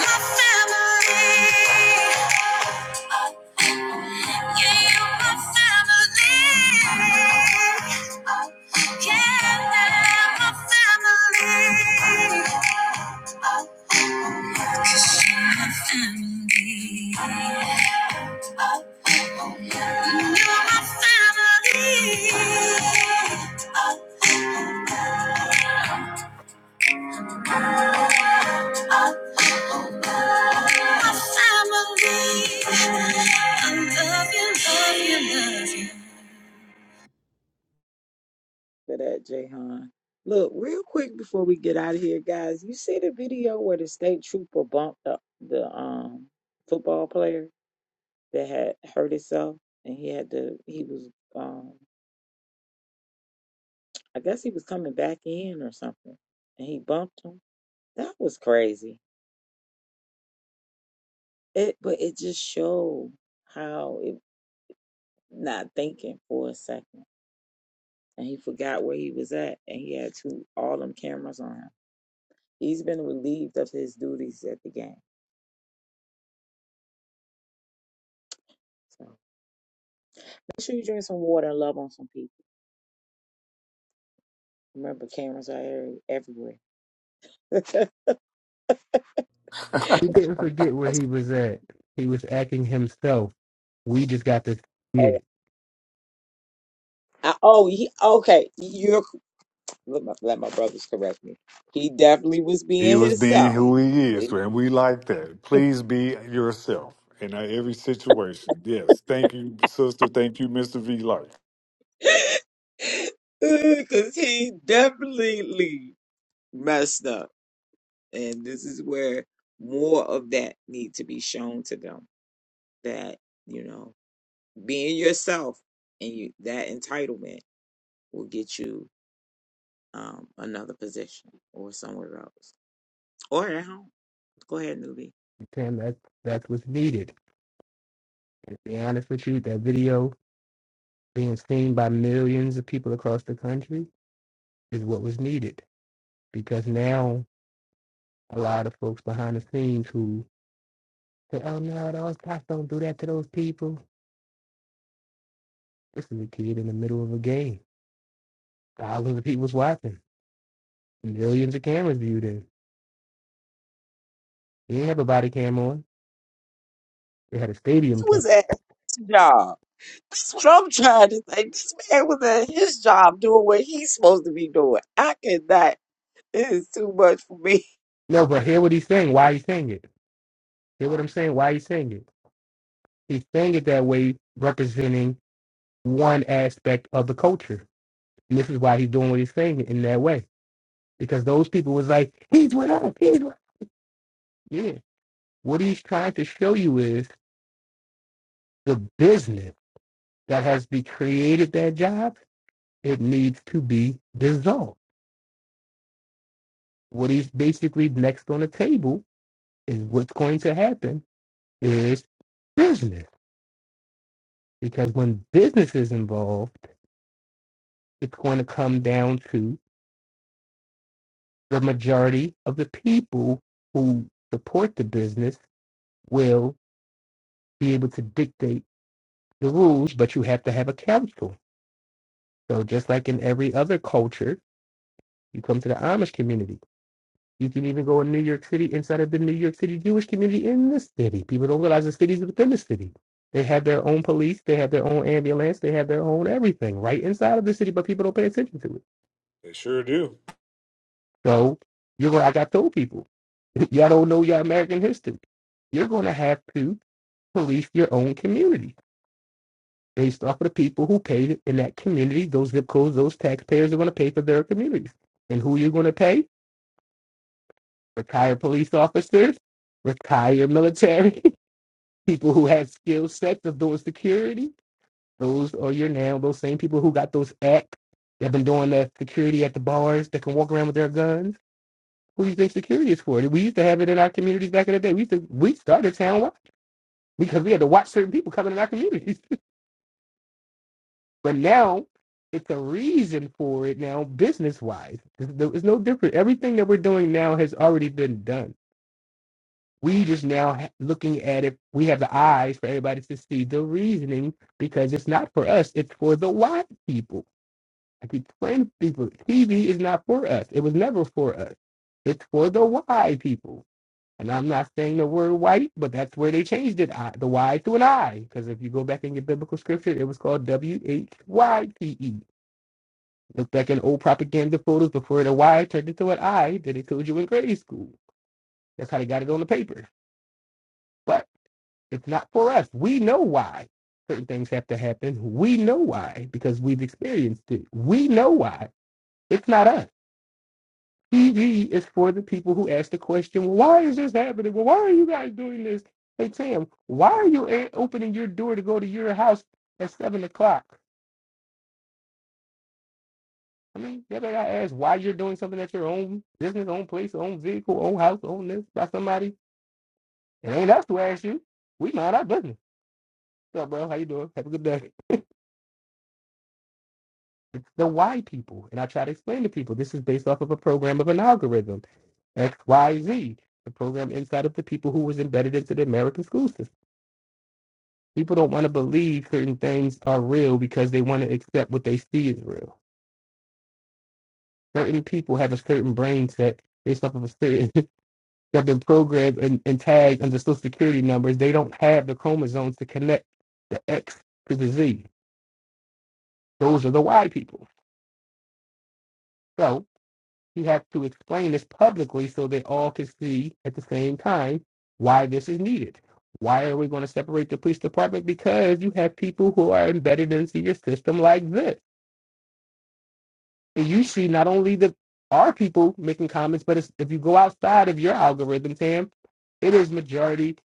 A: my family, yeah, you're my family, yeah, my family, 'Cause you're my family. You're my family.
D: for that, Jahan. Look, real quick before we get out of here, guys, you see the video where the state trooper bumped up the um football player that had hurt himself and he had to he was um I guess he was coming back in or something and he bumped him. That was crazy. It but it just showed how it not thinking for a second. And he forgot where he was at and he had two all them cameras on him. He's been relieved of his duties at the game. so. Make sure you drink some water and love on some people. Remember, cameras are every- everywhere.
I: He didn't forget where he was at. He was acting himself. We just got to see
D: oh,
I: it.
D: I, oh, he okay. You're let my, let my brothers correct me. He definitely was
J: He
D: being
J: was being
D: himself.
J: who he is,
D: Wait,
J: and we like that. Please be yourself in every situation. Yes, thank you, sister. Thank you, Mister V. Life.
D: because he definitely messed up, and this is where more of that need to be shown to them. That you know, being yourself and you that entitlement will get you um another position or somewhere else. or at home. Go ahead, newbie.
I: Tim, that's that's what's needed. And to be honest with you, that video being seen by millions of people across the country is what was needed. Because now a lot of folks behind the scenes who say, Oh no, those cops don't do that to those people. This is a kid in the middle of a game. Thousands of people's watching. Millions of cameras viewed in. He didn't have a body cam on. They had a stadium
D: He
I: cam.
D: was at his job. That's what I'm trying to say. This man was at his job doing what he's supposed to be doing. I cannot. It is too much for me.
I: No, but hear what he's saying, why he's saying it Hear what I'm saying? Why he's saying it? He's saying it that way, representing one aspect of the culture. And this is why he's doing what he's saying in that way. Because those people was like, he's with us, he's with us. Yeah. What he's trying to show you is the business that has be created that job, it needs to be dissolved. What he's basically next on the table is what's going to happen is business. Because when business is involved, it's going to come down to the majority of the people who support the business will be able to dictate the rules, but you have to have a council. So just like in every other culture, you come to the Amish community. You can even go in New York City inside of the New York City Jewish community in the city. People don't realize the city's within the city. They have their own police, they have their own ambulance, they have their own everything right inside of the city, but people don't pay attention to it.
J: They sure do.
I: So you're gonna, like I told people, y'all don't know your American history. You're gonna have to police your own community based off of the people who paid in that community. Those zip codes, those taxpayers are gonna pay for their communities. And who you're gonna pay? Retired police officers, retired military, people who have skill sets of doing security. Those are your now those same people who got those acts that have been doing the security at the bars that can walk around with their guns Who you think security is for? We used to have it in our communities back in the day. We used to, we started town watch because we had to watch certain people coming in our communities. but now it's a reason for it now, business wise. It's no it's no different. Everything that we're doing now has already been done. We just now ha- looking at it. We have the eyes for everybody to see the reasoning because it's not for us. It's for the white people. I keep telling people, TV is not for us. It was never for us. It's for the why people. And I'm not saying the word white, but that's where they changed it, I, the Y to an I. Because if you go back in your biblical scripture, it was called W-H-Y-T-E. Look back in old propaganda photos before the Y turned into an I that they told you in grade school. That's how they got it on the paper. But it's not for us. We know why certain things have to happen. We know why because we've experienced it. We know why. It's not us. TV is for the people who ask the question, well, why is this happening? Well, why are you guys doing this? Hey, Tam, why are you a- opening your door to go to your house at 7 o'clock? I mean, they better not ask why you're doing something at your own business, own place, own vehicle, own house, own this by somebody. It ain't us to ask you. We mind our business. What's up, bro? How you doing? Have a good day. It's the why people. And I try to explain to people this is based off of a program of an algorithm, X, Y, Z, the program inside of the people who was embedded into the American school system. People don't want to believe certain things are real because they want to accept what they see is real. Certain people have a certain brain set based off of a certain they've been programmed and, and tagged under social security numbers. They don't have the chromosomes to connect the X to the Z. Those are the Y people. So you have to explain this publicly so they all can see at the same time why this is needed. Why are we going to separate the police department? Because you have people who are embedded into your system like this and you see not only the our people making comments, but it's, if you go outside of your algorithm, Tam, it is majority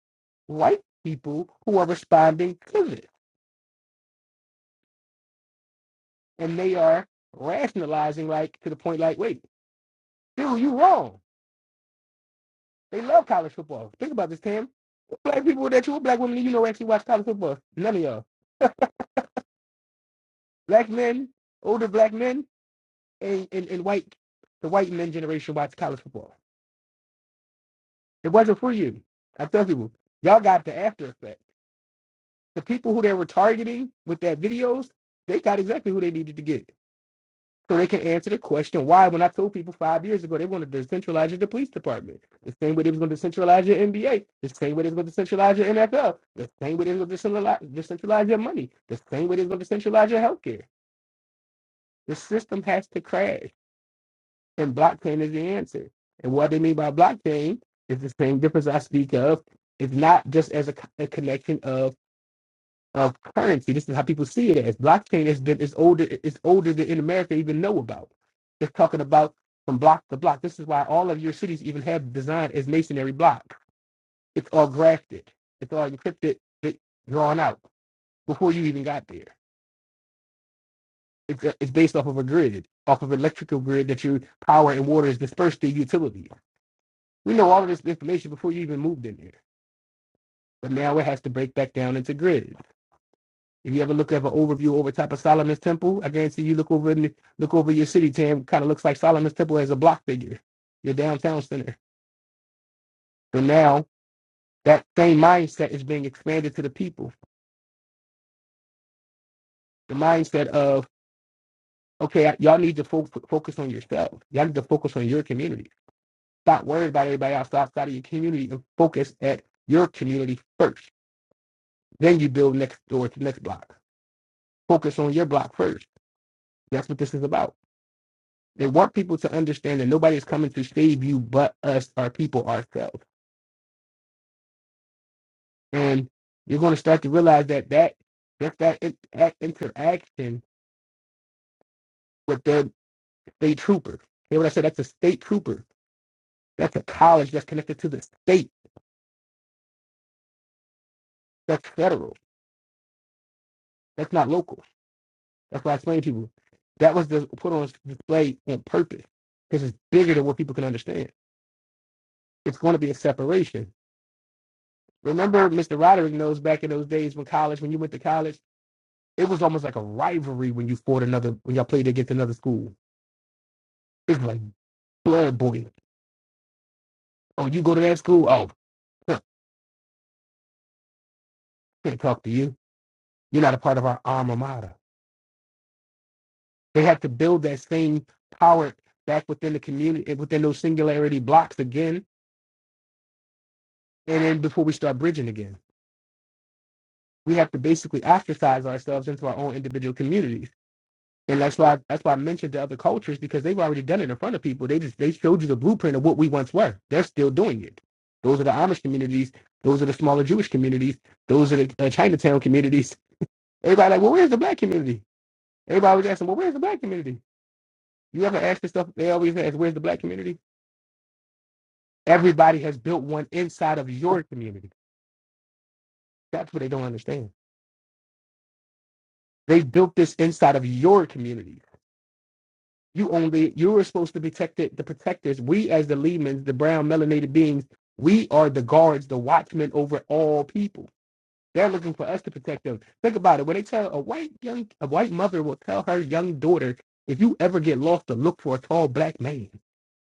I: white people who are responding to it, and they are rationalizing like to the point like, wait, dude, you wrong. They love college football. Think about this, Tam. Black people that you, black women, that you know, actually watch college football. None of y'all. Black men, older black men, and, and, and white, the white men generation watch college football. It wasn't for you. I tell people, y'all got the after effect. the people who they were targeting with that videos, they got exactly who they needed to get. So they can answer the question why, when I told people five years ago they wanted to decentralize your- the police department, the same way they was going to decentralize your NBA, the same way they was going to decentralize your NFL, the same way they was going to decentralize, decentralize your money, the same way they was going to decentralize your healthcare. The system has to crash, and blockchain is the answer. And what they mean by blockchain is the same difference I speak of. It's not just as a, a connection of of currency. This is how people see it as blockchain has been is older it's older than in America even know about. They're talking about from block to block. This is why all of your cities even have designed as masonry block. It's all grafted. It's all encrypted, it- drawn out before you even got there. It's, uh, it's based off of a grid, off of electrical grid that your power and water is dispersed to utilities. We know all of this information before you even moved in there. But now it has to break back down into grids. If you ever look at an overview over top of Solomon's Temple, I guarantee you look over in the, look over your city, Tam. Kind of looks like Solomon's Temple as a block figure, your downtown center. So now that same mindset is being expanded to the people. The mindset of okay, y'all need to fo- focus on yourself. Y'all need to focus on your community. Stop worrying about everybody else outside of your community and focus at your community first. Then you build next door to next block. Focus on your block first. That's what this is about. They want people to understand that nobody is coming to save you but us, our people, ourselves. And you're going to start to realize that that just that, in- that interaction with their state trooper. Hear what I said? That's a state trooper. That's a college that's connected to the state. That's federal. That's not local. That's why I explain to people that was the put on display on purpose because it's bigger than what people can understand. It's going to be a separation. Remember, Mr. Roderick knows back in those days when college, when you went to college It was almost like a rivalry when you fought another when y'all played against another school. it was like blood boiling. Oh, you go to that school? Oh, huh, can't talk to you. You're not a part of our alma mater. They had to build that same power back within the community, eh, within those singularity blocks again. And then before we start bridging again, we have to basically ostracize ourselves into our own individual communities And that's why that's why I mentioned the other cultures because they've already done it in front of people. They just they showed you the blueprint of what we once were. They're still doing it. Those are the Amish communities. Those are the smaller Jewish communities. Those are the uh, Chinatown communities. Everybody like, well, where's the black community? Everybody was asking, well, where's the black community? You ever ask this stuff? They always ask, where's the black community? Everybody has built one inside of your community. That's what they don't understand. They built this inside of your community. You only you were supposed to protect it, the protectors. We as the lemans, the brown melanated beings, we are the guards, the watchmen over all people. They're looking for us to protect them. Think about it. When they tell a white young a white mother will tell her young daughter, if you ever get lost, to look for a tall black man.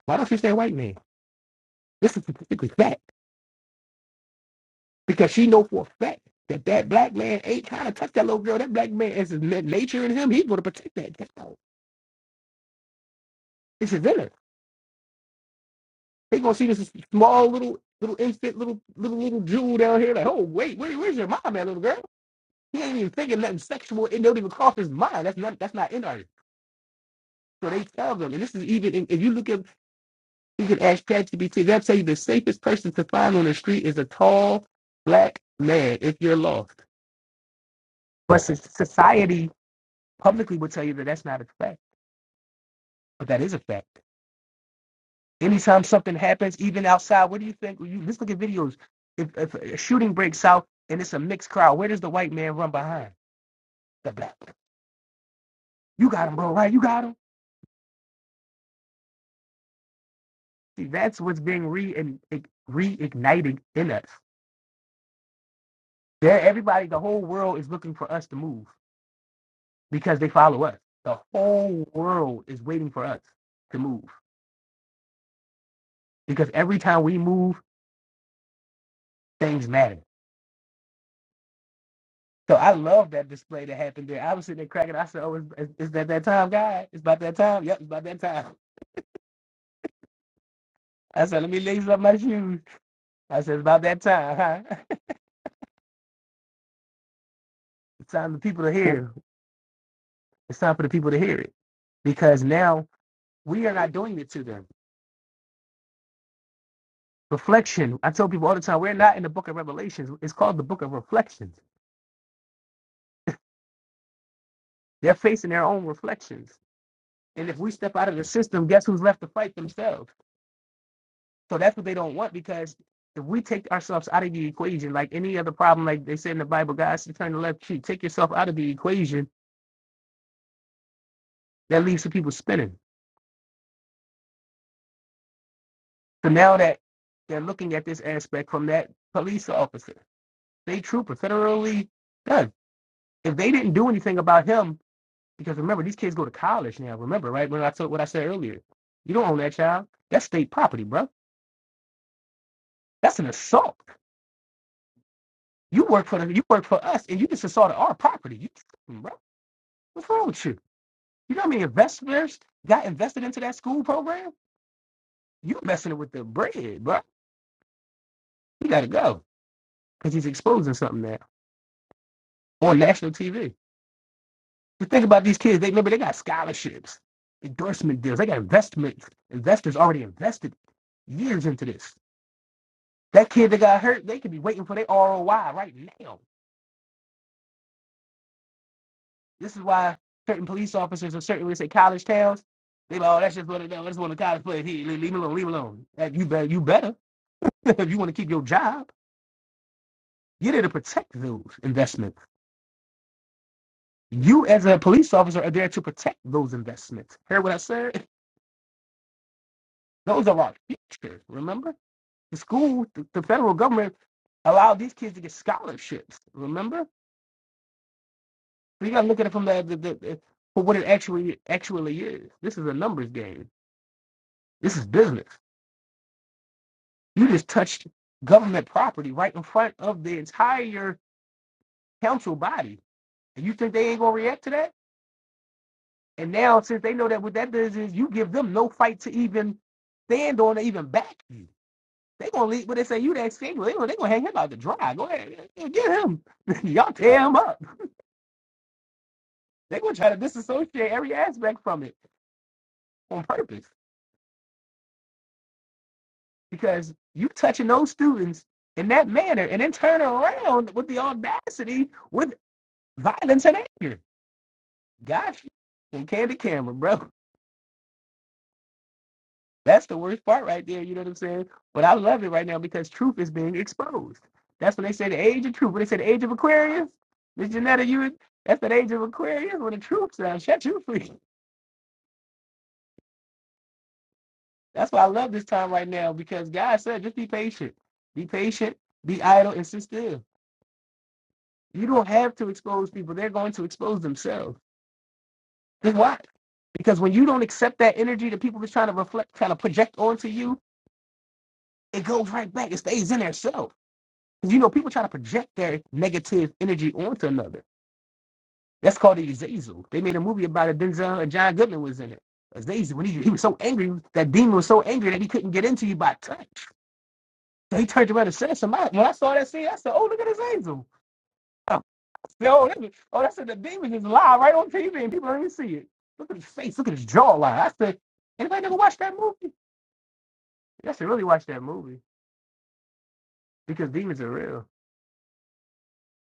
I: Why don't you say white man? This is specifically fact. Because she know for a fact that that black man ain't trying to touch that little girl. That black man is his nature in him. He's going to protect that child. It's his inner. They gonna see this small little little infant little little little jewel down here. Like, oh wait, where, where's your mom at, little girl? He ain't even thinking nothing sexual. It don't even cross his mind. That's not that's not in our. So they tell them, and this is even if you look at you can ask ChatGPT. They'll tell you the safest person to find on the street is a tall black man if you're lost. But so- society publicly will tell you that that's not a fact, but that is a fact. Anytime something happens, even outside, what do you think? You let's look at videos. If, if a shooting breaks out and it's a mixed crowd, where does the white man run behind the black? You got him, bro. Right? You got him. See, that's what's being re and reignited in us. There, everybody, the whole world is looking for us to move because they follow us. The whole world is waiting for us to move because every time we move, things matter. So I love that display that happened there. I was sitting there cracking. I said, "Oh, it's, it's that that time, guy. It's about that time. Yep, it's about that time." I said, let me lace up my shoes. I said, it's about that time, huh? It's time for the people to hear. It's time for the people to hear it. Because now we are not doing it to them. Reflection. I tell people all the time, we're not in the book of Revelations. It's called the book of reflections. They're facing their own reflections. And if we step out of the system, guess who's left to fight themselves? So that's what they don't want because if we take ourselves out of the equation, like any other problem, like they say in the Bible, guys, turn the left cheek, take yourself out of the equation, that leaves the people spinning So now that they're looking at this aspect from that police officer, state trooper, federally does. If they didn't do anything about him, because remember these kids go to college now. Remember, right? When I told what I said earlier, you don't own that child. That's state property, bro. That's an assault. You work for the, you work for us, and you just assaulted our property. You, bro, what's wrong with you? You know how many investors got invested into that school program? You messing it with the bread, bro. You gotta go because he's exposing something now on national TV. Just think about these kids. They remember they got scholarships, endorsement deals. They got investment investors already invested years into this. That kid that got hurt, they could be waiting for their ROI right now. This is why certain police officers in certain let's say college towns, they like, oh, that's just what it is. That's one of the college players. He leave leave him alone, leave him alone. That you better you better if you want to keep your job. You're there to protect those investments. You as a police officer are there to protect those investments. Hear what I said? Those are our future, remember? The school, the, the federal government allowed these kids to get scholarships. Remember, so you got to look at it from the, the, the, the- for what it actually actually is. This is a numbers game. This is business. You just touched government property right in front of the entire council body, and you think they ain't gonna react to that? And now, since they know that what that does is you give them no fight to even stand on or even back you. They gonna leave, but they say you that single. They gonna they gonna hang him out to dry. Go ahead, get him. Y'all tear him up. They're gonna try to disassociate every aspect from it on purpose because you touching those students in that manner and then turn around with the audacity with violence and anger. Got you from candid camera, bro. That's the worst part right there. You know what I'm saying? But I love it right now because truth is being exposed. That's when they say the age of truth. When they say the age of Aquarius, Miss Janetta, you that's the age of Aquarius when the truth sounds. Shut you free. That's why I love this time right now because God said, just be patient. Be patient, be idle, and sit still. You don't have to expose people. They're going to expose themselves. Just watch. Because when you don't accept that energy that people are trying to reflect, trying to project onto you, it goes right back. It stays in their self. Because you know, people try to project their negative energy onto another. That's called the Azazel. They made a movie about it. Denzel and John Goodman was in it. Azazel, when he, he was so angry, that demon was so angry that he couldn't get into you by touch. They turned around and said somebody. When I saw that scene, I said, "Oh, look at this angel." Oh, yo, that was- oh, that's the demon is live right on TV, and people don't even see it. Look at his face. Look at his jawline. I said, "Anybody ever watch that movie?" I should really watch that movie because demons are real.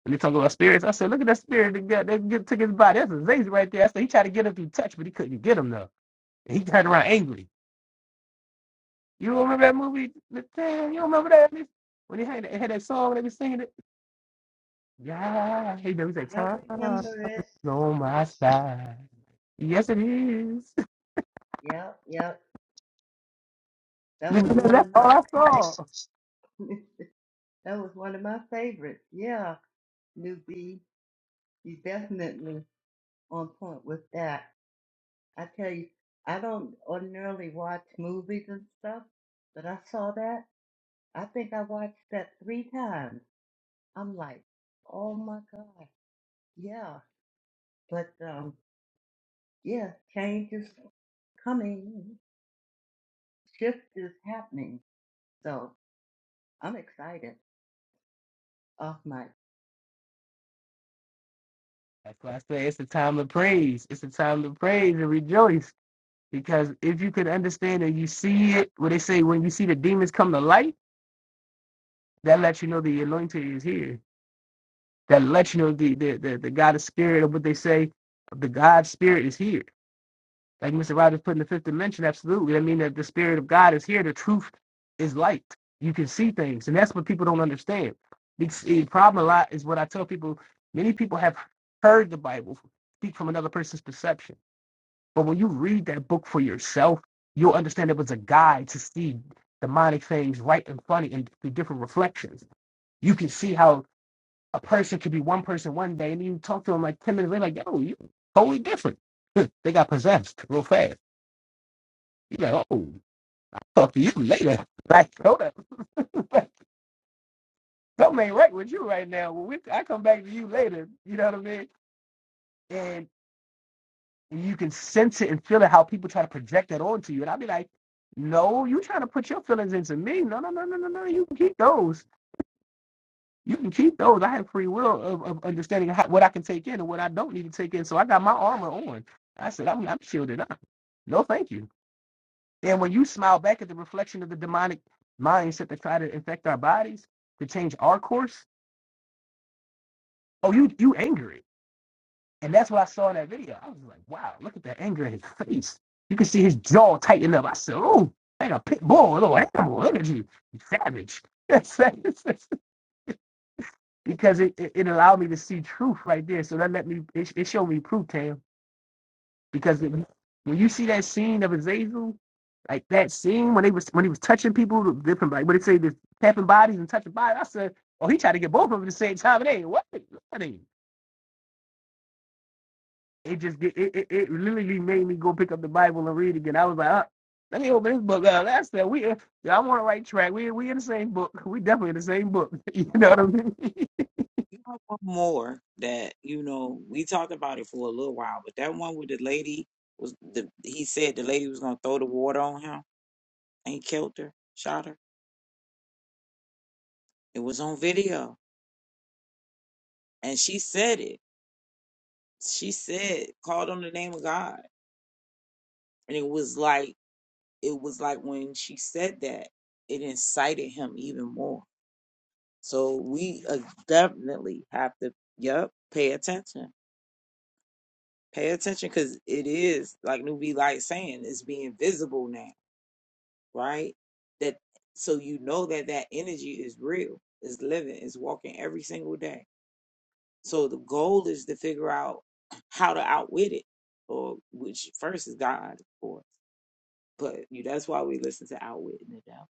I: And they talk about spirits. I said, "Look at that spirit that got that get, took his body. That's Azazel right there." I said, "He tried to get him through touch, but he couldn't get him though." And he turned around angry. You don't remember that movie? Damn, you don't remember that? When he had, it had that song, and they were singing it. Yeah, he was like,
E: I
I: time.
E: remember it.
I: No, my side. Yes, it is.
E: Yep, yep. That was one
I: That's
E: of my
I: all I saw.
E: favorites. That was one of my favorites. Yeah, newbie, you definitely on point with that. I tell you, I don't ordinarily watch movies and stuff, but I saw that. I think I watched that three times. I'm like, oh my God. Yeah, but um, yeah, change is coming, shift is happening. So I'm excited. Oh my.
I: That's why I say it's a time of praise. It's a time to praise and rejoice. Because if you could understand and you see it, what they say, when you see the demons come to light, that lets you know the anointing is here. That lets you know the the, the, the God of spirit, or what they say, the God spirit is here. Like Mr. Rogers put in the fifth dimension, absolutely. I mean that the spirit of God is here. The truth is light. You can see things, and that's what people don't understand. The problem a lot is what I tell people. Many people have heard the Bible speak from another person's perception, but when you read that book for yourself, you'll understand it was a guide to see demonic things right and funny and through different reflections. You can see how a person could be one person one day, and you talk to them like ten minutes later, like, "Yo, you totally different." they got possessed real fast. You like, oh, talk to you later. Like, hold up. Like, Something ain't right with you right now. When we, I come back to you later. You know what I mean? And you can sense it and feel it how people try to project that onto you. And I'll be like, no, you trying to put your feelings into me. No, no, no, no, no, no. You can keep those. You can keep those. I have free will of, of understanding how, what I can take in and what I don't need to take in. So I got my armor on. I said, I'm, I'm shielded up. No, thank you. And when you smile back at the reflection of the demonic mindset that try to infect our bodies to change our course, oh, you you angry. And that's what I saw in that video. I was like, wow, look at that anger in his face. You can see his jaw tighten up. I said, oh, like a pit bull, a little animal energy, you savage. because it, it, it allowed me to see truth right there. So that let me, it, it showed me proof, Tam. because it, when you see that scene of Azazel, like that scene when they was when he was touching people, the different like what they say, this tapping bodies and touching bodies. I said, oh, he tried to get both of them at the same time. It ain't what it ain't. It just get- it, it it literally made me go pick up the Bible and read again. I was like, uh, let me open this book up. That's that we. yeah, I'm on the right track. We we in the same book. We definitely in the same book. you know what I
D: Oh,
I: mean?
D: You know one more that you know we talked about it for a little while, but that one with the lady was the he said the lady was gonna throw the water on him and killed her, shot her. It was on video, and she said it. She said called on the name of God, and it was like. it was like when she said that, it incited him even more. So we uh, definitely have to, yep, pay attention. Pay attention because it is, like Newbie Light saying, it's being visible now, right? That so you know that that energy is real, is living, is walking every single day. So the goal is to figure out how to outwit it, or which first is God, of course. But you, that's why we listen to Outwitting the Devil.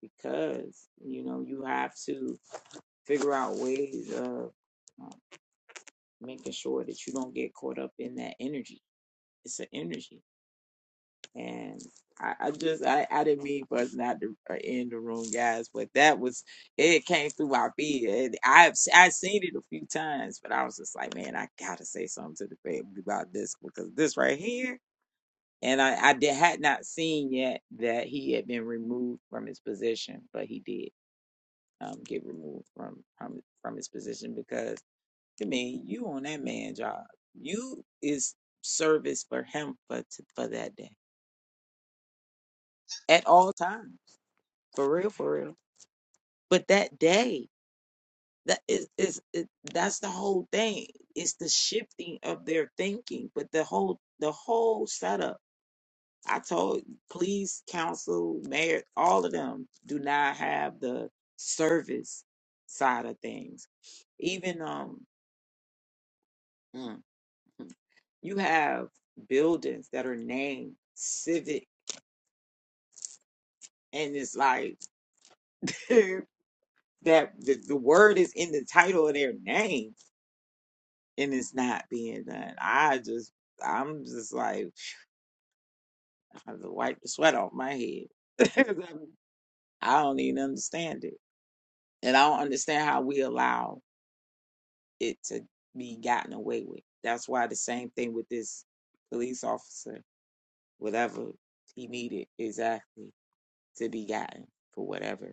D: because you know you have to figure out ways of um, making sure that you don't get caught up in that energy. It's an energy, and I, I just I, I didn't mean for us not to uh, end the room, guys, but that was it came through my feed. And I've s- I've seen it a few times, but I was just like, man, I gotta say something to the family about this because this right here. And I, I did, had not seen yet that he had been removed from his position, but he did. um, get removed from from from his position because I mean you on that man job. You is service for him for t- for that day at all times for real for real. But that day that is is it, that's the whole thing. It's the shifting of their thinking. But the whole the whole setup. I told police, council, mayor, all of them do not have the service side of things. Even um. You have buildings that are named civic, and it's like that the, the word is in the title of their name, and it's not being done. I just, I'm just like, I have to wipe the sweat off my head. 'Cause I'm- I don't even understand it, and I don't understand how we allow it to be gotten away with. That's why the same thing with this police officer, whatever he needed exactly to be gotten for whatever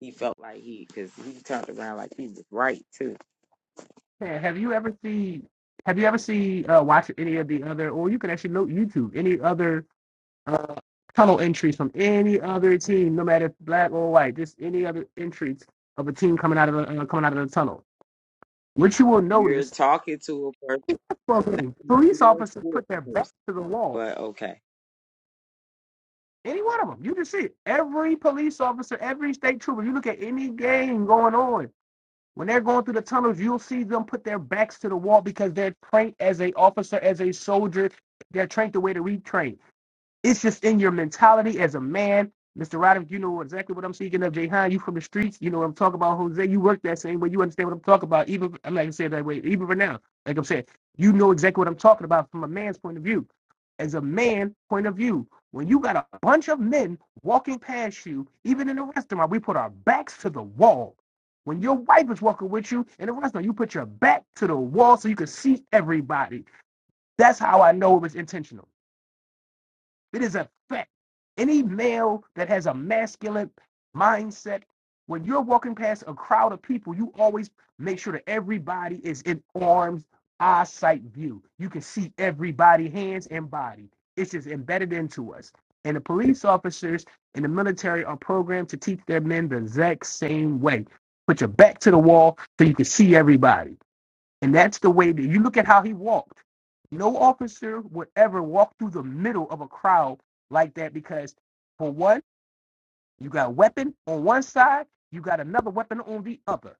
D: He felt like he, because he turned around like he was right too.
I: Yeah, have you ever seen? Have you ever seen uh, watch any of the other, or you can actually note YouTube any other uh, tunnel entries from any other team, no matter if black or white, just any other entries of a team coming out of the, uh, coming out of the tunnel. Which you will
D: You're
I: notice,
D: talking to a person, not to
I: police
D: a
I: officers put their back
D: person,
I: to the wall.
D: but okay.
I: Any one of them, you can see it. every police officer, every state trooper. You look at any game going on when they're going through the tunnels, you'll see them put their backs to the wall because they're trained as a officer, as a soldier. They're trained the way to retrain. It's just in your mentality as a man. Mr. Roderick, you know exactly what I'm speaking of. Jayhan, you from the streets. You know what I'm talking about. Jose, you work that same way. You understand what I'm talking about. Even I'm not gonna say it that way. Even for now, like I'm saying, you know exactly what I'm talking about from a man's point of view. As a man point of view, when you got a bunch of men walking past you, even in a restaurant, we put our backs to the wall. When your wife is walking with you in a restaurant, you put your back to the wall so you can see everybody. That's how I know it was intentional. It is a fact. Any male that has a masculine mindset, when you're walking past a crowd of people, you always make sure that everybody is in arms, eyesight view. You can see everybody, hands and body. It's just embedded into us. And the police officers and the military are programmed to teach their men the exact same way. Put your back to the wall so you can see everybody. And that's the way that you look at how he walked. No officer would ever walk through the middle of a crowd like that because, for one, you got a weapon on one side, you got another weapon on the other.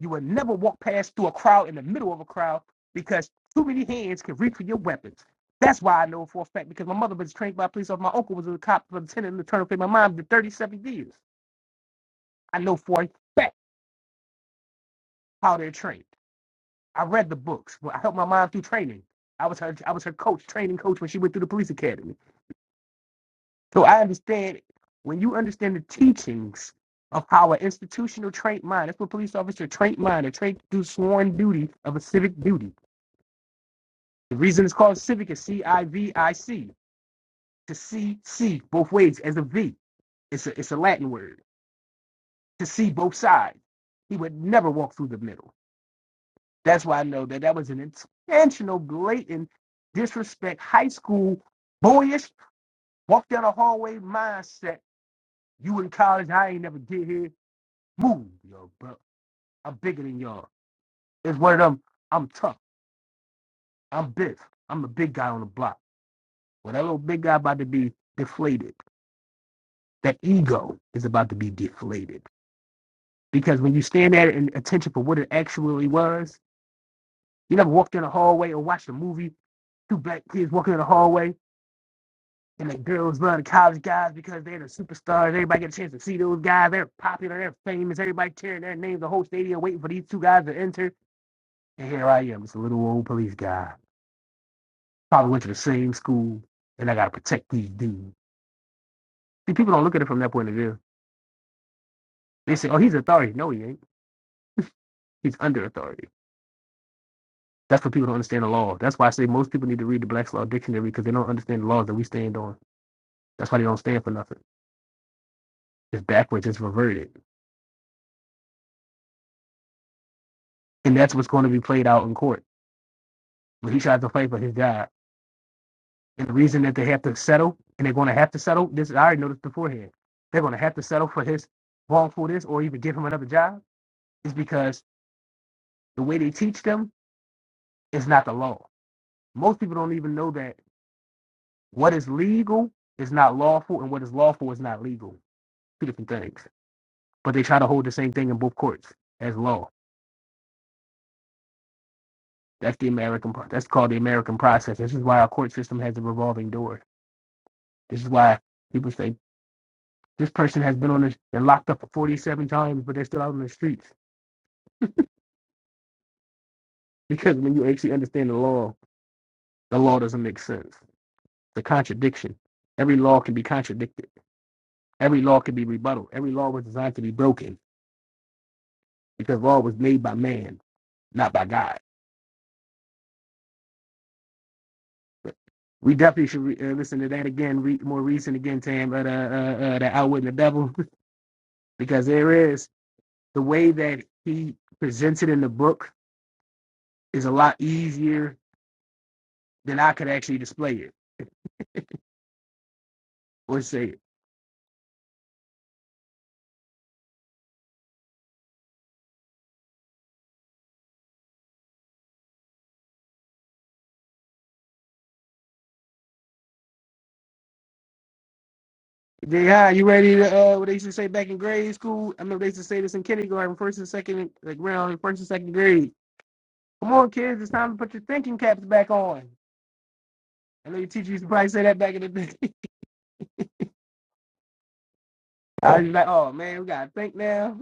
I: You would never walk past through a crowd in the middle of a crowd because too many hands can reach for your weapons. That's why I know for a fact because my mother was trained by police officer. My uncle was a cop, lieutenant in the turn of my mom did 37 years. I know for a fact how they're trained. I read the books. Well, I helped my mom through training. I was her I was her coach, training coach when she went through the police academy. So I understand when you understand the teachings of how an institutional trained mind, that's what police officer trained mind, are trained to do sworn duty of a civic duty. The reason it's called civic is C I V I C. To see see both ways as a V. It's a it's a Latin word. To see both sides. He would never walk through the middle. That's why I know that that was an intentional, blatant disrespect. High school, boyish, walk down the hallway mindset. You in college, I ain't never get here. Move, yo, bro. I'm bigger than y'all. It's one of them. I'm tough. I'm big. I'm the big guy on the block. Well, that little big guy about to be deflated. That ego is about to be deflated. Because when you stand at it in attention for what it actually was, you never walked in a hallway or watched a movie two black kids walking in the hallway. And the girls love the college guys because they're the superstars. Everybody get a chance to see those guys. They're popular. They're famous. Everybody cheering their names. The whole stadium waiting for these two guys to enter. And here I am, just a little old police guy. Probably went to the same school, and I gotta protect these dudes. See, people don't look at it from that point of view. They say, "Oh, he's authority." No, he ain't. He's under authority. That's what people don't understand the law. That's why I say most people need to read the Black's Law Dictionary because they don't understand the laws that we stand on. That's why they don't stand for nothing. It's backwards. It's reverted, and that's what's going to be played out in court. When he tries to fight for his job And the reason that they have to settle, and they're going to have to settle, this I already noticed beforehand. They're going to have to settle for his wrongfulness or even give him another job is because the way they teach them is not the law. Most people don't even know that what is legal is not lawful and what is lawful is not legal. Two different things. But they try to hold the same thing in both courts as law. That's the American that's called the American process. This is why our court system has a revolving door. This is why people say this person has been on this, they're locked up for 47 times, but they're still out on the streets Because when you actually understand the law, the law doesn't make sense. The contradiction. Every law can be contradicted. Every law can be rebutted. Every law was designed to be broken because law was made by man, not by God. But We definitely should re- uh, listen to that again, read more recent again, Tam, uh, uh, uh, the Outwitting the Devil, because there is the way that he presents it in the book is a lot easier than I could actually display it or say it Yeah, you ready to uh what they used to say back in grade school? I remember they used to say this in kindergarten, first and second like round, first and second grade. Come on, kids, it's time to put your thinking caps back on. I know your teacher used to probably say that back in the day. I was just like, oh man, we gotta think now.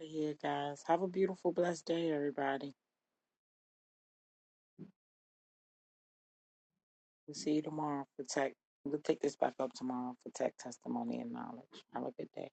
D: Yeah, guys. Have a beautiful, blessed day, everybody. We'll see you tomorrow for tech. We'll pick this back up tomorrow for tech testimony and knowledge. Have a good day.